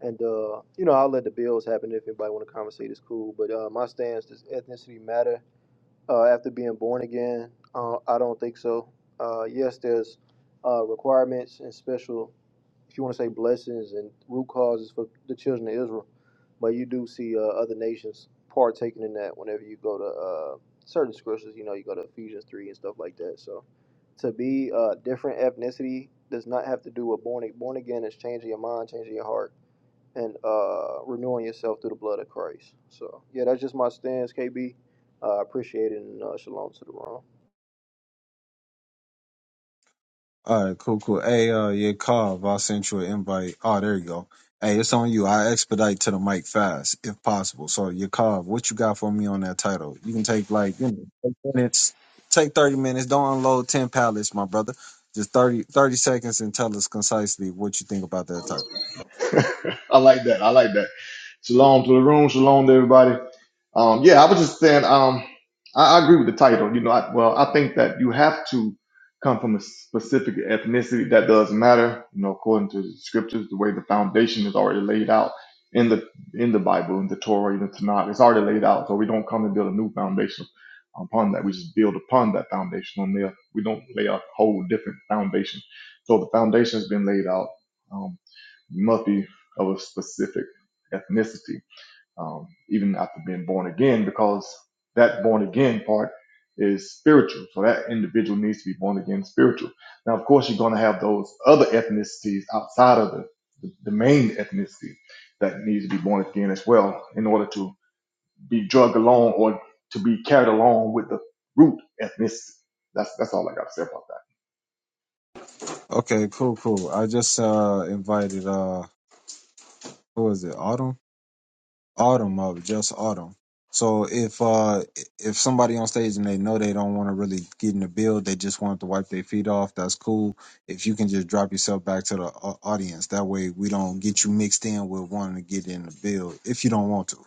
K: and uh, you know, I'll let the bills happen if anybody want to conversate. It's cool, but uh, my stance does ethnicity matter uh, after being born again? Uh, I don't think so. Uh, yes, there's uh, requirements and special if you want to say blessings and root causes for the children of Israel, but you do see uh, other nations partaking in that whenever you go to uh, certain scriptures. You know, you go to Ephesians three and stuff like that. So to be a uh, different ethnicity does not have to do with born born again It's changing your mind, changing your heart, and uh, renewing yourself through the blood of Christ. So yeah, that's just my stance, KB. Uh, appreciate it, and uh, shalom to the room.
A: All right, cool, cool. Hey, uh, yeah, Carv, I sent you an invite. Oh, there you go. Hey, it's on you. I expedite to the mic fast, if possible. So, your Carv, what you got for me on that title? You can take like you know, take minutes, take thirty minutes. Don't unload ten pallets, my brother. Just 30 30 seconds and tell us concisely what you think about that title.
L: I like that. I like that. Shalom to the room. Shalom to everybody. Um, yeah, I was just saying. Um, I, I agree with the title. You know, I, well, I think that you have to come from a specific ethnicity that does matter. You know, according to the scriptures, the way the foundation is already laid out in the in the Bible, in the Torah, in the Tanakh, it's already laid out. So we don't come and build a new foundation upon that. We just build upon that foundation on there. We don't lay a whole different foundation. So the foundation has been laid out. Um, must be of a specific ethnicity um, even after being born again, because that born again part is spiritual. So that individual needs to be born again spiritual. Now, of course, you're going to have those other ethnicities outside of the, the, the main ethnicity that needs to be born again as well in order to be drugged along or to be carried along with the root ethnicity. That's, that's all I got to say about that.
A: Okay, cool, cool. I just uh invited uh, who is it? Autumn. autumn of just autumn. So if uh if somebody on stage and they know they don't want to really get in the build, they just want to wipe their feet off. That's cool. If you can just drop yourself back to the au- audience, that way we don't get you mixed in with wanting to get in the build if you don't want to.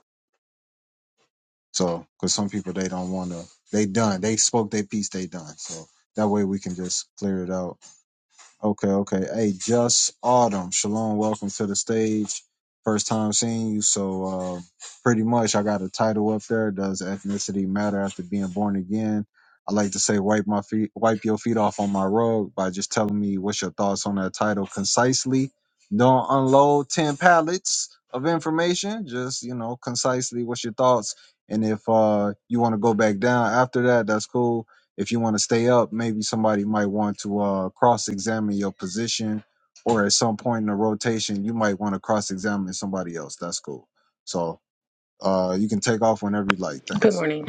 A: So because some people they don't want to, they done. They spoke their piece, they done. So that way we can just clear it out. Okay, okay. Hey, just Autumn. Shalom, welcome to the stage. First time seeing you, so uh, pretty much I got a title up there. Does ethnicity matter after being born again? I like to say wipe my feet, wipe your feet off on my rug by just telling me what's your thoughts on that title concisely. Don't unload ten pallets of information. Just you know, concisely, what's your thoughts? And if uh, you want to go back down after that, that's cool if you want to stay up, maybe somebody might want to uh, cross examine your position, or at some point in the rotation, you might want to cross examine somebody else. That's cool. So uh, you can take off whenever you like.
M: Good
A: Thanks.
M: morning.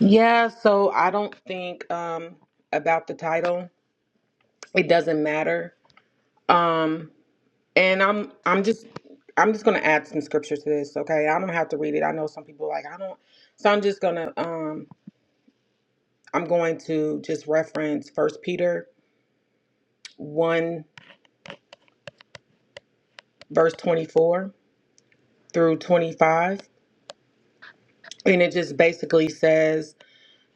M: Yeah, so I don't think um about the title. It doesn't matter. Um and I'm I'm just I'm just gonna add some scripture to this, okay? I don't have to read it. I know some people like I don't so I'm just gonna um I'm going to just reference first Peter one verse twenty four through twenty five. And it just basically says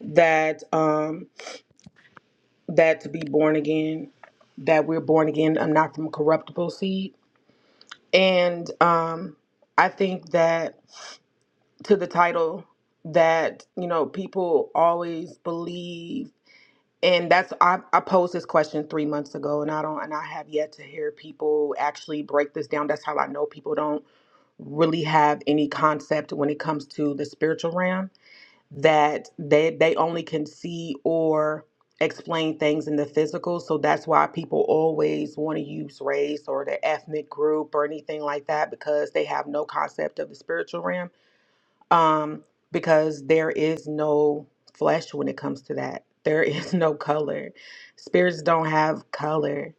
M: that um that to be born again, that we're born again, um, not from corruptible seed And um, I think that to the title, that, you know, people always believe, and that's, I, I posed this question three months ago, and I don't, and I have yet to hear people actually break this down. That's how I know people don't really have any concept when it comes to the spiritual realm that they they only can see or explain things in the physical so that's why people always want to use race or the ethnic group or anything like that because they have no concept of the spiritual realm um because there is no flesh when it comes to that there is no color spirits don't have color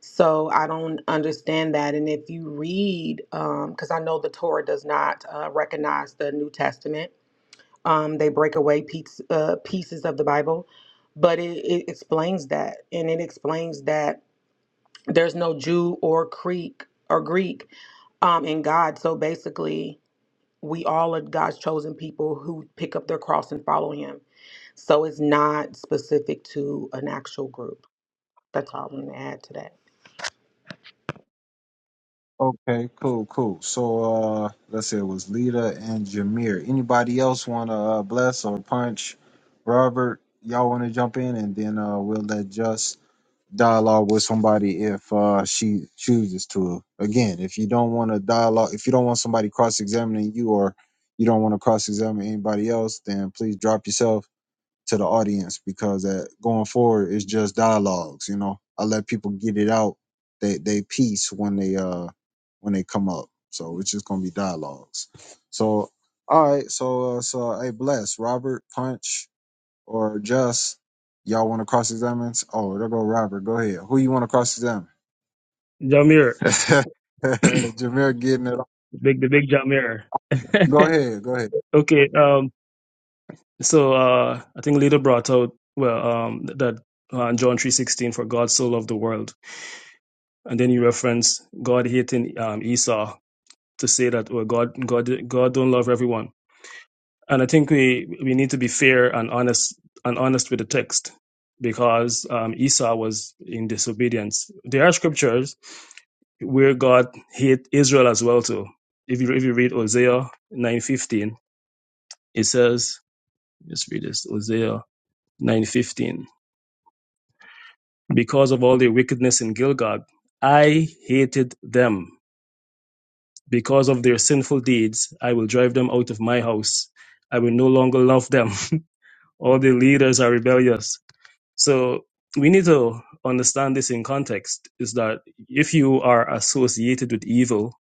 M: so i don't understand that and if you read um because i know the torah does not uh, recognize the new testament um, they break away piece, uh, pieces of the Bible, but it, it explains that, and it explains that there's no Jew or Greek or Greek um, in God. So basically, we all are God's chosen people who pick up their cross and follow Him. So it's not specific to an actual group. That's all I'm gonna add to that.
A: Okay, cool, cool. So uh, let's say it was Lita and Jameer. Anybody else want to uh, bless or punch Robert? Y'all want to jump in, and then uh, we'll let Just dialogue with somebody if uh, she chooses to. Again, if you don't want to dialogue, if you don't want somebody cross examining you or you don't want to cross examine anybody else, then please drop yourself to the audience because that going forward is just dialogues. You know, I let people get it out they they piece when they uh when they come up. So it's just gonna be dialogues. So all right, so uh, so hey, bless Robert Punch or just y'all want to cross examine? Oh, there go Robert. Go ahead. Who you want to cross examine?
C: Jamir,
A: Jameer getting it.
C: big the big Jamir.
A: Go ahead. Go ahead.
C: okay, um, so uh, I think Lita brought out well um, that uh, John three sixteen for God so loved the world And then you reference God hating um, Esau to say that well, God God God don't love everyone. And I think we we need to be fair and honest and honest with the text because um, Esau was in disobedience. There are scriptures where God hate Israel as well too. If you if you read Hosea nine fifteen, it says let's read this Hosea nine fifteen. Because of all their wickedness in Gilgal, I hated them Because of their sinful deeds, I will drive them out of my house. I will no longer love them. All their leaders are rebellious. So we need to understand this in context is that if you are associated with evil,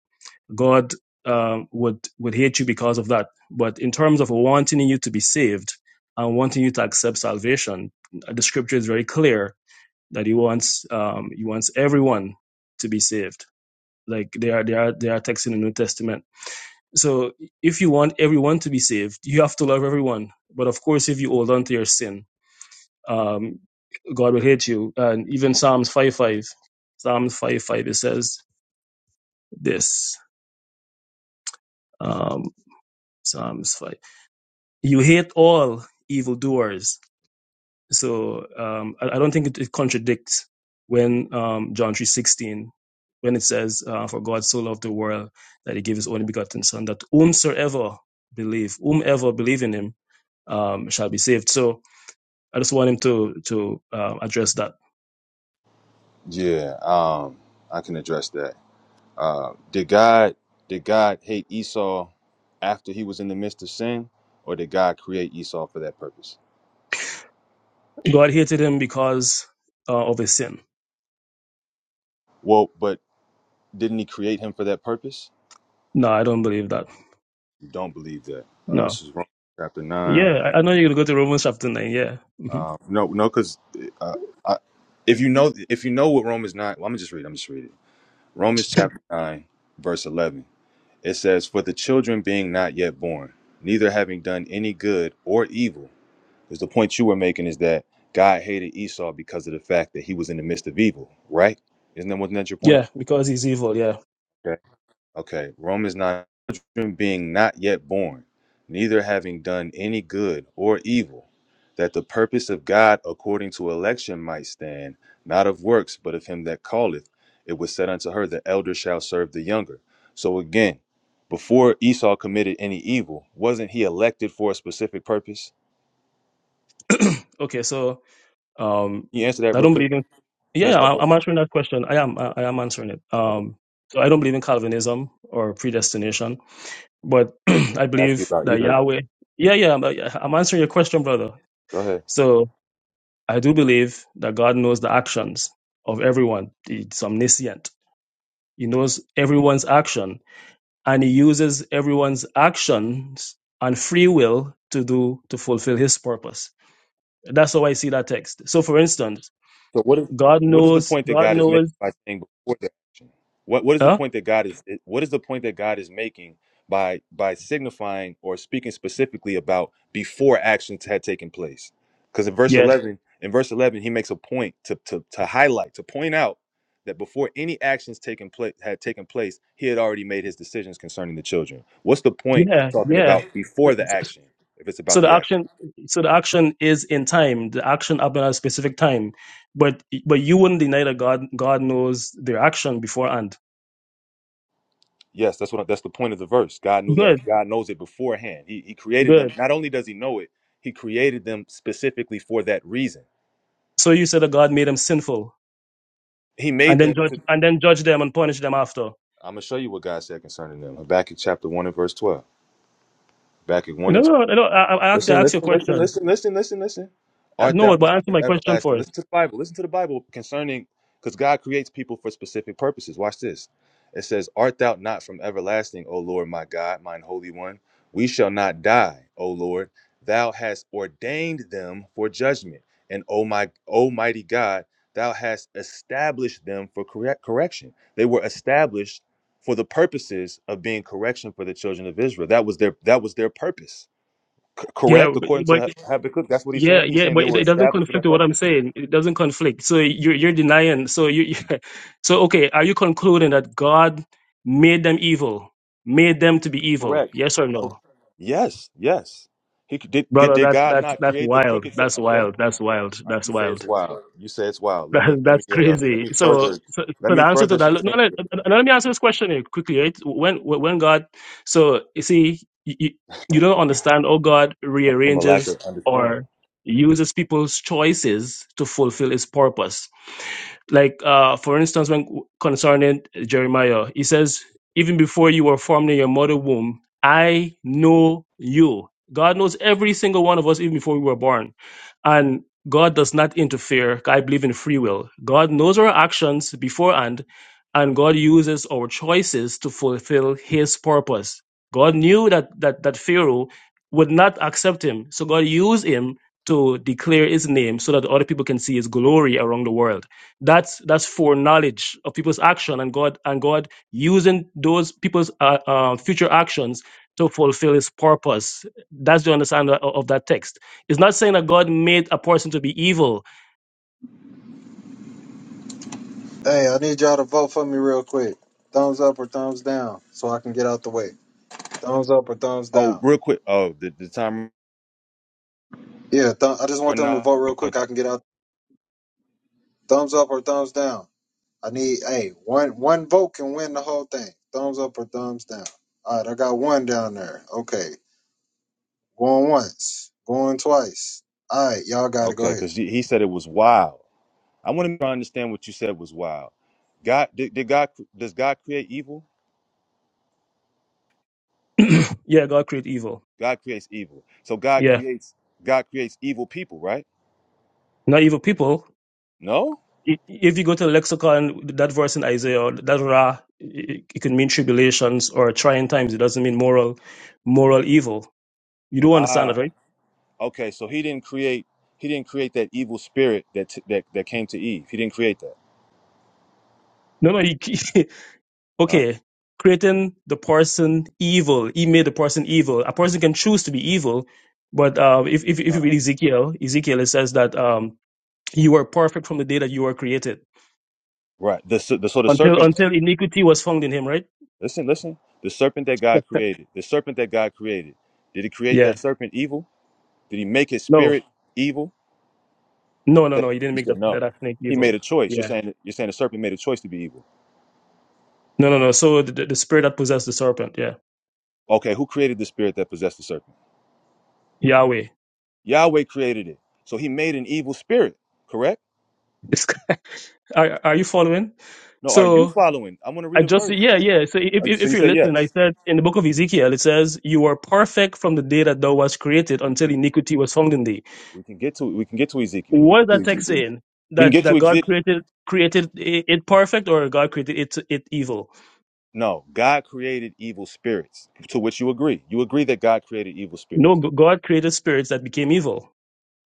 C: God um, would, would hate you because of that. But in terms of wanting you to be saved and wanting you to accept salvation, the scripture is very clear that he wants, um, he wants everyone to be saved. Like there are, there are, there are texts in the New Testament so if you want everyone to be saved, you have to love everyone. But of course, if you hold on to your sin, um, God will hate you. And even Psalms 5 5, Psalms 5 5, it says this um, Psalms 5. You hate all evildoers So um, I, I don't think it, it contradicts when um, John three sixteen, when it says, uh, "For God so loved the world that He gave His only begotten Son, that whomsoever believe, whomever believe in Him, um, shall be saved." So I just want him to to uh, address that.
E: Yeah, um, I can address that. Uh, did God did God hate Esau after he was in the midst of sin, or did God create Esau for that purpose?
C: God hated him because uh, of his sin.
E: Well, but didn't He create him for that purpose?
C: No, I don't believe that.
E: Don't believe that. Uh,
C: No.
E: this is Romans chapter nine.
C: Yeah, I, I know you're gonna go to Romans chapter nine. Yeah. hmm
E: Um, no, no, because uh, I, if you know, if you know what Romans nine, well, I'm gonna just read. it, I'm just reading Romans chapter nine, verse eleven. It says, "For the children being not yet born, neither having done any good or evil." Is the point you were making is that God hated Esau because of the fact that he was in the midst of evil, right? Isn't that wasn't that your point?
C: yeah, because he's evil. Yeah.
E: Okay, Romans 9 children being not yet born, neither having done any good or evil, that the purpose of God according to election might stand, not of works, but of him that calleth. It was said unto her, The elder shall serve the younger. So again, before Esau committed any evil, wasn't he elected for a specific purpose?
C: okay, so Um,
E: Can you answer that
C: I
E: real
C: don't
E: quick?
C: believe in.
E: Can you
C: Yeah, yeah,
E: answer that
C: I- I'm
E: question?
C: answering that question. I am. I
E: Okay,
C: I am answering it.
E: okay.
C: Um, so I don't believe in Calvinism or predestination, but I
E: Ask you
C: believe
E: about
C: that
E: either of those.
C: Yahweh. Yeah, yeah. I'm, I'm answering your question, brother.
E: Go ahead.
C: So I do believe that God knows the actions of everyone. He's omniscient. He knows everyone's action, and he uses everyone's actions and free will to do to fulfill His purpose. That's how I see that text. So, for instance,
E: So what is
C: God
E: what is the
C: knows.
E: point that
C: God
E: God is
C: knows
E: making by saying before the action? What what is the
C: Huh?
E: point that God is it- what is the point that God is making by by signifying or speaking specifically about before actions had taken place? Because in verse
C: Yes.
E: eleven, in verse eleven, he makes a point to to to highlight to point out that before any actions taken place had taken place, he had already made his decisions concerning the children. What's the point of
C: Yeah.
E: talking
C: Yeah.
E: about before the action if it's about
C: So the
E: the action?
C: action, so the action is in time. The action happened at a specific time, but but you wouldn't deny that God God knows their action beforehand.
E: Yes, that's what that's the point of the verse. God knew that.
C: Good.
E: God knows it beforehand. He he created them.
C: Good.
E: Not only does he know it, he created them specifically for that reason.
C: So you said that God made them sinful
E: He
C: and
E: made them
C: then judge
E: to
C: and then judge them and punish them after.
E: I'm gonna show you what God said concerning them. Habakkuk chapter one and verse twelve. Habakkuk 1
C: No,
E: and
C: no, no. I, I I asked you,
E: Listen,
C: I asked you
E: listen,
C: a
E: listen,
C: question.
E: listen, listen, listen, listen.
C: Uh,
E: Art thou
C: No, but
E: not
C: answer
E: from
C: my question
E: everlasting?
C: first.
E: Listen to the Bible. Listen to the Bible concerning because God creates people for specific purposes. Watch this. It says, Art thou not from everlasting, O Lord my God, mine holy one? We shall not die, O Lord. Thou hast ordained them for judgment. And O my almighty God, thou hast established them for correct correction. They were established for the purposes of being correction for the children of Israel. That was their that was their purpose C-
C: Yeah,
E: correct,
C: but,
E: according to
C: but
E: Ha- Habakkuk. That's what he's
C: Yeah,
E: saying. He's
C: yeah,
E: saying they
C: but it,
E: were
C: it doesn't
E: established for that
C: conflict with what I'm
E: purpose.
C: saying. It doesn't conflict. So you're you're denying. So you, so okay. Are you concluding that God made them evil, made them to be evil?
E: Correct.
C: Yes or
E: Co-
C: no,
E: yes, yes. He c- did, did.
C: brother?
E: Did
C: That
E: God
C: that's
E: not
C: that's
E: create the
C: wild.
E: crooked? Su-
C: That's
E: okay.
C: wild. That's wild.
E: All right,
C: That's
E: you say
C: wild.
E: it's wild. You say it's wild. Let me
C: That,
E: let me
C: that's
E: uh let
C: crazy.
E: me
C: So,
E: further
C: so,
E: let
C: so the
E: me
C: answer to
E: further
C: that. No, let,
E: substantiate that
C: no, let me answer this question here quickly. Right? When, when God, so you see, you, you you don't understand how God
E: from a lack of
C: rearranges
E: understanding.
C: or uses people's choices to fulfill His purpose. Like, uh, for instance, when concerning Jeremiah, he says, Even before you were formed in your mother womb, I know you. God knows every single one of us, even before we were born. And God does not interfere. I believe in free will. God knows our actions beforehand, and God uses our choices to fulfill his purpose. God knew that, that, that Pharaoh would not accept him. So God used him to declare his name so that other people can see his glory around the world. That's that's foreknowledge of people's action and God and God using those people's uh, uh, future actions to fulfill His purpose. That's the understanding of, of that text. It's not saying that God made a person to be evil.
A: Hey, I need y'all to vote for me real quick. Thumbs up or thumbs down, so I can get out the way. Thumbs up or thumbs
E: Oh,
A: down.
E: real quick. Oh, the, the time
A: Yeah, th- I just want
E: right
A: them to
E: now.
A: vote real quick. I can get out. Thumbs up or thumbs down. I need hey one one vote can win the whole thing. Thumbs up or thumbs down. All right, I got one down there. Okay, going once, going twice. All right, y'all got to go
E: Okay,
A: ahead.
E: because he he said it was wild. I want to understand what you said was wild. God did, did God does God create evil?
C: yeah, God created evil.
E: God creates evil. So God
C: Yeah,
E: creates God creates evil people, right?
C: not evil people.
E: No?
C: I- If you go to the lexicon, that verse in Isaiah, that ra, it it can mean tribulations or trying times. It doesn't mean moral, moral evil. You do understand that,
E: Ah,
C: right?
E: okay. So he didn't create he didn't create that evil spirit that t- that that came to Eve. He didn't create that.
C: No, no. You,
E: Huh?
C: okay, creating the person evil, he made the person evil. A person can choose to be evil, but uh, if, if
E: uh
C: if you read
E: Right.
C: Ezekiel, Ezekiel it says that um, you were perfect from the day that you were created
E: Right. The, ser- the so the
C: until
E: serpent.
C: until iniquity was found in him, right?
E: Listen, listen. The serpent that God created. The serpent that God created. Did he create
C: Yeah.
E: that serpent evil? Did he make his
C: No,
E: spirit evil?
C: no,
E: You
C: no,
E: said
C: no. He didn't
E: you
C: make
E: said
C: that
E: no.
C: that snake
E: He made a
C: evil.
E: choice. You're
C: Yeah.
E: saying you're saying the serpent made a choice to be evil.
C: No, no, no. So the, the the spirit that possessed the serpent, yeah,
E: Okay, who created the spirit that possessed the serpent?
C: Yahweh.
E: Yahweh created it. So he made an evil spirit, correct?
C: It's- are, are you following?
E: No, are you
C: So
E: following? I'm gonna read
C: I
E: a
C: just
E: verse.
C: yeah yeah. So if
E: Uh,
C: if
E: So
C: if
E: you
C: you're
E: say
C: listening, I
E: yes.
C: said in the book of Ezekiel it says you were perfect from the day that thou was created
E: We
C: until
E: can
C: iniquity was found in thee.
E: we can get to we can get to Ezekiel. We can
C: What is
E: get to
C: that text
E: Ezekiel.
C: saying?
E: We can
C: That
E: get
C: that
E: to
C: God
E: Ezekiel.
C: created created i- it perfect or God created it it evil?
E: No, God created evil spirits, to which you agree. You agree that God created evil spirits.
C: No, G- God created spirits that became evil.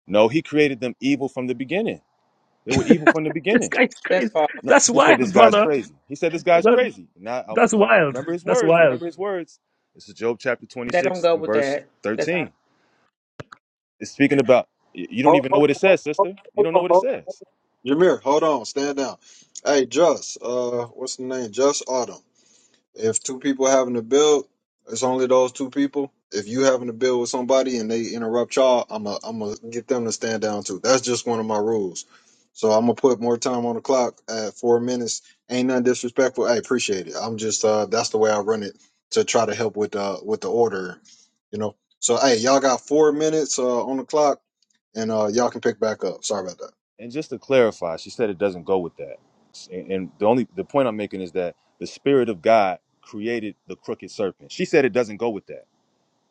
E: No, he created them evil from the beginning. They were evil from the
C: This
E: beginning.
C: guy's
M: That's
C: crazy.
M: false.
E: No,
C: That's
E: he said
C: wild,
E: this guy's
C: brother.
E: crazy. He said this guy's
C: That,
E: crazy. Now
C: that's
E: I,
C: wild.
E: remember his
C: That's
E: words.
C: wild.
E: Remember his words. This is Job chapter
M: That don't
E: 26
M: go
E: and
M: with
E: verse
M: that. That's out.
E: 13. It's speaking about you don't
A: Hold,
E: even know
A: hold,
E: what it
A: hold,
E: says,
A: hold,
E: sister. You
A: hold,
E: don't know
A: hold,
E: what it
A: hold.
E: says.
A: Jameer, hold on, stand down. Hey, Just, uh, what's the name? Just Autumn. If two people having to build, it's only those two people. If you having to build with somebody and they interrupt y'all, I'm a, I'm gonna get them to stand down too. That's just one of my rules. So I'm gonna put more time on the clock at four minutes. Ain't nothing disrespectful. I appreciate it. I'm just, uh, that's the way I run it to try to help with, uh, with the order, you know. So hey, y'all got four minutes uh, on the clock and uh, y'all can pick back up. Sorry about that.
E: And just to clarify, she said it doesn't go with that. And, and the only the point I'm making is that the spirit of God created the crooked serpent. She said it doesn't go with that.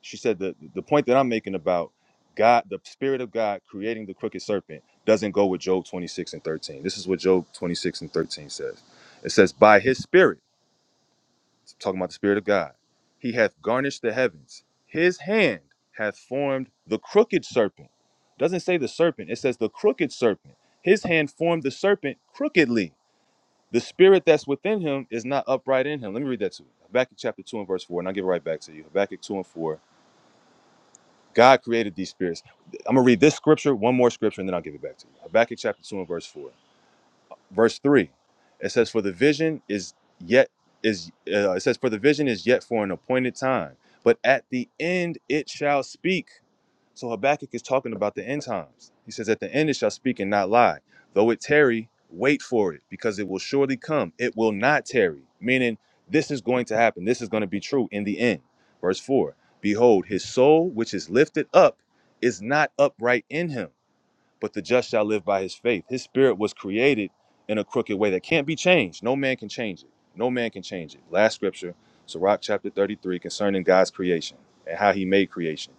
E: She said the the point that I'm making about God, the spirit of God creating the crooked serpent doesn't go with Job 26 and 13. This is what Job 26 and 13 says. It says, "By his spirit." It's talking about the Spirit of God. He hath garnished the heavens. His hand hath formed the crooked serpent. It Doesn't say the serpent, it says the crooked serpent. His hand formed the serpent crookedly. The spirit that's within him is not upright in him. Let me read that to you. Habakkuk chapter 2 and verse 4, and I'll give it right back to you. Habakkuk 2 and 4. God created these spirits. I'm going to read this scripture, one more scripture, and then I'll give it back to you. Habakkuk chapter 2 and verse 4 verse 3 it says for the vision is yet is uh, it says for the vision is yet for an appointed time but at the end it shall speak so habakkuk is talking about the end times he says at the end it shall speak and not lie though it tarry wait for it because it will surely come it will not tarry meaning this is going to happen this is going to be true in the end verse 4 behold his soul which is lifted up is not upright in him but the just shall live by his faith. His spirit was created in a crooked way that can't be changed. No man can change it. No man can change it. Last scripture, Sirach chapter 33, concerning God's creation and how he made creation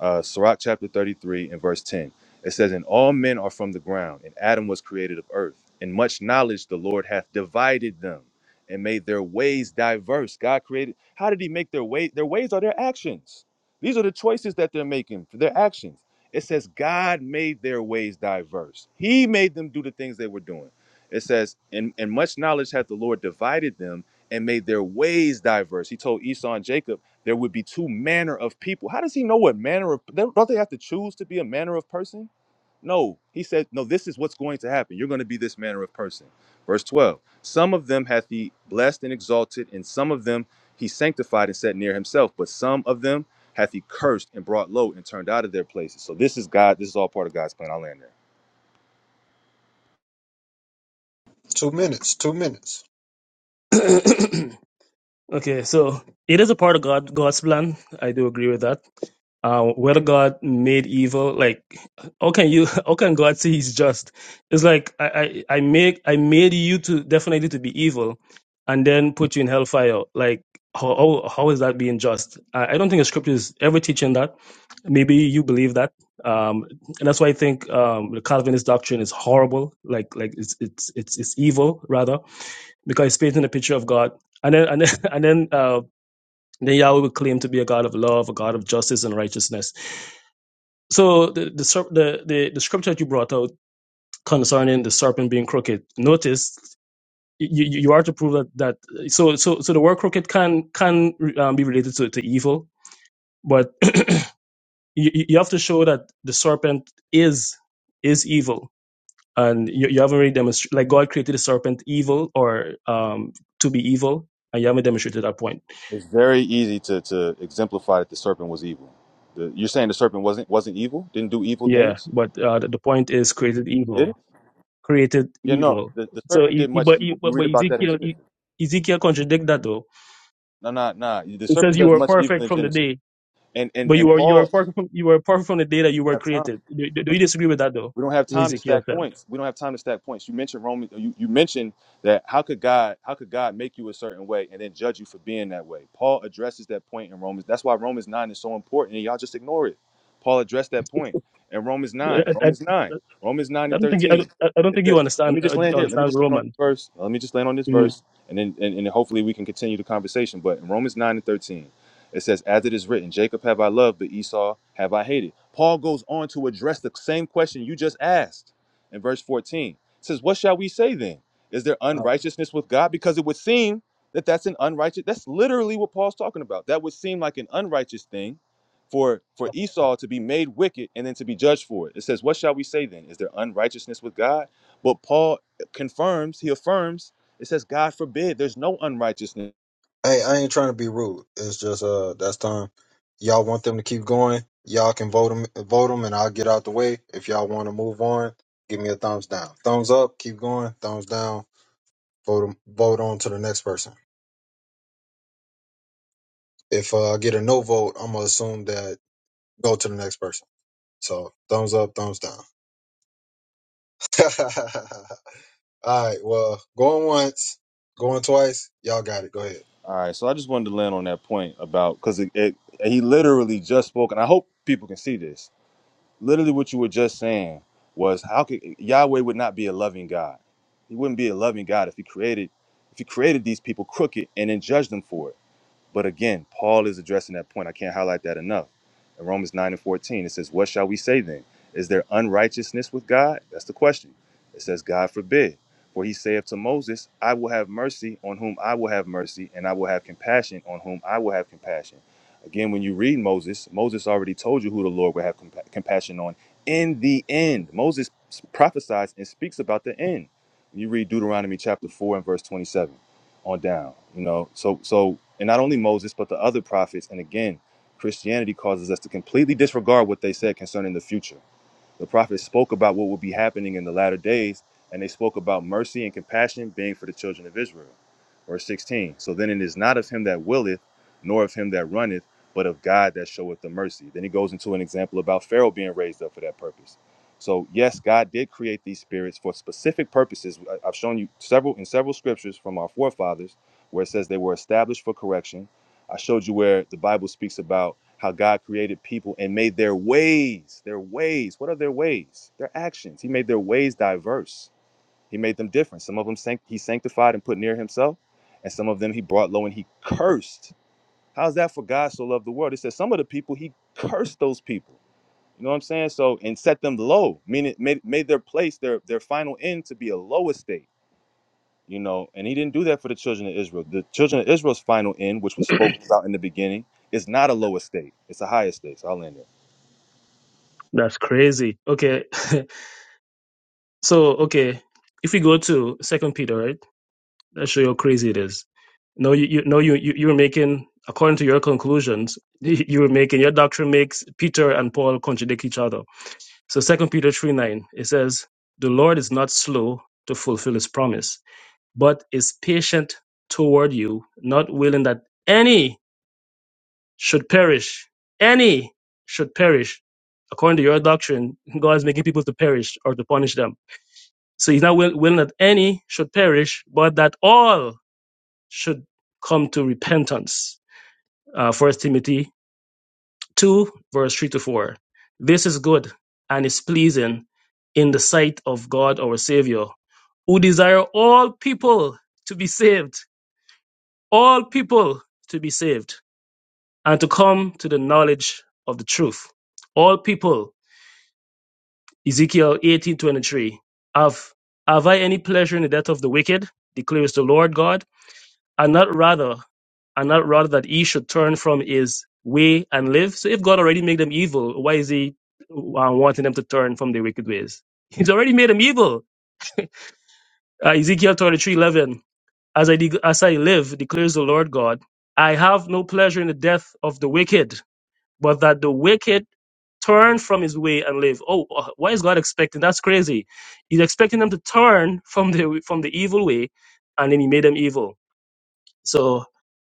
E: uh, Sirach chapter 33 and verse 10. It says, And all men are from the ground, and Adam was created of earth. And much knowledge the Lord hath divided them and made their ways diverse. God created, how did he make their way? Their ways are their actions. These are the choices that they're making for their actions. It says, God made their ways diverse. He made them do the things they were doing. It says, and, and much knowledge hath the Lord divided them and made their ways diverse. He told Esau and Jacob, there would be two manner of people. How does he know what manner of don't they have to choose to be a manner of person? No, he said, no, this is what's going to happen. You're going to be this manner of person. Verse 12. Some of them hath he blessed and exalted, and some of them he sanctified and set near himself, but some of them hath he cursed and brought low and turned out of their places. So this is God, this is all part of God's plan. I'll land there.
A: Two minutes. Two minutes.
C: okay, so it is a part of God God's plan. I do agree with that uh, whether God made evil, like how can you how can God say he's just? It's like I, I I make I made you to definitely to be evil and then put you in hellfire. Like how how, how is that being just? I, I don't think the scripture is ever teaching that. Maybe you believe that. Um, and that's why I think um, the Calvinist doctrine is horrible. Like like it's it's it's it's evil rather because it's painting a picture of God. And then and then and then uh, then Yahweh would claim to be a God of love, a God of justice and righteousness so the the serp- the, the the scripture that you brought out concerning the serpent being crooked, notice you, you you are to prove that that so so so the word crooked can can um, be related to, to evil, but you, you you have to show that the serpent is is evil, and you, you haven't really demonstrated like God created the serpent evil or um to be evil, and you haven't demonstrated that point.
E: It's very easy to to exemplify that the serpent was evil. The, you're saying the serpent wasn't wasn't evil, didn't do evil
C: Yeah,
E: things?
C: but uh, the the point is created evil.
E: Did it?
C: created
E: Yeah, no,
C: evil.
E: the, the
C: So,
E: serpent
C: e-
E: did
C: e-
E: much
C: but
E: evil.
C: e-
E: You
C: but
E: read
C: but
E: about that in
C: Ezekiel
E: Genesis.
C: e- Ezekiel contradict that though.
E: No, no, no. The
C: It
E: serpent
C: says you
E: does
C: were
E: much evil
C: perfect
E: in
C: from the
E: Genesis.
C: day,
E: And and
C: but you
E: and
C: were you
E: Paul
C: were
E: didn't
C: perfect from, you were perfect from the day that you were
E: have time.
C: created. Do, do do you disagree with that though?
E: We don't have
C: What
E: time to
C: Ezekiel
E: stack
C: said.
E: points. We don't have time to stack points. You mentioned Roman. You, you mentioned that how could God how could God make you a certain way and then judge you for being that way? Paul addresses that point in Romans. That's why Romans nine is so important, and y'all just ignore it. Paul addressed that point in Romans nine.
C: I, I,
E: Romans nine. Romans nine
C: I
E: and
C: don't think I
E: thirteen.
C: don't, I don't
E: It
C: think you
E: said, let
C: understand
E: me just
C: uh,
E: land here. Let me
C: understand
E: just land on this
C: Roman.
E: verse. Let me just land on this
C: Mm,
E: verse, and then and, and hopefully we can continue the conversation. But in Romans nine and thirteen. It says, As it is written, Jacob have I loved, but Esau have I hated. Paul goes on to address the same question you just asked in verse 14. It says, What shall we say then? Is there
A: Oh.
E: unrighteousness with God? Because it would seem that that's an unrighteous, that's literally what Paul's talking about. That would seem like an unrighteous thing for, for Esau to be made wicked and then to be judged for it. It says, What shall we say then? Is there unrighteousness with God? But Paul confirms, he affirms, it says, God forbid, there's no unrighteousness
A: Hey, I ain't trying to be rude. It's just uh, that's time. Y'all want them to keep going. Y'all can vote them, vote them, and I'll get out the way. If y'all want to move on, give me a thumbs down. Thumbs up. Keep going. Thumbs down. Vote 'em- Vote on to the next person. If uh, I get a no vote, I'm gonna assume that go to the next person. So thumbs up. Thumbs down. All right. Well, going once, going twice. Y'all got it. Go ahead.
E: All right, so I just wanted to land on that point about because it, it he literally just spoke, and I hope people can see this. Literally, what you were just saying was how could Yahweh would not be a loving God? He wouldn't be a loving God if he created if he created these people crooked and then judged them for it. But again, Paul is addressing that point. I can't highlight that enough. In Romans 9 and 14, it says, What shall we say then? Is there unrighteousness with God? That's the question. It says, God forbid. For he saith to Moses, I will have mercy on whom I will have mercy, and I will have compassion on whom I will have compassion. Again, when you read Moses, Moses already told you who the Lord would have compa- compassion on in the end. Moses prophesies and speaks about the end. You read Deuteronomy chapter 4 and verse 27 on down. You know, so so and not only Moses but the other prophets. And again, Christianity causes us to completely disregard what they said concerning the future. The prophets spoke about what would be happening in the latter days, and they spoke about mercy and compassion being for the children of Israel. Verse 16 So then it is not of him that willeth, nor of him that runneth, but of God that showeth the mercy. Then he goes into an example about Pharaoh being raised up for that purpose. So, yes, God did create these spirits for specific purposes. I- I've shown you several in several scriptures from our forefathers where it says they were established for correction I showed you where the Bible speaks about how God created people and made their ways, their ways. What are their ways? Their actions. He made their ways diverse. He made them different. Some of them sanct- he sanctified and put near himself, and some of them he brought low and he cursed. How's that for God so loved the world? It says some of the people he cursed those people. You know what I'm saying? So and set them low, meaning made, made their place, their their final end to be a low estate you know and he didn't do that for the children of israel the children of israel's final end which was spoken about in the beginning is not a lower state it's a higher state so i'll end there
C: that's crazy. Okay, so okay, if we go to Second Peter, right? That show you how crazy it is. No, you, you no, you, you, you were making, according to your conclusions, you you were making, your doctrine makes Peter and Paul contradict each other. So Second Peter 3 9, it says, The Lord is not slow to fulfill his promise, but is patient toward you, not willing that any should perish. Any should perish. According to your doctrine, God is making people to perish or to punish them. So he's not will- willing that any should perish, but that all should come to repentance. Uh, 1 Timothy 2, verse 3 to 4. This is good and is pleasing in the sight of God our Savior, who desire all people to be saved, all people to be saved, and to come to the knowledge of the truth. All people, Ezekiel 18:23. Have have I any pleasure in the death of the wicked? declares the Lord God and not rather and not rather that he should turn from his way and live. So if God already made them evil, why is he uh, wanting them to turn from their wicked ways? He's already made them evil. Uh, Ezekiel thirty three eleven. As I, de- as I live, declares the Lord God, I have no pleasure in the death of the wicked, but that the wicked turn from his way and live. Oh, uh, why is God expecting? That's crazy. He's expecting them to turn from the, from the evil way, and then he made them evil. So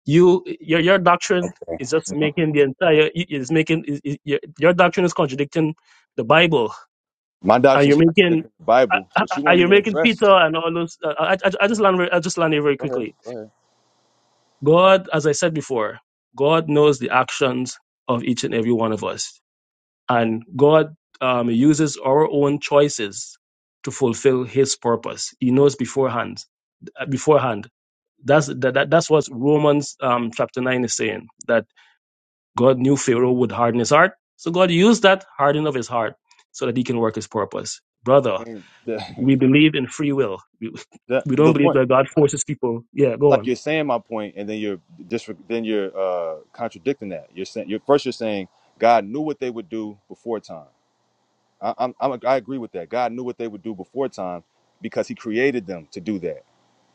C: You your your doctrine is just making the entire is making is, is, your, your doctrine is contradicting the Bible,
E: my
C: and
E: doctrine's
C: you're making
E: contradicting the bible but you
C: and
E: won't
C: you're
E: even
C: making Peter
E: address
C: and all those. uh, I, I, I just land very- I just land here very
E: go ahead
C: quickly.
E: go ahead
C: God, as I said before, God knows the actions of each and every one of us, and God um, uses our own choices to fulfill His purpose. He knows beforehand. uh, Beforehand, that's that, that that's what Romans um, chapter nine is saying. That God knew Pharaoh would harden his heart. So God used that hardening of his heart so that he can work his purpose. Brother,
E: i mean the
C: we believe in free will. We,
E: the,
C: we don't
E: the
C: believe
E: point
C: that God forces people. Yeah, go
E: like
C: on.
E: you're saying my point and then you're just then you're uh contradicting that you're saying you're first you're saying god knew what they would do before time I, I'm, I'm, I agree with that. God knew what they would do before time because he created them to do that.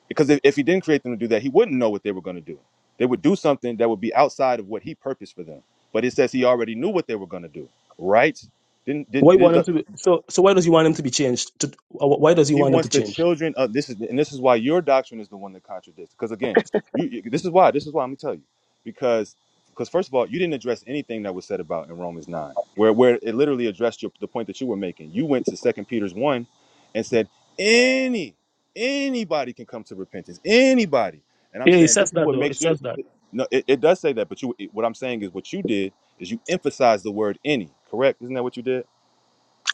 E: Because if, if he didn't create them to do that, he wouldn't know what they were going to do. They would do something that would be outside of what he purposed for them. But it says he already knew what they were going to do, right? Didn't,
C: Why you want
E: didn't
C: him to be, so so why does he want him to be changed? To, uh, why does he
E: he
C: want him
E: wants
C: to
E: the
C: change?
E: children of this is and this is why your doctrine is the one that contradicts. Because again, you, you- this is why this is why I'm gonna tell you because because first of all, you didn't address anything that was said about in Romans nine, where where it literally addressed your, the point that you were making. You went to Second Peter's one and said any anybody can come to repentance, anybody. And I'm
C: Yeah, He
E: saying
C: says
E: this is
C: that
E: what
C: though.
E: makes
C: It
E: you.
C: says that.
E: No, it, it does say that, but you. What I'm saying is what you did is you emphasized the word any. Correct? Isn't that what you did?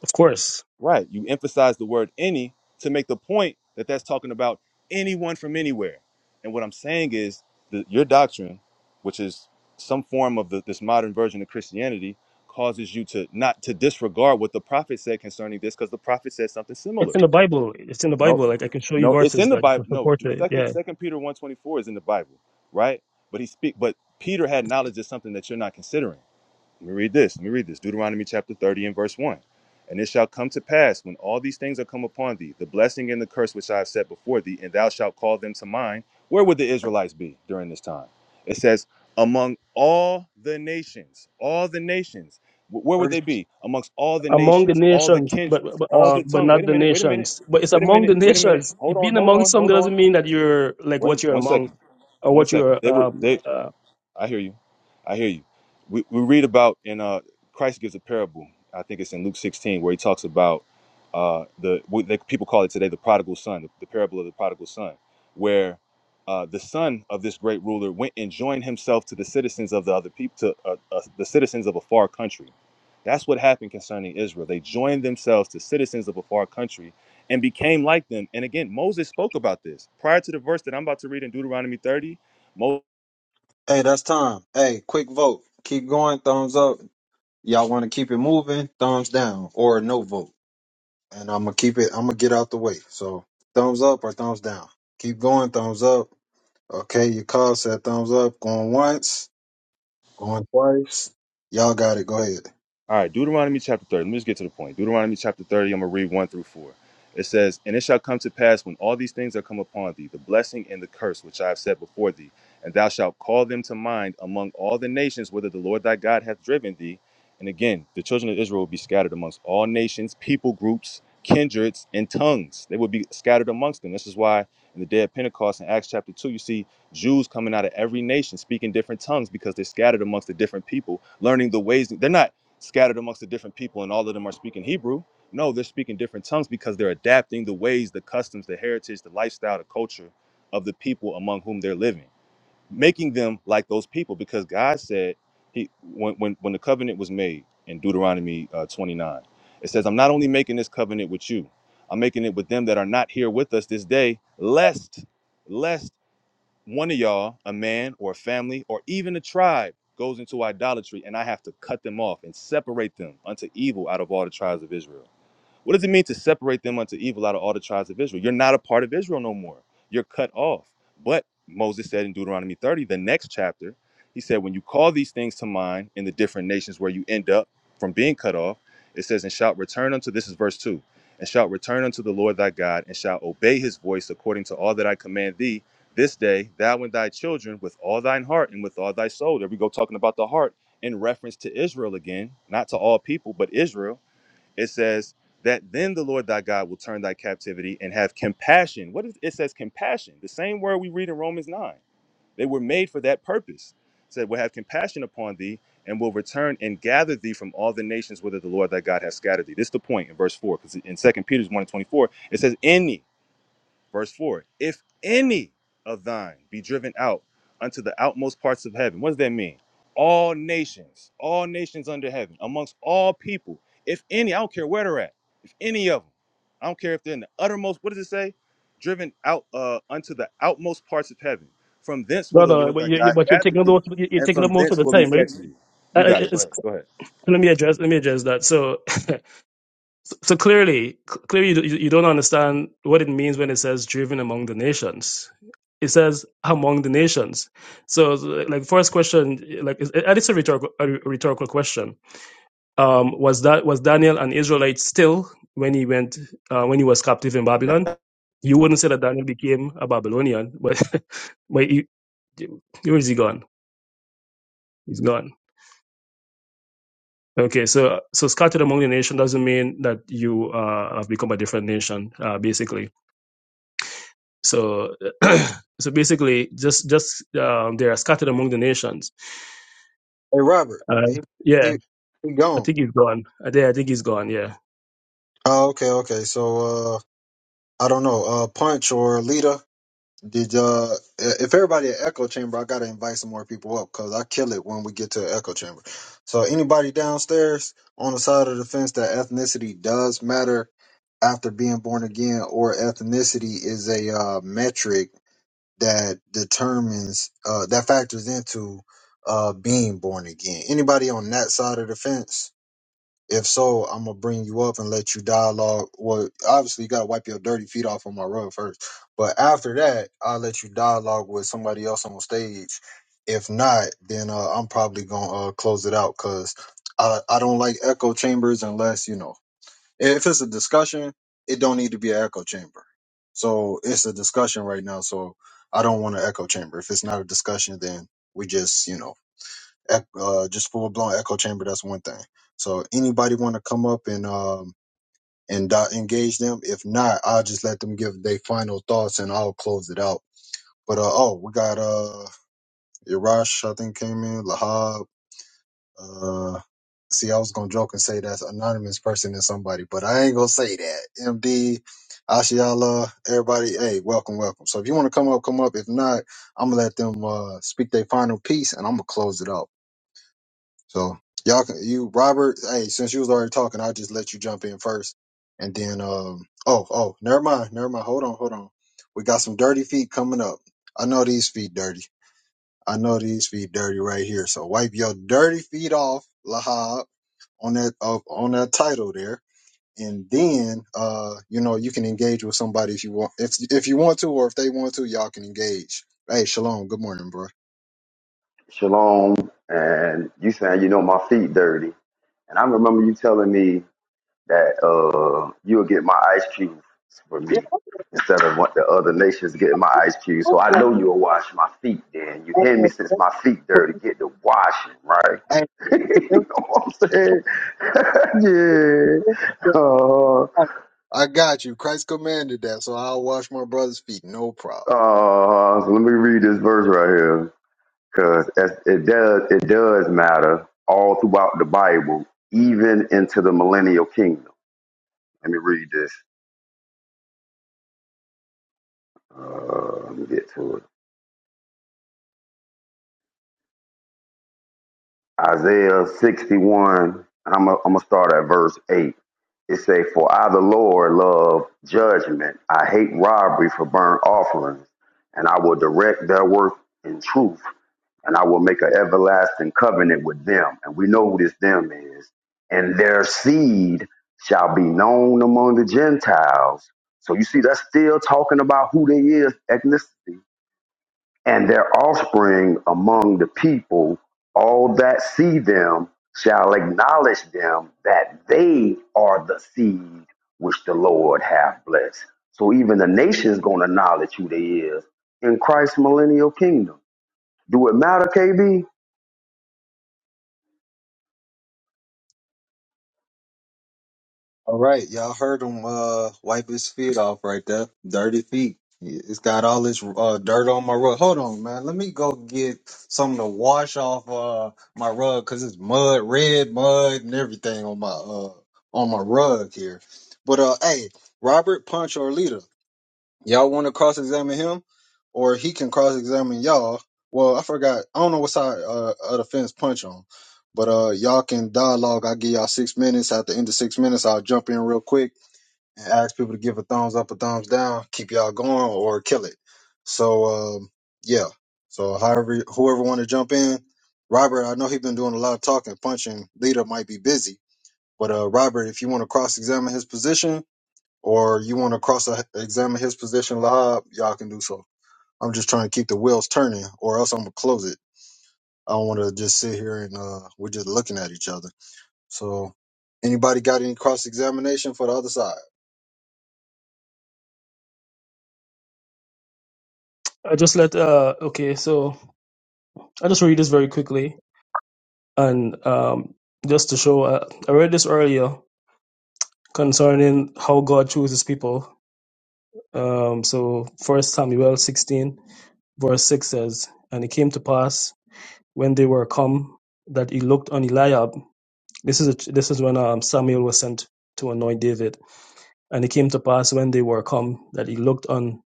C: Of course.
E: Right. You emphasize the word any to make the point that that's talking about anyone from anywhere. And what I'm saying is that your doctrine, which is some form of the, this modern version of Christianity, causes you to not to disregard what the prophet said concerning this because the prophet said something similar.
C: It's in the Bible. It's in the
E: No,
C: Bible. Like I can show you
E: no, it's
C: verses
E: in the
C: that
E: Bible. No,
C: support
E: d-
C: it.
E: second
C: Yeah.
E: second Peter 124 is in the Bible, right? But he speak but Peter had knowledge of something that you're not considering. Let me read this. Let me read this. Deuteronomy chapter 30 and verse 1. And it shall come to pass when all these things are come upon thee, the blessing and the curse which I have set before thee, and thou shalt call them to mind. Where would the Israelites be during this time? It says, among all the nations, all the nations. Wh- Where would
A: thirty
E: they be? Amongst all the
C: among the
E: nations, all the
C: nations, but
E: kindreds,
C: but,
E: all
C: uh,
E: the
C: but
E: tongues. Wait
C: not
E: a
C: the
E: minute, wait a minute,
C: nations. But it's
E: wait a
C: among the
E: minute, wait a minute.
C: nations.
E: Hold
C: It
E: on,
C: Being
E: hold
C: among
E: on,
C: some
E: hold
C: doesn't
E: on.
C: mean that you're like
E: One,
C: what you're
E: one
C: among,
E: second,
C: or
E: one
C: what you're
E: second. They would,
C: um,
E: they,
C: uh,
E: I hear you. I hear you. We, we read about in uh, Christ gives a parable. I think it's in Luke 16 where he talks about uh, the what they, people call it today the prodigal son, the, the parable of the prodigal son, where uh, the son of this great ruler went and joined himself to the citizens of the other people, to uh, uh, the citizens of a far country. That's what happened concerning Israel. They joined themselves to citizens of a far country and became like them. And again, Moses spoke about this prior to the verse that I'm about to read in Deuteronomy 30. Moses
A: Hey, that's time. Hey, quick vote. Keep going. Thumbs up. Y'all want to keep it moving? Thumbs down or no vote. And I'm gonna keep it. I'm gonna get out the way. So thumbs up or thumbs down. Keep going. Thumbs up. Okay, your call said thumbs up. Going once. Going twice. Y'all got it. Go ahead.
E: All right, Deuteronomy chapter 30. Let me just get to the point. Deuteronomy chapter 30, I'm going to read 1 through 4. It says, And it shall come to pass when all these things are come upon thee, the blessing and the curse which I have set before thee, and thou shalt call them to mind among all the nations whither the Lord thy God hath driven thee. And again, the children of Israel will be scattered amongst all nations, people groups, kindreds, and tongues. They will be scattered amongst them. This is why in the day of Pentecost in Acts chapter 2, you see Jews coming out of every nation speaking different tongues because they're scattered amongst the different people, learning the ways. They're not scattered amongst the different people and all of them are speaking Hebrew. No, they're speaking different tongues because they're adapting the ways, the customs, the heritage, the lifestyle, the culture of the people among whom they're living, making them like those people because God said he when when, when the covenant was made in Deuteronomy uh, 29, it says, I'm not only making this covenant with you, I'm making it with them that are not here with us this day, lest lest one of y'all, a man or a family or even a tribe, goes into idolatry and I have to cut them off and separate them unto evil out of all the tribes of Israel. What does it mean to separate them unto evil out of all the tribes of Israel? You're not a part of Israel no more. You're cut off. But Moses said in Deuteronomy 30, the next chapter, he said, When you call these things to mind in the different nations where you end up from being cut off, it says, And shalt return unto this is verse 2 and shalt return unto the Lord thy God, and shalt obey his voice according to all that I command thee this day, thou and thy children, with all thine heart and with all thy soul. There we go, talking about the heart in reference to Israel again, not to all people, but Israel it says that then the Lord thy God will turn thy captivity and have compassion. What is it says compassion? The same word we read in Romans 9. They were made for that purpose. It said, will have compassion upon thee and will return and gather thee from all the nations whither the Lord thy God has scattered thee. This is the point in verse 4, because in Second Peter 1 and 24, it says, "Any." Verse 4 If any of thine be driven out unto the outmost parts of heaven, what does that mean? All nations, all nations under heaven, amongst all people, if any, I don't care where they're at, if any of them, I don't care if they're in the uttermost, what does it say? Driven out uh, unto the outmost parts of heaven. From thence will the
C: brother.
E: Lord
C: But
E: thy
C: you you-
E: God
C: but you're
E: gather
C: taking up
E: thee,
C: most you're
E: and
C: taking up
E: from
C: most of
E: thence
C: the
E: will he
C: time, right?
E: fetch thee. You
C: Uh,
E: got it. Go
C: it's,
E: ahead. Go
C: let me address let me address that. So so clearly clearly you, you you don't understand what it means when it says driven among the nations. It says among the nations. So like first question, like is- and it's a rhetorical a rhetorical question Um, was that was Daniel an Israelite still when he went uh, when he was captive in
E: ahead.
C: Babylon? You wouldn't say that Daniel became a Babylonian, but but he, where is he gone? He's gone. Okay, so so scattered among the nation doesn't mean that you uh, have become a different nation, uh, basically. So so basically, just just um, they are scattered among the nations.
A: Hey, Robert.
C: Uh,
A: He
C: yeah,
A: he he
C: I
A: gone.
C: think he's gone. I think I think he's gone. Yeah.
A: Oh, okay, okay. So uh, I don't know. Uh, punch or Lita. Did uh, if everybody at echo chamber, I gotta invite some more people up because I kill it when we get to the echo chamber. So anybody downstairs on the side of the fence that ethnicity does matter after being born again, or ethnicity is a uh, metric that determines uh, that factors into uh, being born again. Anybody on that side of the fence? If so, I'm gonna bring you up and let you dialogue. Well, obviously you gotta wipe your dirty feet off on my rug first, but after that, I'll let you dialogue with somebody else on stage. If not, then uh, I'm probably gonna uh, close it out because I I don't like echo chambers unless you know if it's a discussion, it don't need to be an echo chamber. So it's a discussion right now, so I don't want an echo chamber. If it's not a discussion, then we just you know ec- uh, just full blown echo chamber. That's one thing. So anybody want to come up and um and uh, engage them? If not, I'll just let them give their final thoughts and I'll close it out. But uh oh, we got uh Irash I think came in Lahab. Uh, see, I was gonna joke and say that's anonymous person is somebody, but I ain't gonna say that. MD, Ashiala, everybody, hey, welcome, welcome. So if you want to come up, come up. If not, I'm gonna let them uh speak their final piece and I'm gonna close it out. So y'all, can- you Robert, hey, since you was already talking, I'll just let you jump in first, and then um, oh, oh, never mind, never mind. Hold on, hold on. We got some dirty feet coming up. I know these feet dirty. I know these feet dirty right here. So wipe your dirty feet off, Lahab, on that of on that title there, and then uh, you know, you can engage with somebody if you want, if if you want to, or if they want to, y'all can engage. Hey, shalom. Good morning, bro.
N: Shalom, and you saying you know my feet dirty, and I remember you telling me that uh you'll get my ice cubes for me instead of what the other nations getting my ice cubes. So I know you'll wash my feet. Then you hear me since my feet dirty, get the washing right.
A: Hey,
N: you know what I'm saying? yeah. Uh,
A: I got you. Christ commanded that, so I'll wash my brother's feet. No problem.
N: uh, so let me read this verse right here. because as it does it does matter all throughout the Bible, even into the millennial kingdom. Let me read this. Uh, let me get to it. Isaiah 61. I'm gonna I'm gonna start at verse eight. It say, "For I, the Lord, love judgment. I hate robbery for burnt offerings, and I will direct their work in truth. and I will make an everlasting covenant with them. And we know who this them is. And their seed shall be known among the Gentiles. So you see, that's still talking about who they is, ethnicity, and their offspring among the people. All that see them shall acknowledge them that they are the seed which the Lord hath blessed. So even the nation's gonna acknowledge who they is in Christ's millennial kingdom. Do it matter, KB?
A: All right, y'all heard him uh, wipe his feet off right there. Dirty feet. It's got all this uh, dirt on my rug. Hold on, man. Let me go get something to wash off uh, my rug because it's mud, red mud, and everything on my uh, on my rug here. But uh, hey, Robert Punch or Lita. Y'all want to cross examine him, or he can cross examine y'all. Well, I forgot. I don't know what side uh, of the fence punch on, but uh, y'all can dialogue. I give y'all six minutes. At the end of six minutes, I'll jump in real quick and ask people to give a thumbs up, a thumbs down, keep y'all going, or kill it. So um, yeah. So however, whoever want to jump in, Robert. I know he has been doing a lot of talking, punching. Leader might be busy, but uh, Robert, if you want to cross examine his position, or you want to cross examine his position, Lahab, y'all can do so. I'm just trying to keep the wheels turning, or else I'm gonna close it. I don't want to just sit here and uh, we're just looking at each other. So, anybody got any cross examination for the other side?
C: I just let uh okay, so I just read this very quickly. And um, just to show, uh, I read this earlier concerning how God chooses people. Um, so First Samuel 16, verse 6 says, And it came to pass when they were come that he looked on Eliab. This is a, this is when um, Samuel was sent to anoint David. And it came to pass when they were come that he looked on,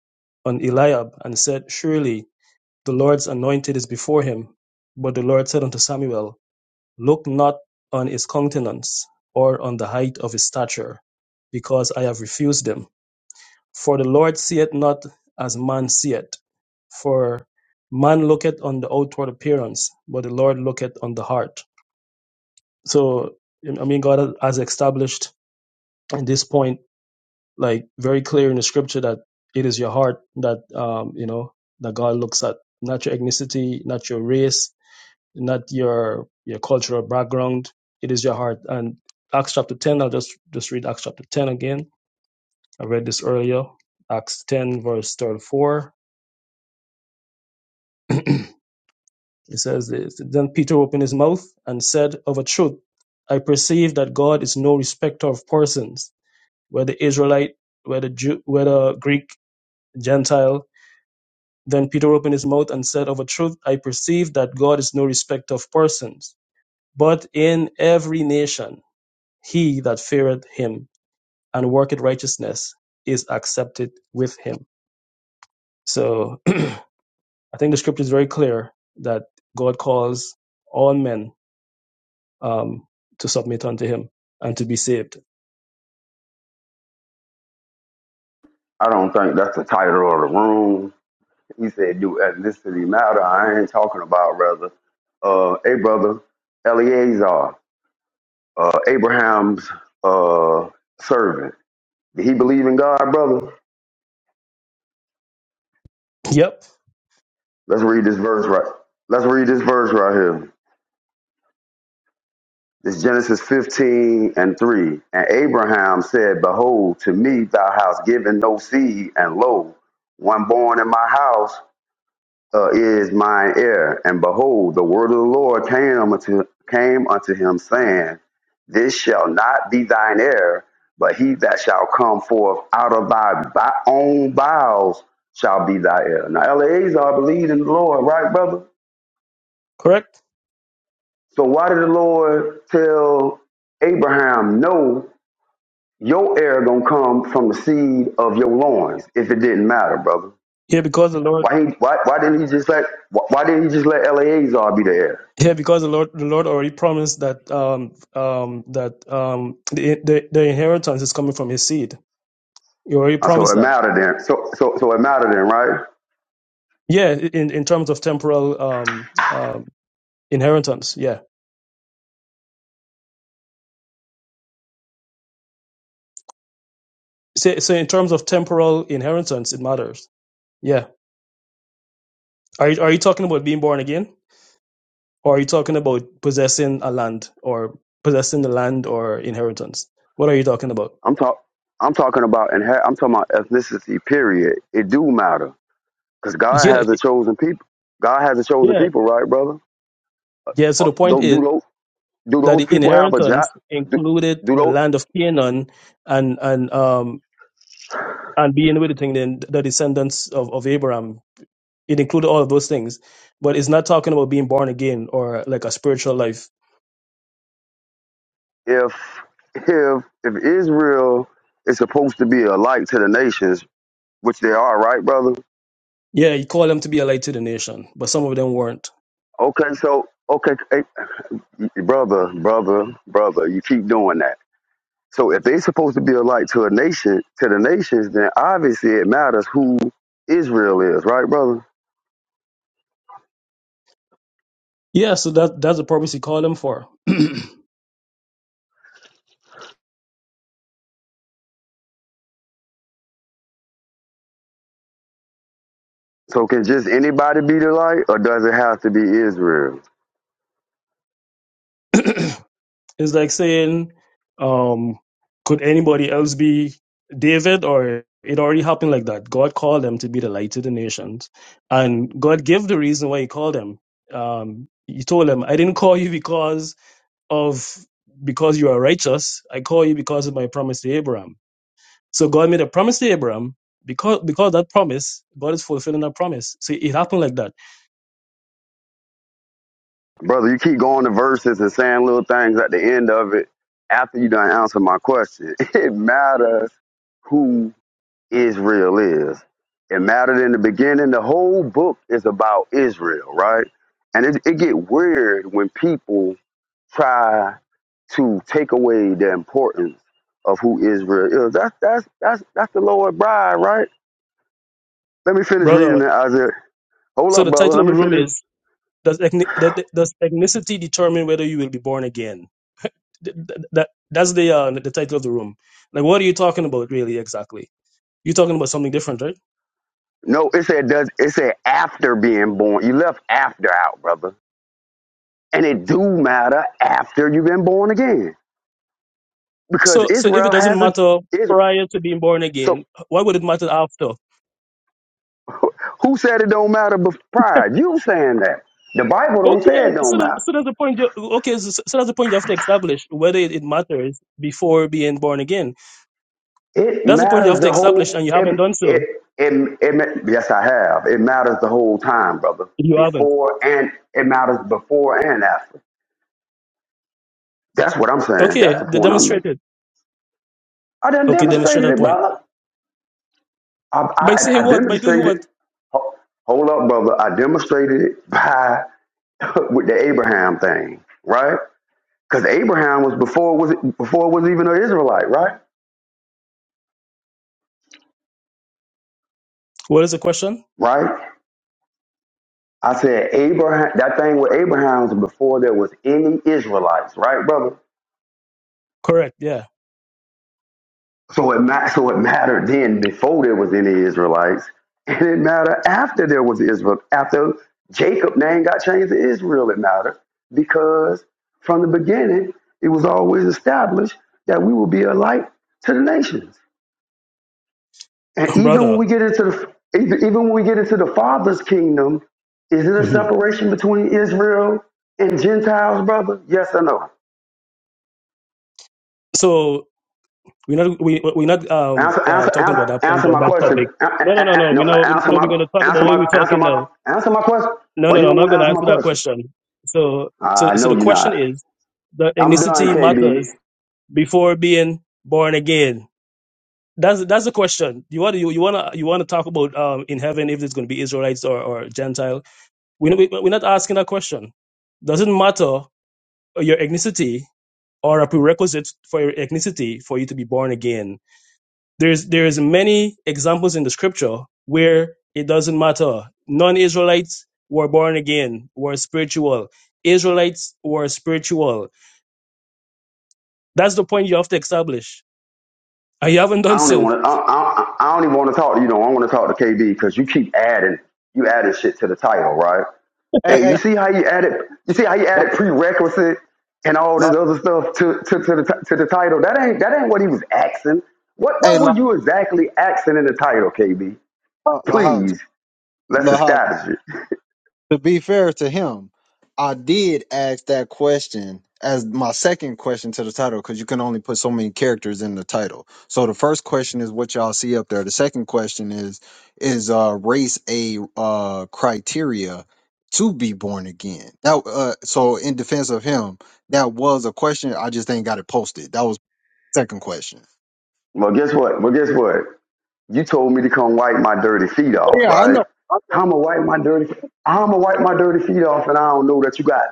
C: on Eliab and said, Surely the Lord's anointed is before him. But the Lord said unto Samuel, Look not on his countenance, or on the height of his stature, because I have refused him. For the Lord seeth not as man seeth. For man looketh on the outward appearance, but the Lord looketh on the heart. So, I mean, God has established at this point, like very clear in the scripture, that it is your heart that, um, you know, that God looks at, not your ethnicity, not your race, not your your cultural background. It is your heart. And Acts chapter ten, I'll just just read Acts chapter ten again. I read this earlier. Acts ten verse thirty four. It says this. Then Peter opened his mouth and said, Of a truth, I perceive that God is no respecter of persons, whether Israelite, whether Jew, whether Greek, Gentile. Then Peter opened his mouth and said, Of a truth, I perceive that God is no respecter of persons, but in every nation he that feareth him and worketh righteousness is accepted with him. So I think the scripture is very clear that God calls all men um, to submit unto him and to be saved.
N: I don't think that's the title of the room. He said, "Do ethnicity matter?" I ain't talking about brother. Uh, hey, brother, Eleazar, uh, Abraham's uh, servant. Did he believe in God, brother?
C: Yep,
N: Let's read this verse right. Let's read this verse right here. It's Genesis 15 and 3. And Abraham said, Behold, to me thou hast given no seed, and lo, one born in my house uh, is mine heir. And behold, the word of the Lord came unto, came unto him, saying, This shall not be thine heir, but he that shall come forth out of thy bi- own bowels shall be thy heir. Now, Eleazar believed in the Lord, right, brother?
C: correct.
N: So why did the Lord tell Abraham, no, your heir gonna come from the seed of your loins, if it didn't matter, brother?
C: Here because the Lord
N: Why, he, why, why didn't he just let why, why didn't he just let Eleazar be the heir?
C: here because the Lord the Lord already promised that um, um, that um, the, the the inheritance is coming from his seed. He already
N: Uh, So
C: promised
N: it
C: that.
N: mattered then. So so so it mattered then, right?
C: Yeah, in, in terms of temporal um, um, inheritance, yeah. So, so in terms of temporal inheritance, it matters. Yeah Are you, are you talking about being born again, or are you talking about possessing a land, or possessing the land or inheritance? What are you talking about?
N: I'm talk I'm talking about and I'm talking about ethnicity. Period. It do matter because God
C: Yeah,
N: has a chosen people. God has a chosen
C: yeah,
N: people, right, brother?
C: yeah. So
N: Uh,
C: the point
N: Don't do
C: is
N: those do
C: that
N: those
C: the
N: people have a job?
C: inheritance
N: Do,
C: included
N: do
C: the
N: those
C: land of Canaan and and um and being with the thing then the descendants of of Abraham. It included all of those things, but it's not talking about being born again or like a spiritual life.
N: if if if Israel is supposed to be a light to the nations, which they are, right, brother?
C: Yeah, he called them to be a light to the nation, but some of them weren't.
N: Okay, so okay, hey, brother, brother, brother, you keep doing that So if they are supposed to be a light to a nation, to the nations, then obviously it matters who Israel is, right, brother?
C: Yeah, so that that's the purpose he called them for.
N: So can just anybody be the light, or does it have to be Israel,
C: It's like saying, um, could anybody else be David? Or it already happened like that. God called them to be the light of the nations, and God gave the reason why He called them. Um, he told them, "I didn't call you because of because you are righteous. I call you because of my promise to Abraham." So God made a promise to Abraham because because that promise, God is fulfilling that promise. So it happened like that,
N: brother? You keep going to verses and saying little things at the end of it after you done answer my question. It matters who Israel is. It mattered in the beginning. The whole book is about Israel, right? And it, it get weird when people try to take away the importance of who Israel is. That's that's that's that's the Lord's bride, right? Let me finish reading
C: brother.
N: it, Isaiah. Hold
C: So
N: up,
C: the
N: brother.
C: title
N: Let
C: of
N: me
C: the room
N: finish.
C: is. Does, ethni- does does ethnicity determine whether you will be born again? Th- th- that that's the uh, the title of the room. Like, what are you talking about, really? Exactly, you're talking about something different, right?
N: No, it said does it said after being born. You left after out, brother. And it do matter after you've been born again. Because
C: So, so if
N: Israel
C: it doesn't
N: has a
C: matter
N: is
C: prior to being born
N: so
C: again, why would it matter after?
N: who said it don't matter bef- prior? You saying that. The Bible don't
C: Okay,
N: say it don't
C: so that,
N: matter.
C: so that's the point. You, okay, so, so that's the point you have to establish whether it, it matters before being born again.
N: It
C: That's the point you
N: matters
C: have to
N: the
C: establish,
N: whole.
C: and you haven't
N: It,
C: done so.
N: it, it, it, yes, I have. It matters the whole time, brother.
C: You haven't.
N: Before and it matters before and after. That's what I'm saying. That's
C: Okay,
N: the
C: they
N: point I'm making.
C: demonstrated.
N: I done
C: Okay, demonstrate
N: demonstrated
C: that
N: it,
C: point
N: brother. I,
C: by
N: I,
C: saying
N: I
C: what? By doing what?
N: demonstrated. ho- Hold up, brother. I demonstrated it by with the Abraham thing, right? Because Abraham was before was before was even an Israelite, right?
C: What is the question?
N: Right? I said Abraham. That thing with Abraham was before there was any Israelites, right, brother?
C: Correct. Yeah,
N: So it ma- so it mattered then before there was any Israelites, and it mattered after there was Israel. After Jacob name got changed to Israel, it mattered because from the beginning it was always established that we will be a light to the nations. And even when
C: brother.
N: we get into the even even when we get into the Father's kingdom, is it a
C: hmm
N: separation between Israel and Gentiles, brother? Yes or no?
C: So We're not we we're not um
N: Answer,
C: uh
N: answer,
C: talking
N: answer,
C: about that point
N: answer
C: or
N: my
C: that
N: question.
C: topic.
N: A- a-
C: No no
N: a-
C: no
N: a-
C: no.
N: No,
C: We know
N: answer
C: no
N: my,
C: we're gonna talk about
N: answer
C: what we're
N: my, answer
C: talking
N: my,
C: now.
N: answer my question.
C: No
N: Why
C: no
N: you
C: no. I'm
N: don't want
C: not
N: to
C: gonna
N: answer my
C: answer that
N: question?
C: question. So so
N: I
C: so
N: know
C: the
N: you're
C: question
N: not.
C: is the
N: I'm done,
C: ethnicity
N: KB.
C: matters before being born again. That's that's the question. You want you, you wanna you wanna talk about um in heaven if it's gonna be Israelites or or Gentile. We we we're not asking that question. Doesn't matter your ethnicity or a prerequisite for your ethnicity for you to be born again There's there's many examples in the scripture where it doesn't matter. Non-Israelites were born again, were spiritual. Israelites were spiritual. That's the point you have to establish. And you haven't
N: I
C: done
N: don't even
C: so.
N: want to. I, I, I don't even want to talk to you. Don't. I want to talk to KB because you keep adding, you adding shit to the title, right?
A: Hey,
N: Hey, you
A: hey,
N: see how you added, you see how you added prerequisite and all
A: La-
N: this other stuff to to to the ti- to the title. That ain't that ain't what he was asking. What
A: hey,
N: what were
A: Lahab,
N: you exactly asking in the title, KB?
A: Lahab,
N: Please, let's
A: Lahab.
N: establish it.
A: to be fair to him, I did ask that question as my second question to the title because you can only put so many characters in the title. So the first question is what y'all see up there. The second question is is uh, race a uh, criteria to be born again? That uh, so in defense of him, that was a question. I just ain't got it posted. That was the second question.
N: Well, guess what? Well, guess what? You told me to come wipe my dirty feet off,
A: Yeah, I
N: right?
A: know.
N: How am I wipe my dirty? How am I wipe my dirty feet off? And I don't know that you got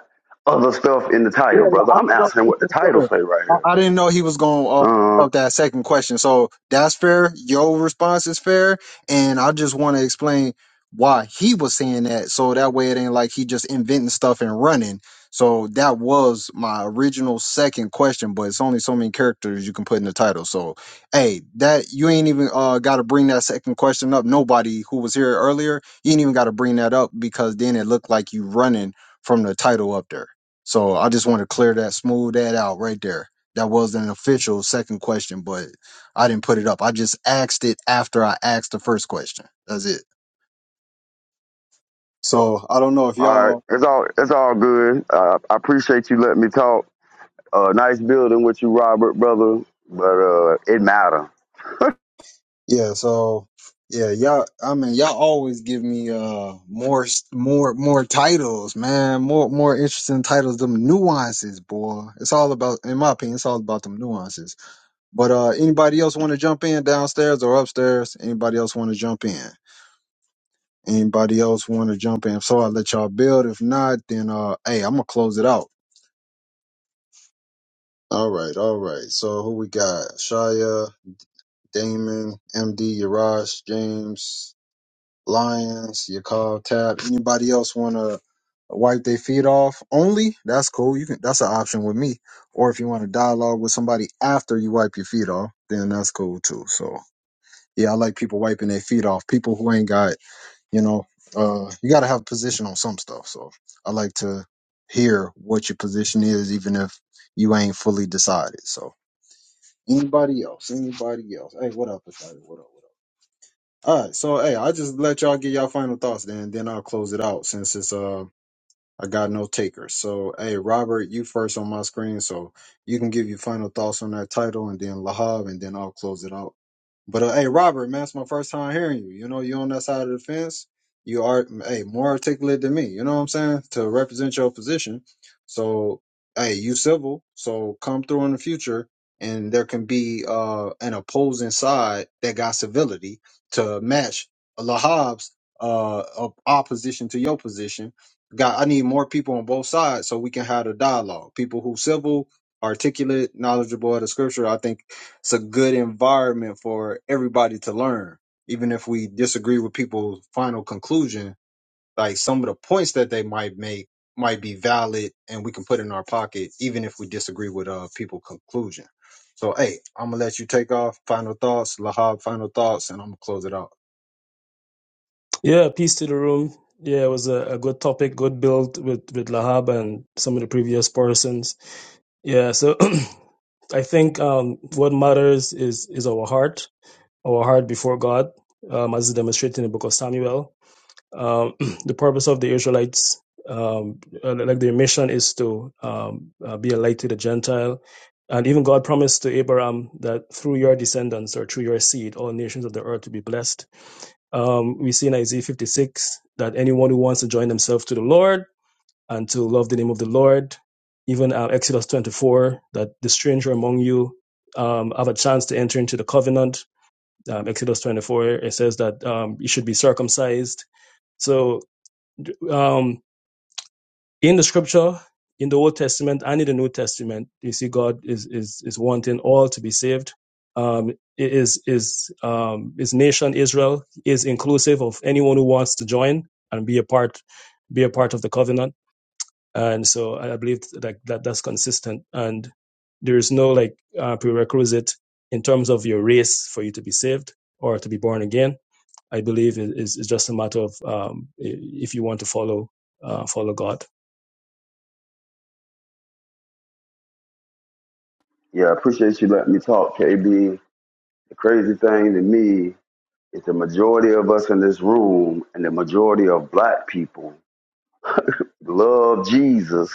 N: other stuff in the
A: Yeah,
N: title,
A: yeah,
N: brother.
A: I
N: I'm
A: can go to
N: asking what the
A: the
N: title
A: photo.
N: say right
A: I
N: here.
A: I didn't know he was going off
N: Um,
A: of that second question. So that's fair. Your response is fair. And I just want to explain why he was saying that. So that way it ain't like he just inventing stuff and running. So that was my original second question, but it's only so many characters you can put in the title. So, hey, that you ain't even uh, got to bring that second question up. Nobody who was here earlier, you ain't even got to bring that up because then it looked like you running from the title up there. So I just want to clear that, smooth that out right there. That was not an official second question, but I didn't put it up. I just asked it after I asked the first question. That's it. So I don't know if
N: all right,
A: y'all,
N: it's all it's all good. Uh, I appreciate you letting me talk. Uh, nice building with you, Robert, brother. But uh, it matter.
A: yeah. So yeah, y'all. I mean, y'all always give me uh more, s- more, more titles, man. More, more interesting titles. Them nuances, boy. It's all about, in my opinion, it's all about them nuances. But uh anybody else want to jump in downstairs or upstairs? Anybody else want to jump in? Anybody else want to jump in? If So I'll let y'all build. If not, then uh, hey, I'm gonna close it out. All right, all right. So who we got? Shia, Damon, MD, Yaraj, James, Lyons, Yakov, Tap. Anybody else want to wipe their feet off? Only that's cool. You can. That's an option with me. Or if you want to dialogue with somebody after you wipe your feet off, then that's cool too. So yeah, I like people wiping their feet off. People who ain't got you know uh you got to have a position on some stuff so i like to hear what your position is even if you ain't fully decided so anybody else anybody else hey what up with what up what up all right so hey i just let y'all get y'all final thoughts then then i'll close it out since it's uh I got no takers. So, hey, Robert, you first on my screen, so you can give your final thoughts on that title, and then Lahab, and then I'll close it out. But uh, hey, Robert, man, it's my first time hearing you. You know, you are on that side of the fence. You are, hey, more articulate than me. You know what I'm saying? To represent your position. So, hey, you civil. So come through in the future, and there can be uh an opposing side that got civility to match Lahab's uh op- opposition to your position Got I need more people on both sides so we can have a dialogue. People who civil, articulate, knowledgeable of the scripture. I think it's a good environment for everybody to learn. Even if we disagree with people's final conclusion, like some of the points that they might make might be valid and we can put in our pocket, even if we disagree with uh people conclusion. So hey, I'm gonna let you take off. Final thoughts, Lahab, final thoughts, and I'm gonna close it out.
C: Yeah, peace to the room. Yeah, it was a, a good topic, good build with, with Lahab and some of the previous persons. Yeah, so I think um, what matters is is our heart, our heart before God, um, as demonstrated in the book of Samuel Um, the purpose of the Israelites, um, uh, like their mission, is to um, uh, be a light to the Gentile. And even God promised to Abraham that through your descendants or through your seed, all nations of the earth will be blessed. Um, we see in Isaiah 56 that anyone who wants to join themselves to the Lord and to love the name of the Lord, even uh, Exodus 24, that the stranger among you um, have a chance to enter into the covenant. Um, Exodus 24, it says that um, you should be circumcised. So um, in the scripture, in the Old Testament and in the New Testament, you see God is is is wanting all to be saved. Um, is is um, his nation Israel is inclusive of anyone who wants to join and be a part be a part of the covenant. And so I believe that that that's consistent and there is no like uh, prerequisite in terms of your race for you to be saved or to be born again. I believe it is is just a matter of um, if you want to follow uh, follow God.
N: Yeah, I appreciate you letting me talk, KB. The crazy thing to me is the majority of us in this room and the majority of black people Love Jesus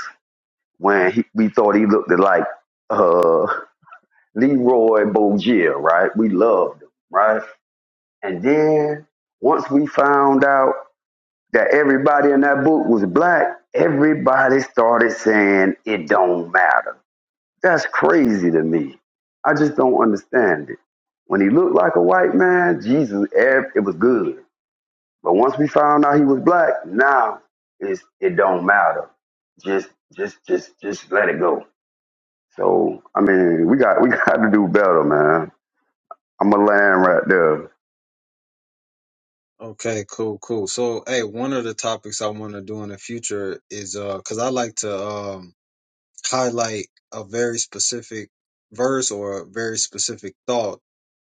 N: when he, we thought he looked like uh, Leroy Bogier, right? We loved him, right? And then once we found out that everybody in that book was black, everybody started saying it don't matter. That's crazy to me. I just don't understand it. When he looked like a white man, Jesus, it was good. But once we found out he was black, now it's it don't matter. Just just just just let it go. So I mean, we got we got to do better, man. I'm a land right there.
A: Okay, cool, cool. So, hey, one of the topics I want to do in the future is uh, cause I like to um highlight a very specific verse or a very specific thought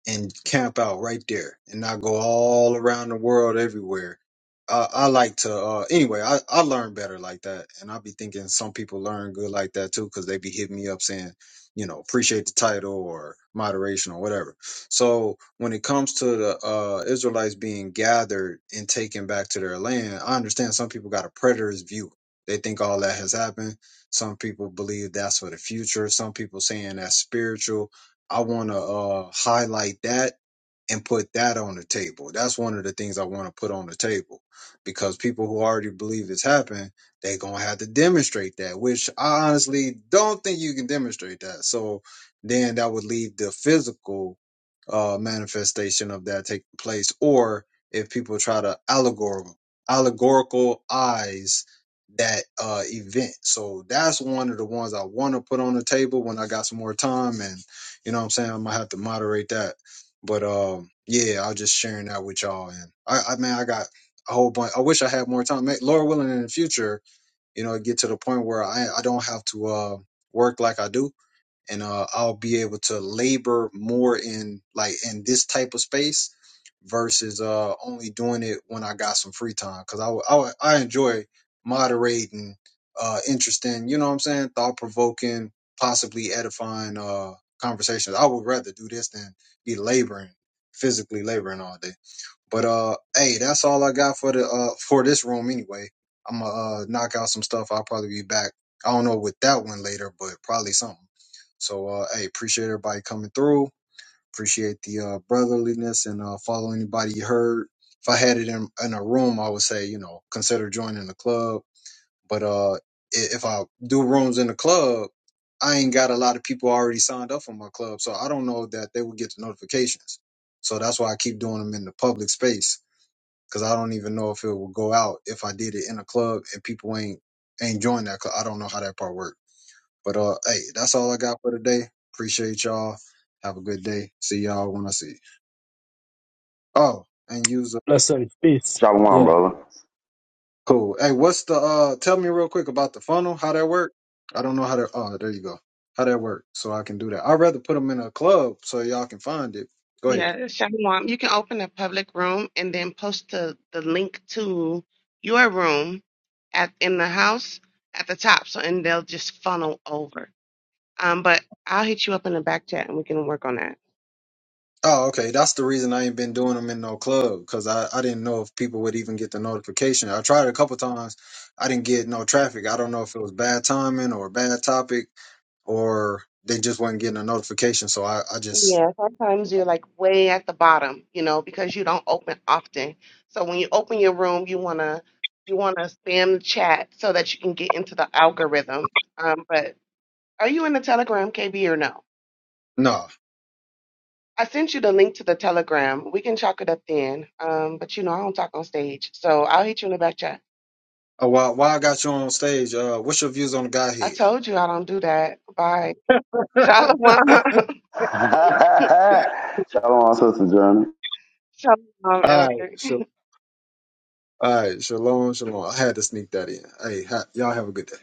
A: and camp out right there and not go all around the world everywhere. I, I like to, uh, anyway, I, I learn better like that. And I be thinking some people learn good like that too, cause they be hitting me up saying, you know, appreciate the title or moderation or whatever. So when it comes to the, uh, Israelites being gathered and taken back to their land, I understand some people got a preterist view. They think all that has happened. Some people believe that's for the future. Some people saying that's spiritual I want to uh, highlight that and put that on the table. That's one of the things I want to put on the table because people who already believe it's happened, they're going to have to demonstrate that, which I honestly don't think you can demonstrate that. So then that would leave the physical uh, manifestation of that taking place. Or if people try to allegorical, allegorical eyes that uh, event. So that's one of the ones I want to put on the table when I got some more time. And, you know what I'm saying? I'm going to have to moderate that but um, yeah, I was just sharing that with y'all. And I, I man, I got a whole bunch. I wish I had more time. May- Lord willing, in the future, you know, get to the point where I I don't have to uh work like I do, and uh I'll be able to labor more in like in this type of space versus uh only doing it when I got some free time because I, w- I w- I enjoy moderating uh interesting you know what I'm saying thought provoking possibly edifying uh conversations I would rather do this than be laboring physically laboring all day but uh hey that's all I got for the uh for this room anyway I'm gonna uh, knock out some stuff I'll probably be back I don't know with that one later but probably something so uh hey appreciate everybody coming through Appreciate the uh, brotherliness and uh, follow anybody you heard. If I had it in, in a room, I would say, you know, consider joining the club. But uh, i- if I do rooms in the club, I ain't got a lot of people already signed up for my club. So I don't know that they would get the notifications. So that's why I keep doing them in the public space because I don't even know if it will go out if I did it in a club and people ain't ain't join that. Cause I don't know how that part works. But uh, hey, that's all I got for today. Appreciate y'all. Have a good day. See y'all when I see you. Oh, and use a
C: Listen, peace. Yeah.
N: Shalom, brother.
A: cool. Hey, what's the uh tell me real quick about the funnel, how that work? I don't know how to oh there you go. How that work so I can do that. I'd rather put them in a club so y'all can find it. Go ahead.
O: Yeah, Shalom. You can open a public room and then post the, the link to your room at in the house at the top. So and they'll just funnel over. Um, but I'll hit you up in the back chat and we can work on that.
A: Oh, okay. That's the reason I ain't been doing them in no club because I, I didn't know if people would even get the notification. I tried a couple times. I didn't get no traffic. I don't know if it was bad timing or bad topic or they just wasn't getting a notification. So I, I just,
O: Yeah, sometimes you're like way at the bottom, you know, because you don't open often. So when you open your room, you wanna you wanna spam the chat so that you can get into the algorithm. Um, but are you in the Telegram, KB, or no?
A: no. Nah.
O: I sent you the link to the Telegram. We can chalk it up then. Um, but you know, I don't talk on stage, so I'll hit you in the back chat.
A: Uh, while, while I got you on stage, uh, what's your views on the guy
O: I
A: head?
O: told you I don't do that. Bye. Shalom.
N: Shalom, sister Johnny.
O: Shalom,
A: All right,
O: Elder.
A: sure. All right, shalom, shalom. I had to sneak that in. Hey, ha- y'all have a good day.